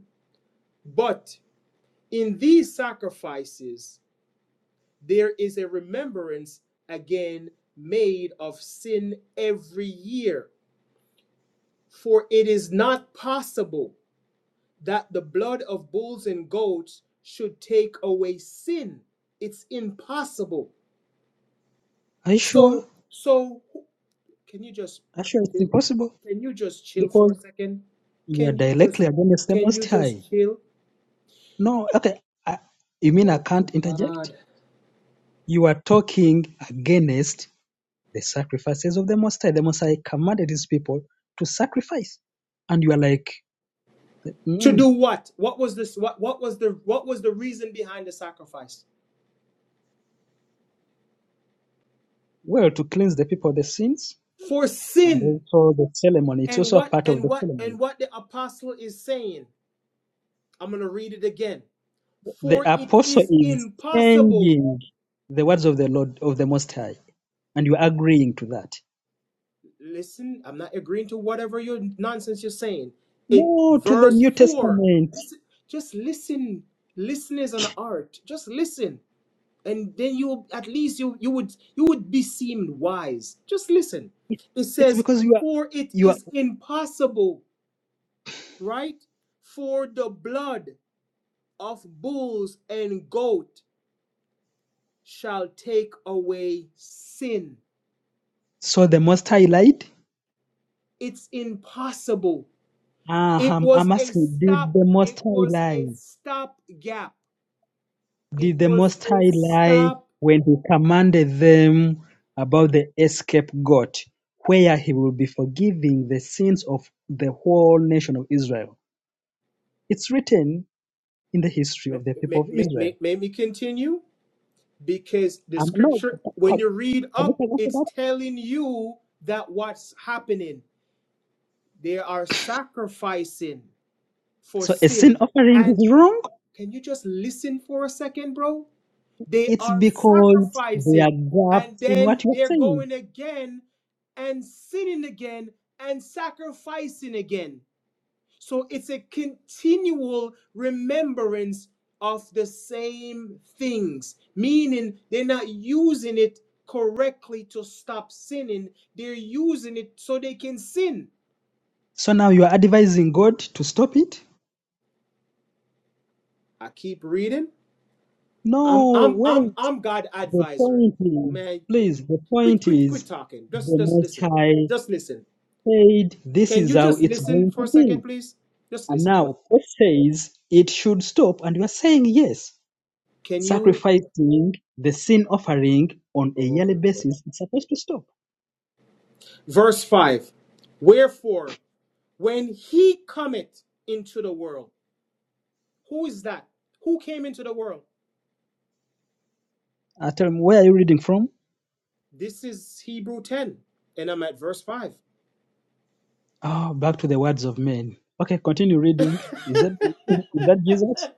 but in these sacrifices there is a remembrance again made of sin every year for it is not possible that the blood of bulls and goats should take away sin. It's impossible. Are you sure? So, Are so can you just you sure it's chill? impossible? Can you just chill for Because a second? you are Can you just directly against the can Most you High. just chill? No, okay. I, you mean I can't interject? You are talking against the sacrifices of the Most High. The Most High commanded his people to sacrifice. And you are like, To mm, do what? What was this what what was the what was the reason behind the sacrifice? well, to cleanse the people of the sins. For And sin. also the ceremony. It's And also a what part of and the what ceremony. and what the apostle is saying. I'm going to read it again. The For it apostle is is impossible changing the words of the Lord, of the Most High. And you are agreeing to that. listen, I'm not agreeing to whatever your nonsense you're saying. It No, to the verse New four. Testament. Listen, just listen. Listen is an art. Just listen, and then you at least you you would you would be seemed wise. Just listen. It, It it's says, because you are, "For it you are, is impossible, right, for the blood of bulls and goat shall take away sin." so the Most High lied? It's impossible Ah, It I'm, I'm was a asking, did stop. the It Most High was a lie? stop gap. It Did the was Most a High lie stop. when He commanded them about the escape goat, where He will be forgiving the sins of the whole nation of Israel? It's written in the history May, of the people may, of may, Israel. may may me continue because the Um, no, scripture, can, when you read can you up, take after it's that? telling you that what's happening. They are sacrificing for So a sin sin. offering And is wrong. can you just listen for a second, bro? They It's are because there are sacrificing and gaps in then what you're they're saying. going again and sinning again and sacrificing again. So it's a continual remembrance of the same things, meaning they're not using it correctly to stop sinning. They're using it so they can sin. So now you are advising God to stop it? I keep reading. I'm No I'm I'm way. I'm God The advisor. point is, Man, qu- please, the quit point quit is, quit talking. Just the just Most listen. High Just listen. said, this Can is you how just it's listen going for a to be. second, please? Just And listen for. now God says it should stop, and you are saying yes. Can you? Sacrificing the sin offering on a Oh, yearly Lord. basis is supposed to stop. Verse five. Wherefore When he cometh into the world, who is that? Who came into the world? Uh, tell me, where are you reading from? This is Hebrew 10, and I'm at verse 5. Oh, back to the words of men. Okay, continue reading. Is that is that Jesus?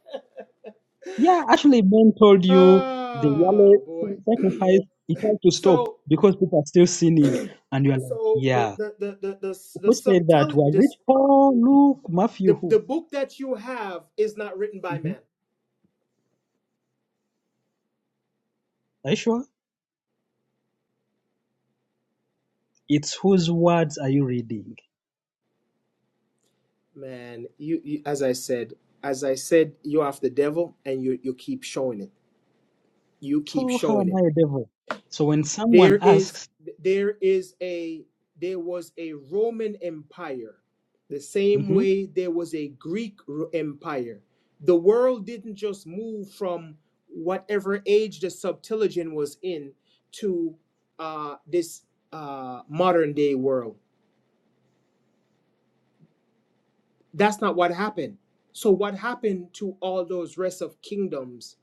Yeah, actually, Ben told you the Ah, Yale boy. sin sacrifice, it had to stop so, because people are still sinning. And you're like, so the yeah. the the the the, the Who said that? subtele- Was it this Paul, Luke, Matthew, the, the who? book that you have is not written by hmm man. Are you sure? It's whose words are you reading? Man, you, you as I said, as I said, you're after the devil, and you you keep showing it. You keep So, how showing am it I a devil? So, when There someone is asks, there is a there was a Roman Empire, the same hmm way there was a Greek Ro- Empire. The world didn't just move from whatever age the Septuagint was in to uh, this uh, modern day world. That's not what happened. So what happened to all those rest of kingdoms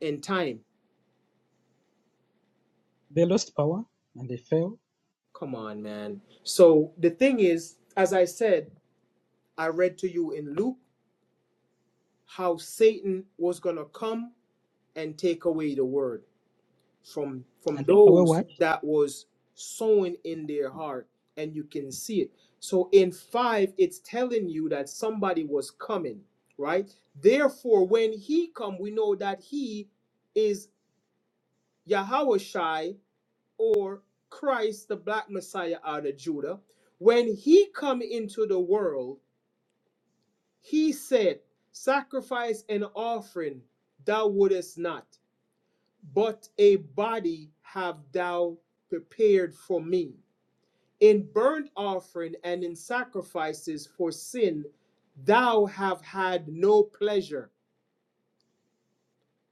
and time? they lost power and they fell Come on, man. So the thing is, as I said, I read to you in Luke. how Satan was going to come and take away the word from from and take away those what? that was sown in their heart and you can see it so in 5 it's telling you that somebody was coming right therefore when he come we know that he is Yahushai or Christ the black messiah out of Judah when he come into the world he said sacrifice and offering thou wouldest not but a body have thou prepared for me. In burnt offering and in sacrifices for sin, thou have had no pleasure.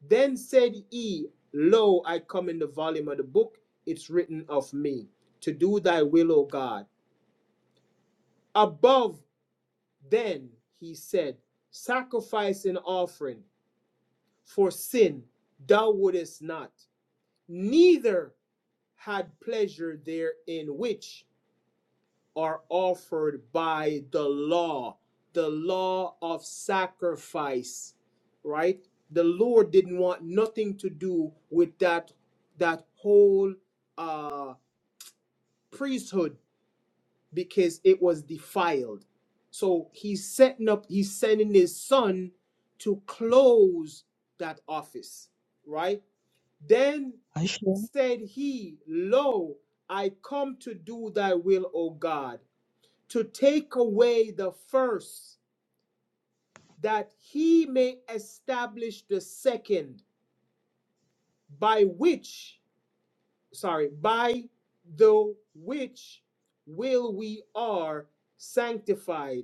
Then said he, Lo, I come in the volume of the book, it's written of me, to do thy will, O God. Above then, he said, Sacrifice and offering for sin thou wouldest not, neither had pleasure therein which are offered by the law, the law of sacrifice, right? The Lord didn't want nothing to do with that that whole uh, priesthood because it was defiled. So he's setting up, he's sending his son to close that office, right? Then Are you sure? said he, Lo, I come to do thy will, O God to take away the first, that he may establish the second, by which, sorry, by the which will we are sanctified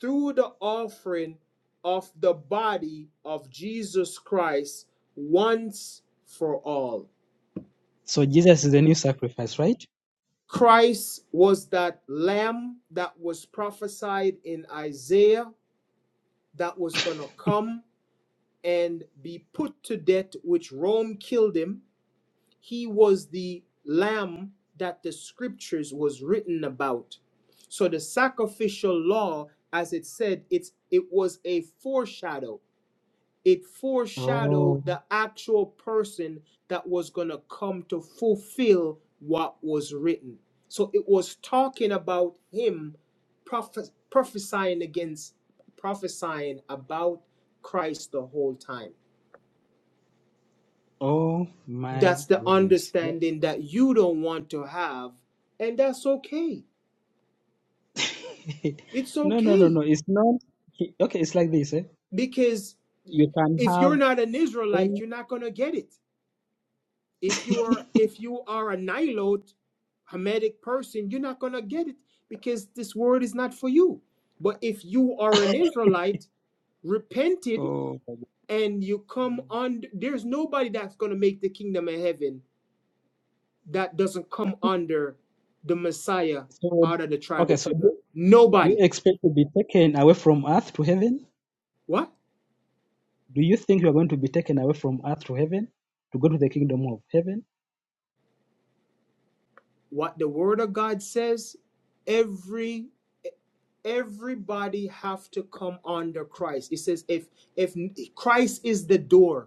through the offering of the body of Jesus Christ once for all. So, Jesus is the new sacrifice, right? Christ was that lamb that was prophesied in Isaiah that was going to come and be put to death, which Rome killed him. He was the lamb that the scriptures was written about. So the sacrificial law, as it said, it's it was a foreshadow. It Oh, foreshadowed the actual person that was gonna come to fulfill what was written. So it was talking about him prophes- prophesying against prophesying about Christ the whole time. oh my That's the goodness. understanding that you don't want to have. And that's okay. It's No, no, no, no. okay. It's not. Okay, it's like this. Eh? Because You can if you're have not an Israelite, any. you're not gonna get it. If you are if you are a Nilote, Hamitic person, you're not gonna get it because this word is not for you. But if you are an Israelite, repented, Oh, my God. and you come Mm. under there's nobody that's gonna make the kingdom of heaven that doesn't come under the Messiah so out of the tribe okay. of So do Judah. you, do you Nobody. expect to be taken away from earth to heaven? What? Do you think you are going to be taken away from earth to heaven to go to the kingdom of heaven? What the word of God says, every everybody have to come under Christ. It says if if Christ is the door,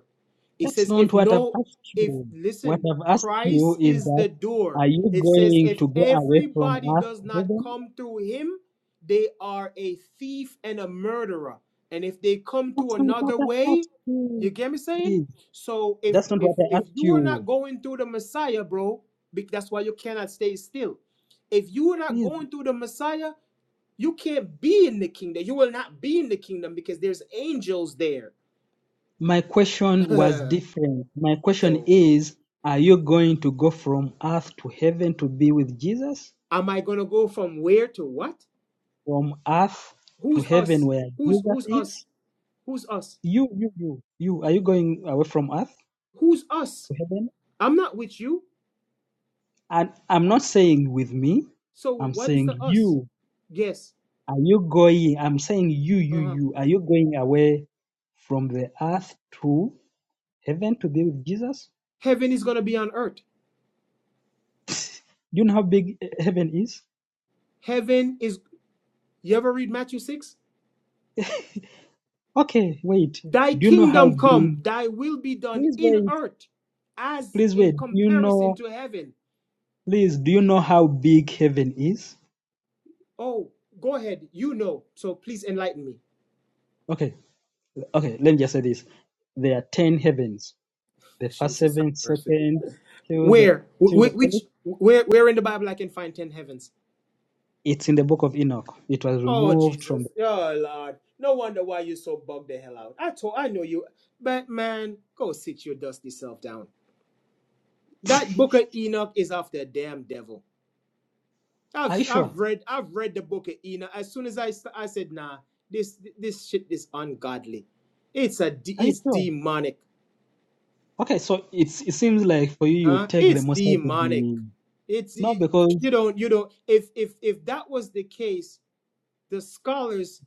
It That's says, not if what I've no, asked if you. What listen, I've asked you Christ is is that the door. are you It says, going if to go away from everybody earth does to not heaven? come through him, they are a thief and a murderer. And if they come to That's not what another I way, asked you you. get me saying? Please, So if that's not if what I if asked you are you. not going through the Messiah, bro, that's why you cannot stay still. If you are not Please. going through the Messiah, you can't be in the kingdom. You will not be in the kingdom because there's angels there. My question was different. My question so is, are you going to go from earth to heaven to be with Jesus? Am I gonna go from where to what? From earth to Who's heaven us? where Who's Jesus who's us? is? Who's us? You, you, you, you, are you going away from earth Who's us? to heaven? I'm not with you. And I'm not saying with me, So I'm what is saying the us? you. Yes. Are you going? I'm saying you, you, Uh-huh. you. Are you going away from the earth to heaven to be with Jesus? Heaven is gonna be on earth. Do you know how big eh, heaven is? Heaven is you ever read Matthew 6? Okay, wait. Thy Do you know how kingdom big come, thy will be done Please in wait. earth as Please in wait. Do you comparison know? to heaven. Please, do you know how big heaven is? Oh, go ahead. You know. So please enlighten me. Okay. Okay. Let me just say this. There are ten heavens. The first heaven, second, till the Where? till the fourth. which where where in the Bible I can find ten heavens? It's in the book of Enoch. It was Oh removed from. The, Jesus. Oh Lord. No wonder why you so bug the hell out. I told I know you. But man, go sit your dusty self down. That book of Enoch is of the damn devil. I've are you sure? I've read I've read the book of Enoch. As soon as I s- I said nah, this this shit is ungodly. It's a de- Are you it's sure? demonic, Okay. So it's it seems like for you you huh? take the It's most High to demonic. be It's no you, because you don't you don't if if if that was the case, the scholars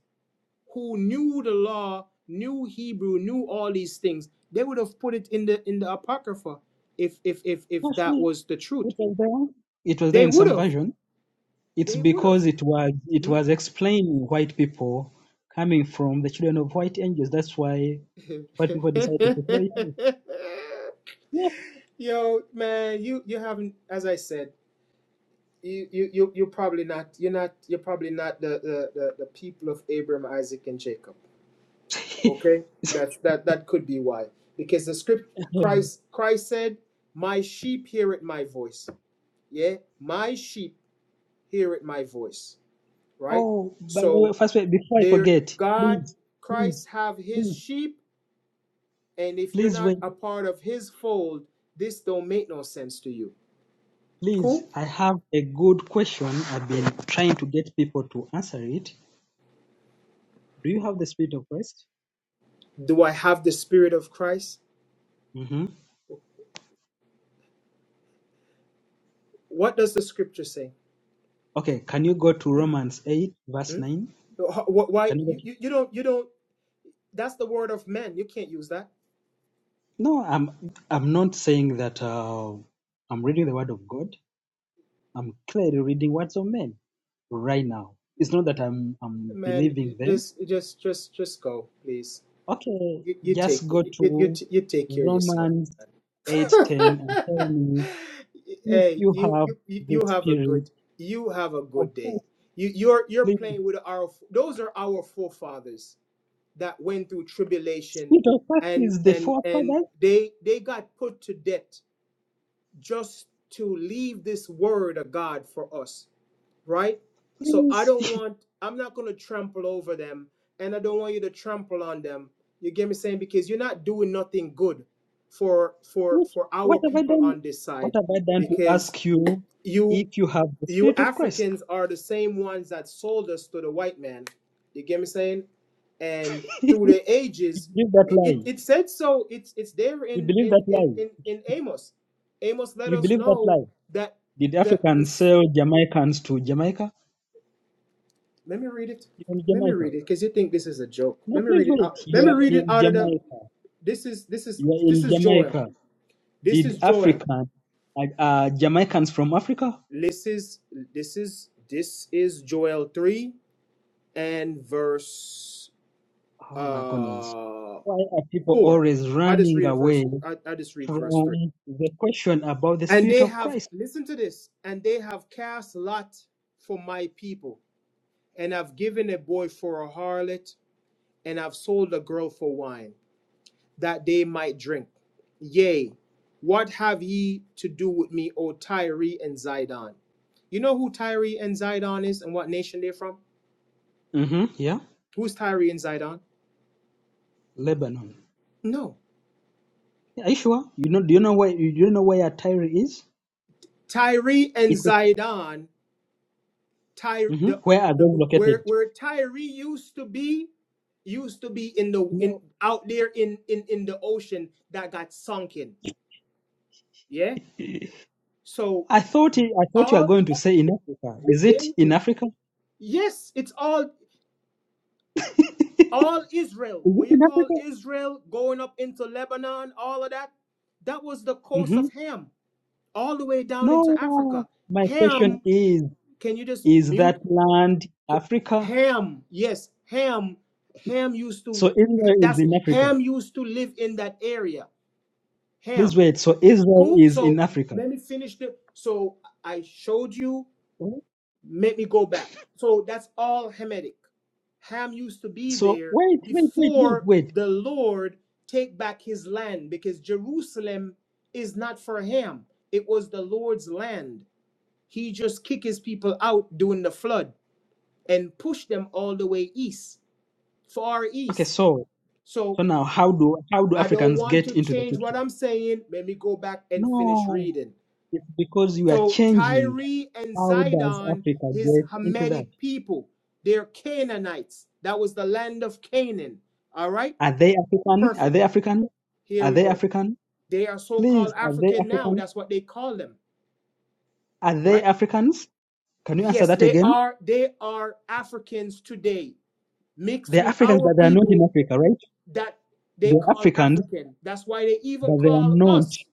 who knew the law, knew Hebrew, knew all these things, they would have put it in the in the apocrypha if if if if that actually was the truth. it was there. It was there They in would some have. version. It's They would have. because it was it Hmm? was explaining white people coming from the children of white angels. That's why white people decided to throw it out. Yo, man, you you haven't, as I said, you you you you're probably not you're not you're probably not the the the, the people of Abraham, Isaac, and Jacob. Okay, that's that that could be why because the script Yes. Christ Christ said, "My sheep hear it my voice." Yeah, my sheep hear it my voice, right? oh, by the way, So first way, before I there forget, God please, please, Christ have his please, sheep, and if you're please not wait. a part of his fold, this don't make no sense to you. Please, Cool? I have a good question. I've been Okay. trying to get people to answer it. Do you have the spirit of Christ? Do I have the spirit of Christ? hmm What does the scripture say? Okay, can you go to Romans 8, verse Hmm? 9? Wh- wh- Why Can you go you, to- you you don't you don't that's the word of men. You can't use that. No, I'm I'm not saying that uh, I'm reading the word of God. I'm clearly reading words of men right now. It's not that I'm I'm Man, believing you- them. this just just just go, please. Okay, You, you just take go you, you to you take care of yourself. Romans eight ten and tell me if hey, you you, have you you the you have a spirit good you have a of good day. Christ, You you're you're please. playing with our those are our forefathers that went through tribulation Spirit of Christ and is the and and forefathers, they they got put to death just to leave this word of God for us right? So I please. don't want, I'm not going to trample over them, and I don't want you to trample on them. You get me saying because you're not doing nothing good for for Which for what our have I people done? on this What side, have I done to because ask you you if you have the you spirit of Christ? Africans are the same ones that sold us to the white man. You get me saying, and through the You ages, believe that it, it, it lie. said so. It's it's there You in believe in that in lie. in in Amos. Amos let You us believe that know lie. that Did that Africans this sell Jamaicans to Jamaica? Let me read it. You're in Let me Jamaica. read it, cause you think this is a joke. No, Let me please read it wait. out. You Let me are read it in out of the. Jamaica. This is this is You are this in is Joel. Jamaica. This Did is Joel. African, uh, uh, Jamaicans from Africa? This is this is this is Joel three and verse Oh my goodness. uh Why are people four. always I just running read a away verse. I, I just read from verse three. the question about the And spirit they of have Christ? listen to this. And they have cast lot for my people, and have given a boy for a harlot, and have sold a girl for wine. that they might drink. Yea, what have ye to do with me, O Tyre and Zidon? You know who Tyre and Zidon is and what nation they're from? hmm Yeah, Who's Tyre and Zidon? Lebanon. No. Are you sure? You know, do you know where you don't know where Tyre is? Tyre and It's a, Zidon, Tyre, hmm the, Where are the, those where, located? where Tyre used to be, used to be in the in No, out there in in in the ocean that got sunken. Yeah. So I thought it, I thought you were all going to say in Africa. b- Is bear it with in me. Africa? Yes, it's all all Israel, Is it when you in call Africa? Israel going up into Lebanon, all of that, that was the coast of Ham, all the way down into No, Africa. my question Ham, is can you just is mute? that land Ca- Africa? Ham, yes, Ham, Ham used So to, Israel is that's in Africa. Ham used to live in that area. Please Ham. wait. So Israel Cool. is in So Africa. let me finish the. So I showed you. Right? Make me go back. So that's all Hamitic. Ham used to be So there wait, wait, wait, wait, before wait. the Lord take back his land because Jerusalem is not for Ham. It was the Lord's land. He just kicked his people out during the flood and pushed them all the way east, far Okay, east. so so So now how do how do I don't Africans want get to into the change what picture? I'm saying. Let me go back and finish No, reading. it's because you are So changing. Tyre and How does Zidon, Africa his get into that? Hamitic people, they're Canaanites. That was the land of Canaan. All right, Are they African? Are they perfect. African? Here Are we they go. African? They are Please, so-called are they African now. African? That's what they call them, Are they right? Africans? Can you answer Yes, that they again? are. They are Africans today, mixed They're with Africans, our but they are not in people Africa, right? that they They're call Africans, African. That's why they even but they are call not. us.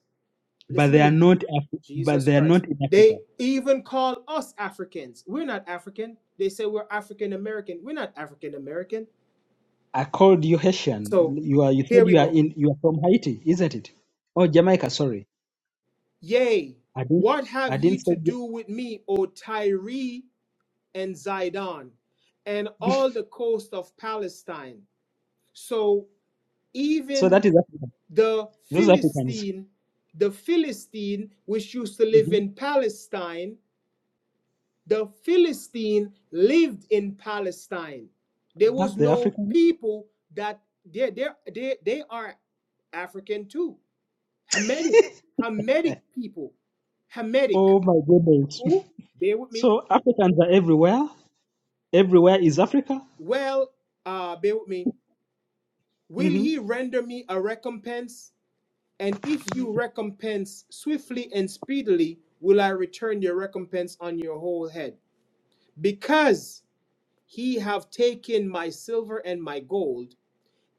But Listen they to are me. not. Af- but Jesus they are Christ. not in They Africa. even call us Africans. We're not African. They say we're African American. We're not African American. I called you So Haitian. You are. You here said we you are go. in. You are from Haiti, isn't it? Oh, Jamaica. Sorry, Yea, I didn't. what have I ye didn't say. to do with me, O Tyre and Zidon, and all the coast of Palestine? So So even that is African. the Those Africans. Philistine, the Philistine which used to live hmm in Palestine, the Philistine lived in Palestine. There was The no Africans. people that they they they, they are African too. Hamitic, Hamitic people, Hamitic. Oh my goodness. Who? Bear with me. So Africans are everywhere. Everywhere is Africa. Well, uh, bear with me. Will hmm he render me a recompense? And if you recompense swiftly and speedily, will I return your recompense on your whole head? Because he have taken my silver and my gold,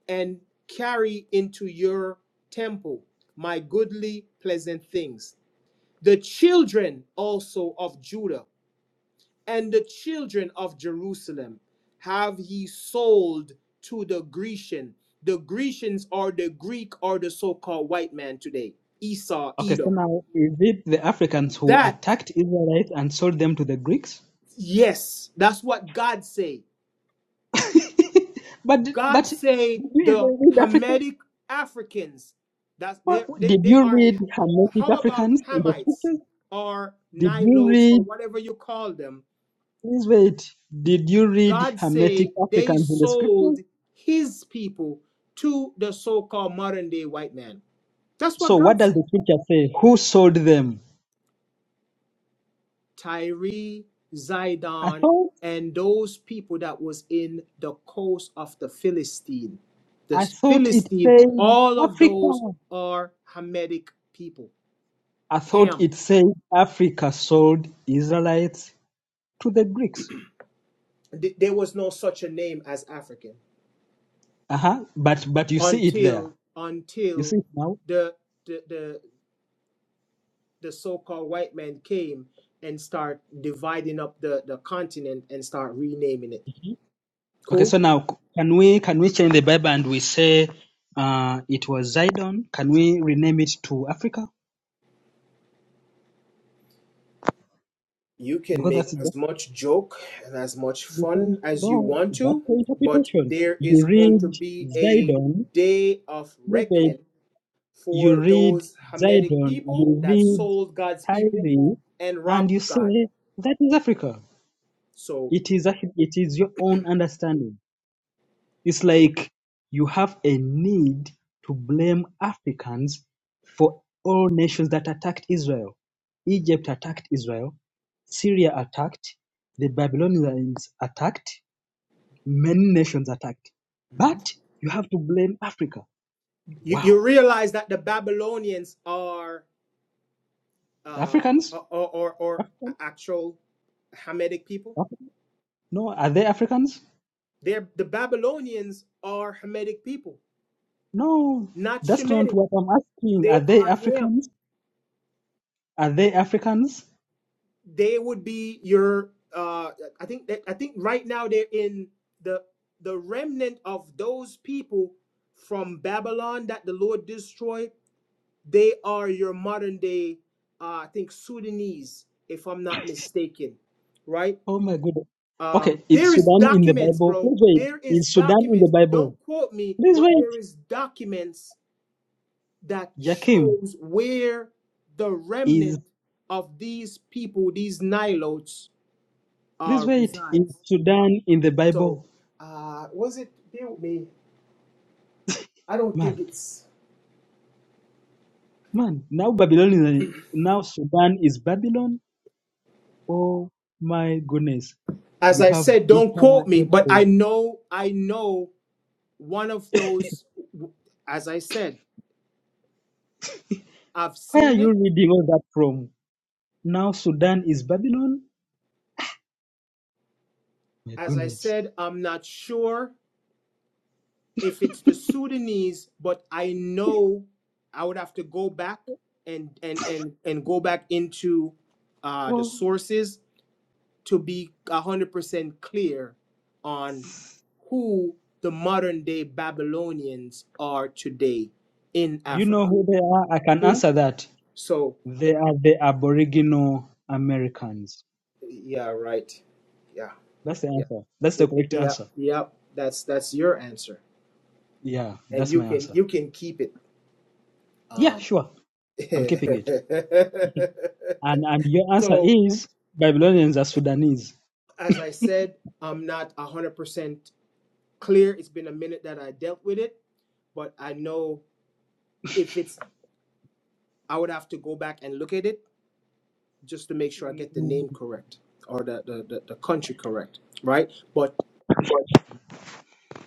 and carry into your temple my goodly pleasant things the children also of judah and the children of jerusalem have ye sold to the grecian the grecians are the greek or the so-called white man today esau Okay. So edom now, is it the Africans who that attacked Israelites and sold them to the Greeks? yes that's what god say but but God did say you the even read Africa? Hamitic Africans, that's they, What, they did they you are read Hermetic how about Africans in the Hamites scriptures? or Did you Nilotes read, or whatever you call them? please wait, did you read God Hermetic say they Africans in the scriptures? sold his people to the so-called modern day white man. That's what So what God does the said. scripture say? Who sold them? Tyree, I Zidon, thought, and those people that was in the coast of the Philistine. The I thought it Philistine, said all of Africa. those are Hamitic people. I thought Ham. it said Africa sold Israelites to the Greeks. Th- there was no such a name as African Uh-huh. But, but you see it there. until You see until it now? the the the, the so-called white man came and start dividing up the the continent and start renaming it. Mhm. Okay, Cool. so now c- can we, can we change the Bible and we say, uh, it was Zidon? Can we rename it to Africa? You can because make that's that, as much joke and as much because fun as you no, want that's to, the but interpretation. there is You going to read be a Zidon, day of you read, reckoning you for read those Hamitic Zidon, people you that read sold God's people Kyrie, and and robbed you God. say that is Africa. So It is a- it is your own understanding. It's like you have a need to blame Africans for all nations that attacked Israel. Egypt attacked Israel, Syria attacked, the Babylonians attacked, Many nations attacked. Mhm. But you have to blame Africa. you, Wow. you realize that the Babylonians are The uh, Africans? or, or or African? actual Hamitic people. Af- No, are they Africans? They're the Babylonians are Hamitic people, No, not that's not Shemitic. what I'm asking. Are They they are Ham. Africans? Are they Africans? They would be your. Uh, I think that I think right now they're in the the remnant of those people from Babylon that the Lord destroyed. They are your modern day. Uh, I think Sudanese, if I'm not mistaken, right? Oh my goodness. Okay, um is there is Sudan in the documents Bible? bro Please there wait. is Is Sudan in the documents Bible? don't quote me Please but wait. there is documents that Jakim, shows where the is remnant of these people these nilotes uh please wait. Is resides Sudan in the so Bible? uh was it bear with me i don't think Man, it's man. Now Babylon is now Sudan is Babylon. Oh my goodness, as you i have said don't bitter quote me but i hatred. know i know one of those as i said i've Where are seen you it reading all that from? Now Sudan is Babylon? My as i goodness. said i'm not sure if it's the Sudanese, but I know I would have to go back and and and and go back into uh, the Oh, sources to be a hundred percent clear on who the modern day Babylonians are today in do you know Africa. who they are? I can Who? answer that. So They are the Aboriginal Americans. yeah, right. Yeah, That's the yeah, answer. That's the It- it- correct yeah, answer. yeah. That's that's your answer, Yeah, and that's you my can answer. you can keep it. Yeah, Um, sure. I'm keeping it. And and your answer So, is Babylonians are Sudanese. as I said, I'm not 100% clear. It's been a minute that I dealt with it, but I know if it's, I would have to go back and look at it just to make sure I get the name correct or the, the, the, the country correct, right? But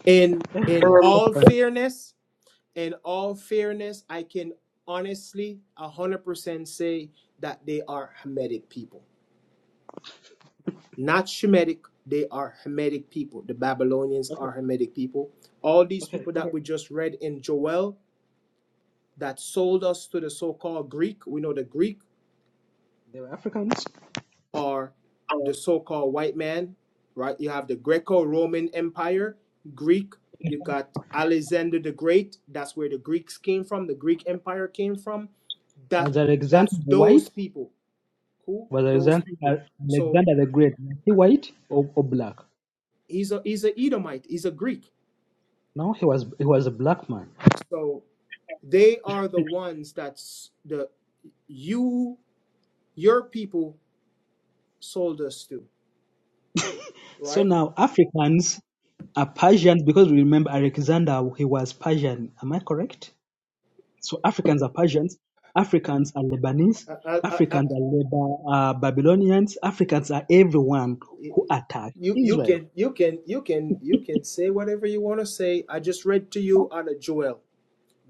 in Thank in you. Um, all That's fine. fairness, in all fairness, I can honestly 100% say that they are Hamitic people. not Shemitic. They are Hamitic people. The Babylonians Okay, are Hamitic people. All these okay, people okay. that we just read in Joel that sold us to the so called Greek, we know the Greek They were Africans. are the so called white man, right? You have the Greco Roman Empire, Greek, you got Alexander the Great. That's where the Greeks came from, the Greek Empire came from. That As Alexander That's the White. those people. Who? was Those Alexander, people. So Alexander the Great was he white or, or black? he's a he's a Edomite, he's a Greek. No, he was he was a black man. So They are the ones that the you your people sold us to, So right? now Africans are Persians because we remember Alexander he was Persian. Am I correct? So Africans are Persians. Africans are Lebanese. I, I, I- Africans are Leba, uh, Babylonians. Africans are everyone who attacked you you Israel. can you can you can you can say whatever you want to say. I just read to That, you out of Joel,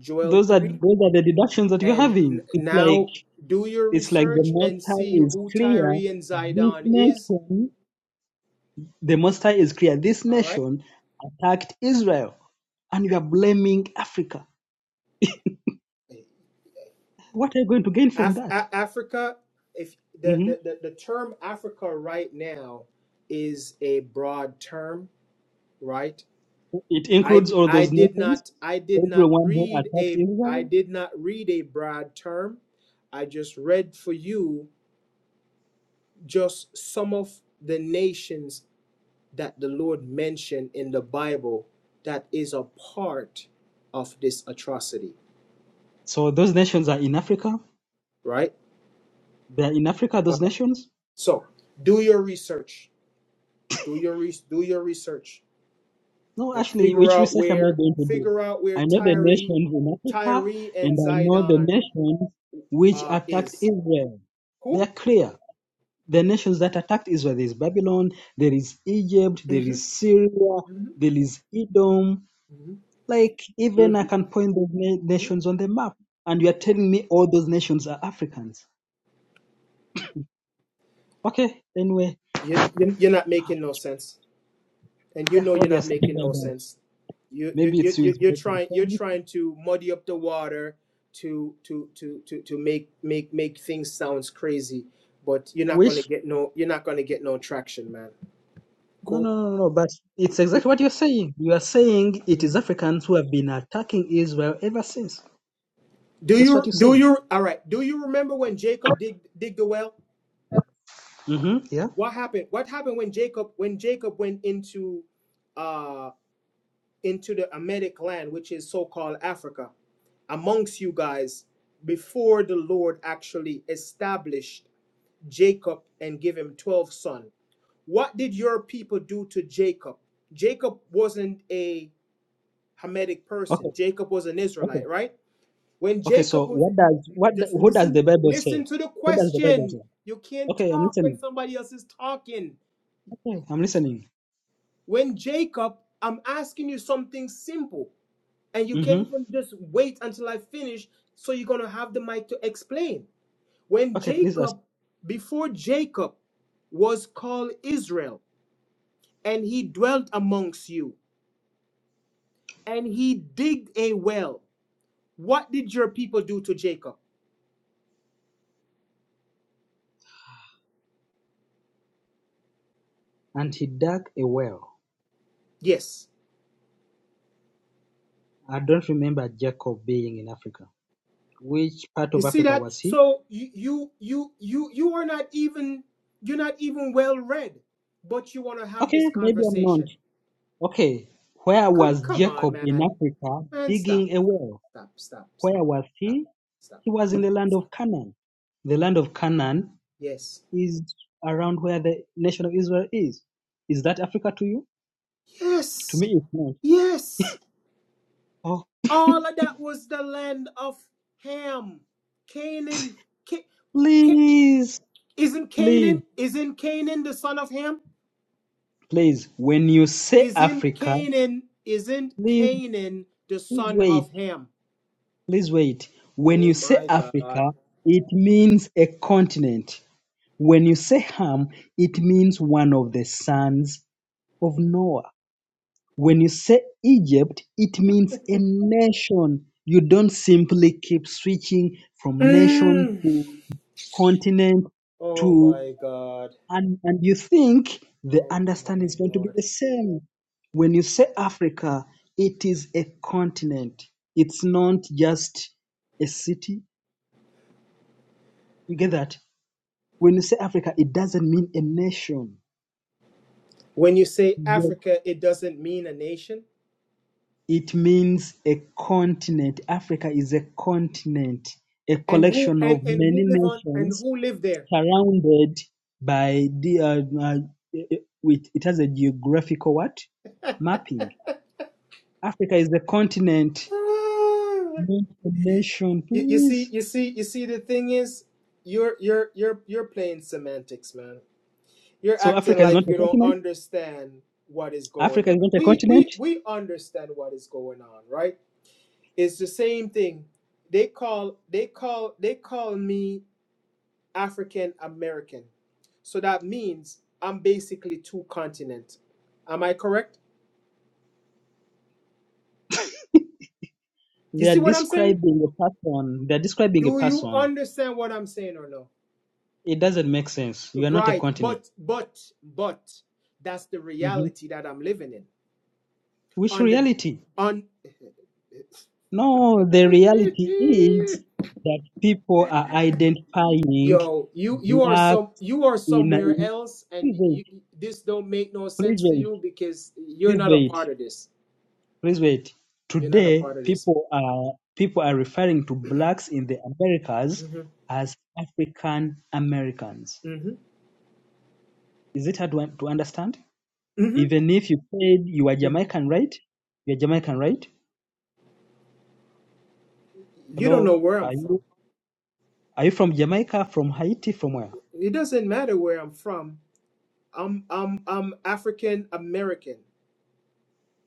Joel those are three, those are the deductions that you're and having. n- It's like now do your it's like the research Most and High see is who Tyre clear. and This Zidon is. nation The Most High is clear. This All right, nation attacked Israel, and you are blaming Africa. What are you going to gain from Af- that? A- Africa. If the, hmm the the the term Africa right now is a broad term, right? It I, includes d- all I those did nations, not I did not everyone who read attacked a I Israel. did not read a broad term. I just read for you just some of the nations that the Lord mentioned in the Bible that is a part of this atrocity, So those nations are in Africa. right? They are in Africa. All Those right. nations. So, do your research. Do your re- do your research No, and actually, figure which out research am I where going to do? figure out where I know the Tyre, nations in Tyre Africa, and and I know the Zidon nations which uh attacked is. Israel. They Cool? are clear. the nations that attacked Israel. There is Babylon, there is Egypt, there Mhm. is Syria, Mhm. there is Edom. Like, even I hmm can point those na- nations on the map, and you are telling me all those nations are Africans. Okay, anyway, You, you, you're not making no sense, and you yeah, know you're not obviously. making no sense. You, you, Maybe it's you, you you- is you're making the trying, you're same trying to muddy up the water to, to, to, to, to make, make, make things sounds crazy, but you're not gonna wish. get no, you're not gonna get no traction, man. No, Cool. no, no, no, but it's You- exactly what you're saying. You are saying it is Mhm. Africans who have been attacking Israel ever since. Do That's what you, you're do saying. you? All right. Do you remember when Jacob dig, dig the well? Mm-hmm. Yeah. What happened? What happened when Jacob, when Jacob went into? uh, into the Emetic land, which is so called Africa, amongst you guys before the Lord actually established Jacob and give him 12 sons. What did your people do to Jacob? Jacob wasn't a Hamitic Okay. person. Jacob was an Okay. Israelite, right? When Okay, so Jacob was what in, does what the- just who does listen the Bible listen say? to the Who does the Bible question. say? You can't Okay, I'm talk when listening. somebody else is talking. Okay, I'm listening. When Jacob, I'm asking you something simple. and you can't Mm-hmm. even just wait until I finish. So you're gonna have the mic to explain. When Okay, please ask. Jacob, before Jacob was called Israel, and he dwelt amongst you, and he digged a well, what did your people do to Jacob? And he dug a well. Yes. I don't remember Jacob being in Africa. Which part You of see Africa that? was he? So you you you you you are not even you're not even well read, but you want to have Okay, this maybe I'm conversation. not. Okay, where Come was come on, Jacob in man. Africa Man, stop. digging a well? Stop, stop, Where stop, was stop, he? stop He was in the land stop. of Canaan. The land of Canaan Yes. is around where the nation of Israel is. Is that Africa to you? To Yes. me, it's not. Yes. All of that was the land of Ham. Canaan. Ca- Ca- Please, isn't please, Canaan? Isn't Canaan the son of Ham? please. When you say Isn't Africa, Canaan? Isn't please, Canaan the please son wait, of Ham? please wait. When you Oh say my Africa, God. it means a continent. When you say Ham, it means one of the sons of Noah. When you say Egypt, it means a nation. You don't simply keep switching from nation to continent to. and and you think the understanding is going to be the same when you say africa it is a continent it's not just a city you get that when you say africa it doesn't mean a nation When you say you Africa, it doesn't mean a nation. it means a continent africa is a continent a And who collection and, of and who many live on and nations who live there? surrounded by the uh, uh, with it has a geographical what mapping africa is a continent Ah, nation, You, you see, please. you see, you see. The thing is, you're you're you're you're playing semantics, man. You're So acting Africa is not like a you don't continent. understand what is going Africa on. is not a We continent. we we understand what is going on, right? It's the same thing. They call they call they call me African American, so that means I'm basically two continent. Am I correct? You They are see what I'm saying? describing a person. They are describing a Do you person. understand what I'm saying or no? It doesn't make sense. You are not a Right, continent. but but but that's the hmm reality that I'm living in. Which On the reality? on No, the reality is that people are identifying yo, you you are black some you are in. somewhere in else, please and wait. you this don't make no Please sense to wait. you because you're Please not a wait. part of this. Please wait. You're not a Today, part of this. people are people are referring to blacks in the Americas hmm as African Americans. hmm Is it hard to, un- to understand? hmm Even if you said you are Jamaican, right? You're Jamaican, right? You don't Hello, know where I'm are from. you are you from Jamaica, from Haiti, from where? It doesn't matter where I'm from. I'm I'm I'm African American,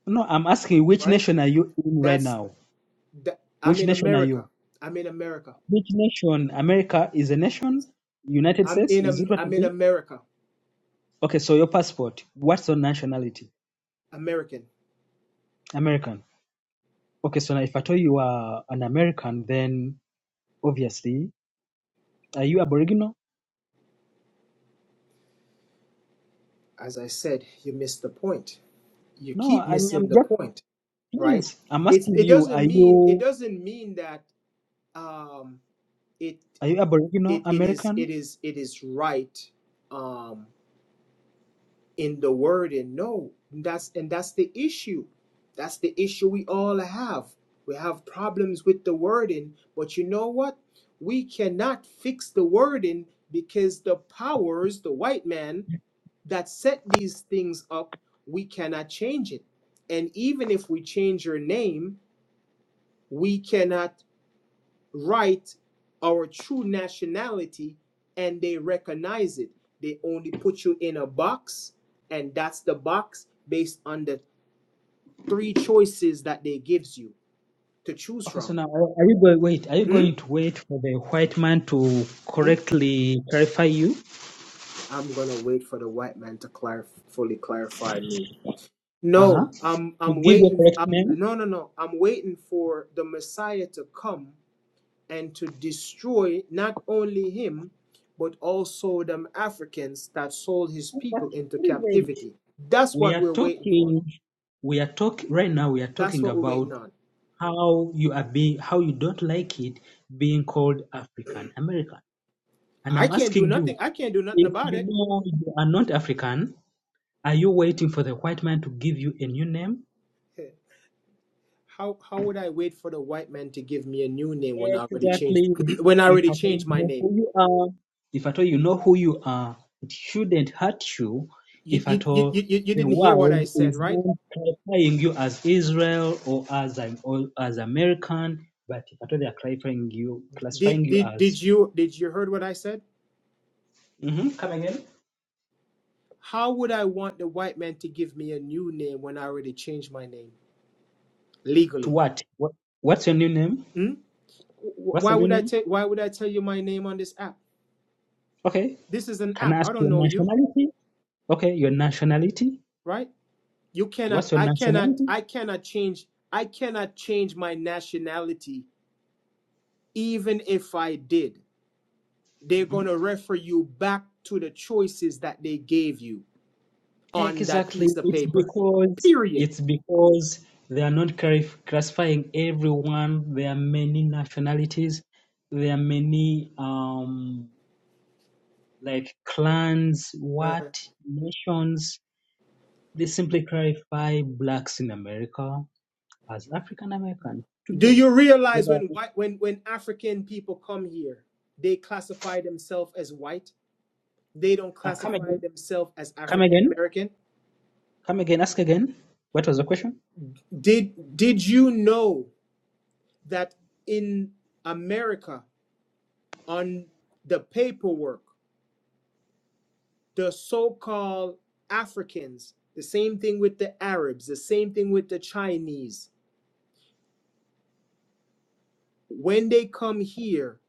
No, I'm asking which right? nation are you in right That's now? that, I'm Which in nation are America. you? I'm in America. Which nation? America is a nation. United I'm States. in Is it Am- what I'm you in mean? America, Okay, so your passport. What's your nationality? American. American. Okay, so now if I told you are an American, then obviously, are you Aboriginal? As I said, you missed the point. You No, keep I'm, I'm missing the just, point, right? please, I'm It's asking it you, are doesn't mean it you doesn't mean that um, it are you Aboriginal it it is American? it is it is right um, in the word and no that's and that's the issue. That's the issue we all have. We have problems with the wording, but you know what? We cannot fix the wording because the powers, the white man, that set these things up, we cannot change it. And even if we change your name, we cannot write our true nationality and they recognize it. They only put you in a box, and that's the box based on the three choices that they gives you to choose Okay, so from. now are, are you going wait? Are you Hmm? going to wait for the white man to Hmm? correctly clarify you? I'm gonna wait for the white man to clar- fully clarify me. Uh huh. No, I'm To I'm give your waiting. correct I'm name? no no no. I'm waiting for the Messiah to come and to destroy not only him, but also them Africans that sold his But people into please wait. captivity. That's We what are we're waiting for. talking. We are talking right now. We are That's talking what we're waiting about on. how you are being, how you don't like it being called African American. And I I'm can't do asking you, nothing. I can't do nothing if about you it. know you are not African, are you waiting for the white man to give you a new name? How how would I wait for the white man to give me a new name when I already changed Exactly. when I If already at all changed you my know name? who you are, if at all you know who you are, it shouldn't hurt you. You If you, at you, all you you you the didn't hear what I world said, is right? not classifying you as Israel or as an or as American, but if at all they are classifying you, classifying Did you did as. did you did you heard what I said? hmm Come again. How would I want the white man to give me a new name when I already changed my name To legally? what? what? What's your new name? Hmm? Wh- What's Why your new would I name? tell Why would I tell you my name on this app? Okay. This is an Can app. I ask I don't your know you, nationality? Okay, your nationality. right? You cannot. What's your I cannot. nationality? I cannot change. I cannot change my nationality. Even if I did, they're Mhm. gonna refer you back to the choices that they gave you on that Exactly. piece of It's paper. because Period. it's because they are not clarif- classifying everyone. There are many nationalities. There are many um like clans, what nations. They simply clarify blacks in America as African American Do today. you realize when Uh, white when when African people come here, they classify themselves as white. They don't come classify again. themselves as Come African again. American. Come again. Ask again. What was the question? Did did you know that in America on the paperwork, the so-called Africans, the same thing with the Arabs, the same thing with the Chinese, when they come here,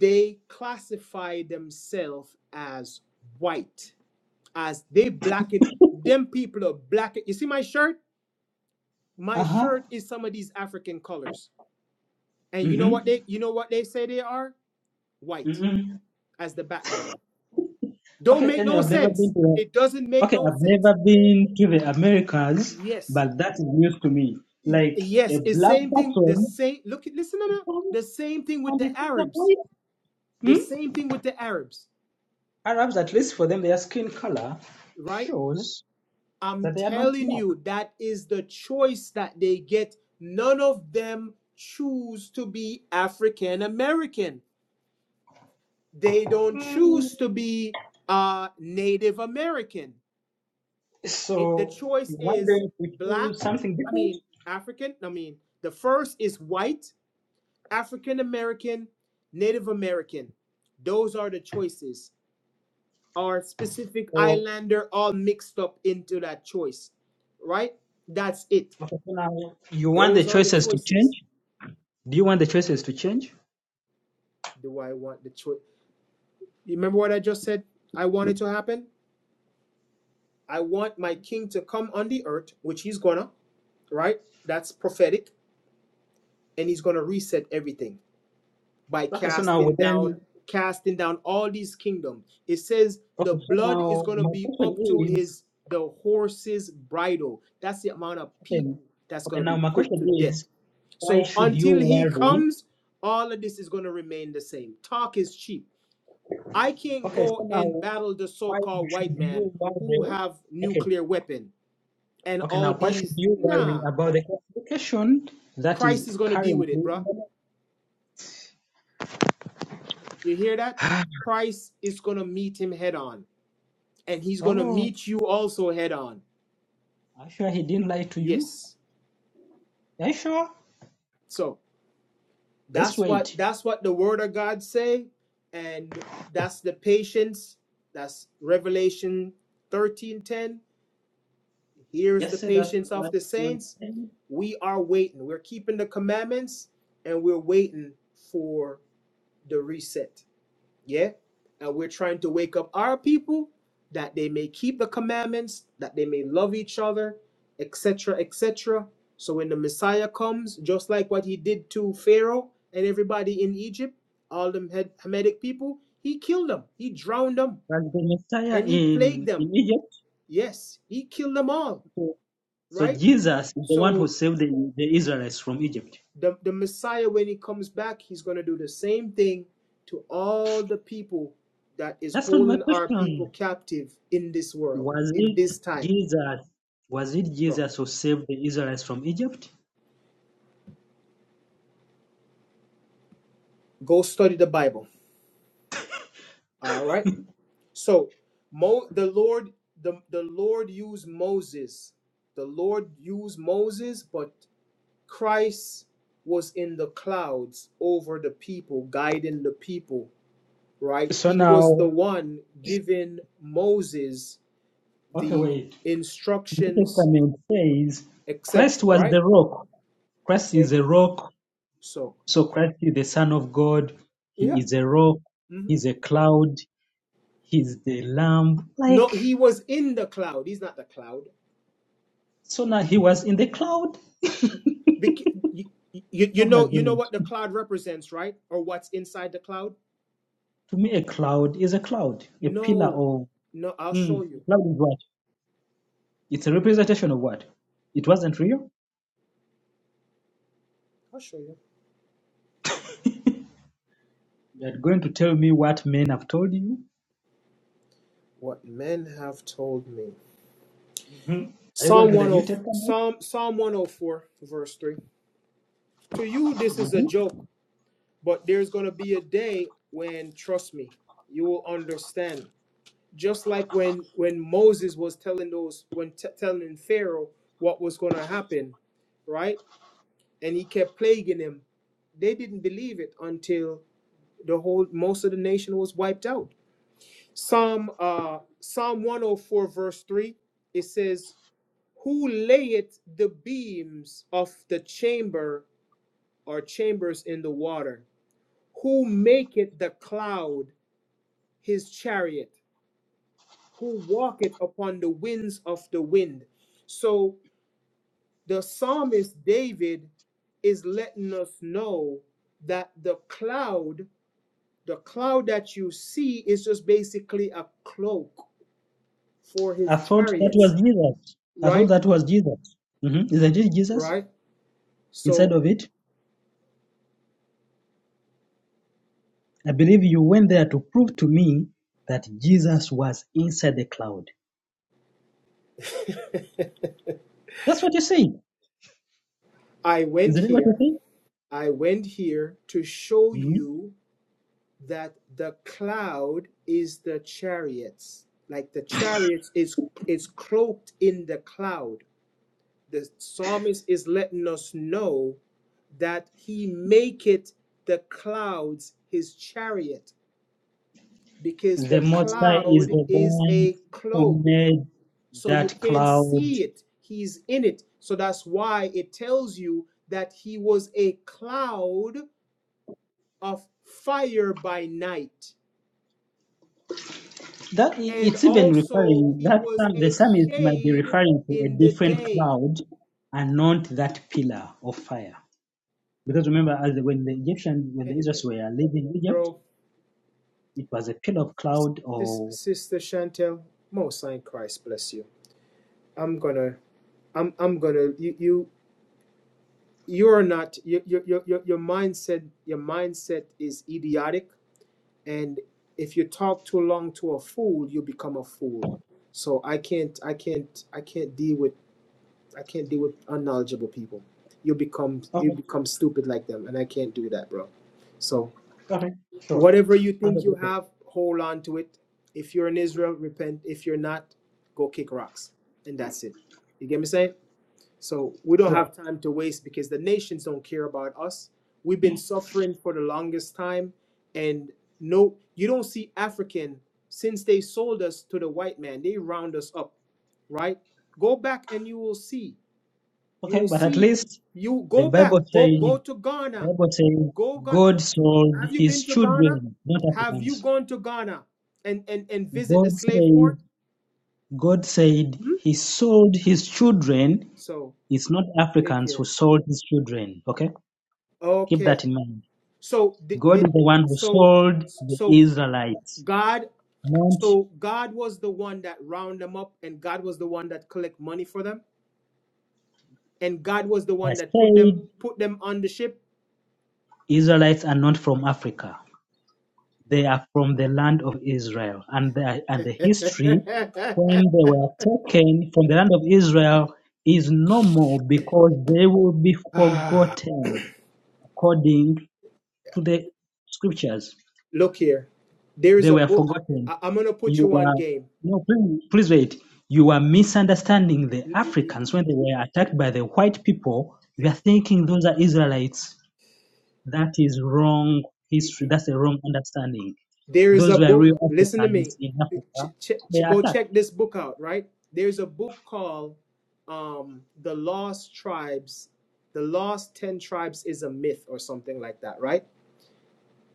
they classify themselves as white as they blacken them people are blacking you see my shirt my Uh-huh. shirt is some of these african colors and you know what Mm-hmm. they you know what they say they are white Mm-hmm. as the background don't Okay, make anyway, no I've never sense been to the, it doesn't make okay, no I've sense never been to the Americas, yes but that is news to me. It- Like a yes it's black same thing the person same look at listen to me the same thing with on the the face of arabs white. the Hmm? same thing with the arabs Arabs, at least for them, their skin color right shows I'm that they are not telling black. you, that is the choice that they get. None of them choose to be African American. They don't choose to be uh, Native American. It, the So you choice want is them to black, choose something I different, mean, African, I mean, the first is white, African American, Native American. Those are the choices. Our specific or islander all mixed up into that choice, right? That's it okay, so now you want the Those are the choices to choices. change? Do you want the choices to change? Do I want the choice? You remember what I just said? I want it to happen. I want my king to come on the earth, which he's gonna, right? That's prophetic, and he's gonna reset everything by Okay, so now casting down, then, casting down all these kingdoms. It says the okay, so blood is now gonna my be question up to is. his the horse's bridle. That's the amount of Then, people that's okay, gonna now be my put question to is, death. why So should you until he worry? comes, all of this is gonna remain the same. Talk is cheap I can't Okay, so go and now, battle the why so-called white should man you who worry? have Okay, nuclear weapon and okay, all now why should these. you worry Nah, about the classification that is Christ is gonna currently deal with it, in the bruh. market? You hear that? Christ is gonna meet him head on, and he's gonna Oh, meet you also head on. are you sure he didn't lie to you? Yes. Are you sure? So Let's that's what wait. that's what the Word of God say, and that's the patience. That's Revelation thirteen ten. Here's the Just say that's patience of what the you saints. saying. We are waiting. We're keeping the commandments and we're waiting for the reset. Yeah? And we're trying to wake up our people that they may keep the commandments, that they may love each other, etc., etc. So when the Messiah comes, just like what he did to Pharaoh and everybody in Egypt, all them Hem- Hamitic people, he killed them, he drowned them, As the Messiah and he plagued in, them. in Egypt, Yes, he killed them all, so, so right? Jesus is the one who So saved the, the Israelites from Egypt. The, the Messiah, when he comes back, he's going to do the same thing to all the people that is That's not my holding our people question. captive in this world, Was in it this time. Jesus? Was it So Jesus who saved the Israelites from Egypt? go study the Bible. All right. So Mo, the Lord, the, the Lord used Moses. The Lord used Moses, but Christ was in the clouds over the people, guiding the people, right? So He was the now, one giving Moses okay, the wait. The New instructions, Testament says Christ etc. was Right? the rock. Christ is Okay. a rock. So So Christ is the Son of God. He yeah. is a rock. mhm. He's a cloud. He's the Lamb. No, Like he was in the cloud. He's not the cloud. so now, he was in the cloud. Bec- you, you, you oh my know you know goodness! what the cloud represents, right? Or what's inside the cloud? To me, a cloud is a cloud, a pillar No, of. no. I'll show Mm, you. a cloud is what? It's a representation of what? It wasn't real. I'll show you You're going to tell me what men have told you? what men have told me. hmm Are you going Psalm to the New 10, Testament? Psalm Psalm 104, verse 3. To you, this is a hmm joke, but there's gonna be a day when, trust me, you will understand. just like when when Moses was telling those when t- telling Pharaoh what was going to happen, right? And he kept plaguing him. They didn't believe it until the whole most of the nation was wiped out. Psalm uh Psalm 104 verse 3 it says, "Who layeth the beams of the chamber or chambers in the water? Who maketh the cloud his chariot? Who walketh upon the winds of the wind?" So the psalmist David is letting us know that the cloud, the cloud that you see, is just basically a cloak for I his thought that was chariots, Jesus. I thought right? that was Jesus. hmm Isn't it Jesus? Right? Inside So of it, I believe you went there to prove to me that Jesus was inside the cloud. That's what you say. I went Isn't it what you here, say? I went here to show Mhm. you that the cloud is the chariots. Like the chariots is is cloaked in the cloud. The psalmist is letting us know that he maketh the clouds his chariot because The the Most High is cloud the is one a who cloak made so you that can't cloud see it he's in it so that's why it tells you that he was a cloud of fire by night That and it's even also referring he that was psalm, the a psalmist might be shade referring to a in the different day cloud and not that pillar of fire. Because remember, as the, when the Egyptian, when the Israelites anyway were leaving Egypt, bro it was a pillar of cloud this or sister chantel most high christ bless you I'm gonna I'm I'm gonna you you you're not your your your your mindset your mindset is idiotic and if you talk too long to a fool you become a fool. So I can't I can't I can't deal with I can't deal with unknowledgeable people. You become you okay, become stupid like them and I can't do that, bro. So okay, sure, whatever you Under think the you bed, have, hold on to it. If you're in Israel, repent. If you're not, go kick rocks. And that's it. You get me saying? So we don't sure, have time to waste because the nations don't care about us. We've been suffering for the longest time, and no, you don't see African since they sold us to the white man. They round us up, right? Go back and you will see. You okay. will But at see. least You the go back. Bible Go says, go to Ghana. Bible says, Go Ga- God go to. sold Have you His been to Ghana? children, not Have you Africans. gone to Ghana and and and visit the God slave said, port? God said Hmm? He sold His children So It's not take Africans who care. sold his children. Okay? Keep Okay. that in mind. So did, God did is the one who so sold the so Israelites. God Not so God was the one that round them up and God was the one that collect money for them and God was the I one that put them said put them on the ship. Israelites are not from Africa. They are from the land of Israel. And the, and the history when they were taken from the land of Israel is no more because they will be forgotten according to the scriptures. Look here. There is They a were book forgotten. I, am going to put You you on were game. no, please, please wait. You were misunderstanding the You, Africans when they were attacked by the white people. You are thinking those are Israelites. That is wrong history. you, That's a wrong understanding. There is a Those were real book, listen to me. Africans in Ch- Africa. ch- They ch- were go attacked. check this book out, right? There's a book called um, The Lost Tribes. The Lost 10 Tribes is a myth or something like that, right?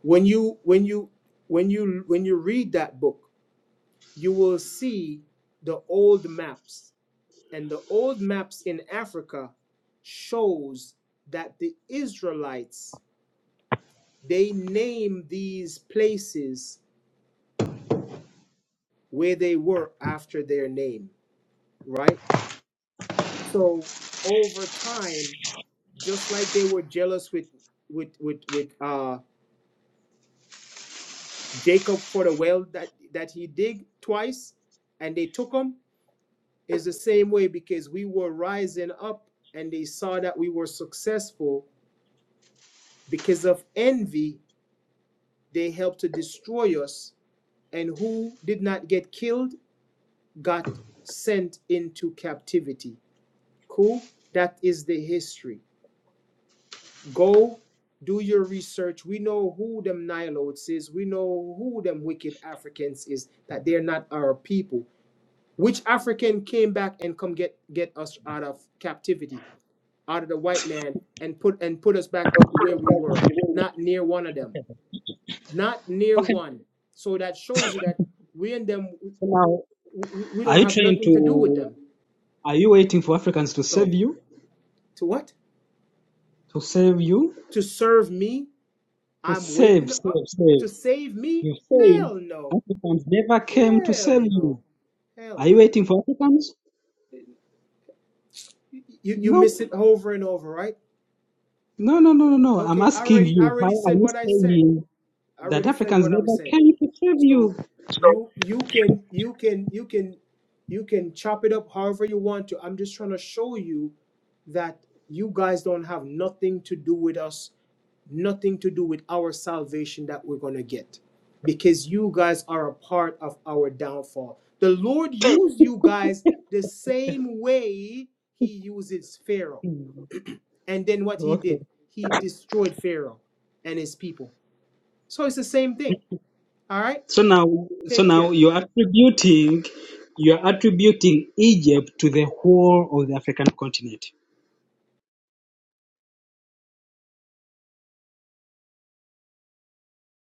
When you when you when you when you read that book, you will see the old maps. And the old maps in Africa shows that the Israelites they name these places where they were after their name. right? So over time, just like they were jealous with with with with uh Jacob for the well that that he dig twice, and they took him, is the same way because we were rising up and they saw that we were successful because of envy. They helped to destroy us, and who did not get killed got sent into captivity. Cool. That is the history. Go do your research. We know who them Nilotes is. We know who them wicked Africans is, that they're not our people. Which African came back and come get, get us out of captivity, out of the white man, and put and put us back where we were? Not near one of them. Not near Okay. one. So that shows you that we and them So now, we, we we are don't you have trying nothing to do with to? them. Are you waiting for Africans to save So you? to what? To save you? To serve me? To I'm save, waiting save, up save. to save me? You say Hell no. Africans never came to Hell save you. no. Hell Are you no. waiting for Africans? You, you you Nope. miss it over and over, right? No, no, no, no, no. I'm Okay, I asking already I you, why already are said you what I said. saying I that already said Africans what I'm never saying. came to serve you? So you you can you can you can you can chop it up however you want to. I'm just trying to show you that you guys don't have nothing to do with us nothing to do with our salvation that we're going to get because you guys are a part of our downfall. The Lord used you guys the same way he uses Pharaoh. Hmm, And then what he Okay. did, he destroyed Pharaoh and his people. So it's the same thing. All right? So now, so Take now care. you're attributing, you're attributing Egypt to the whole of the African continent.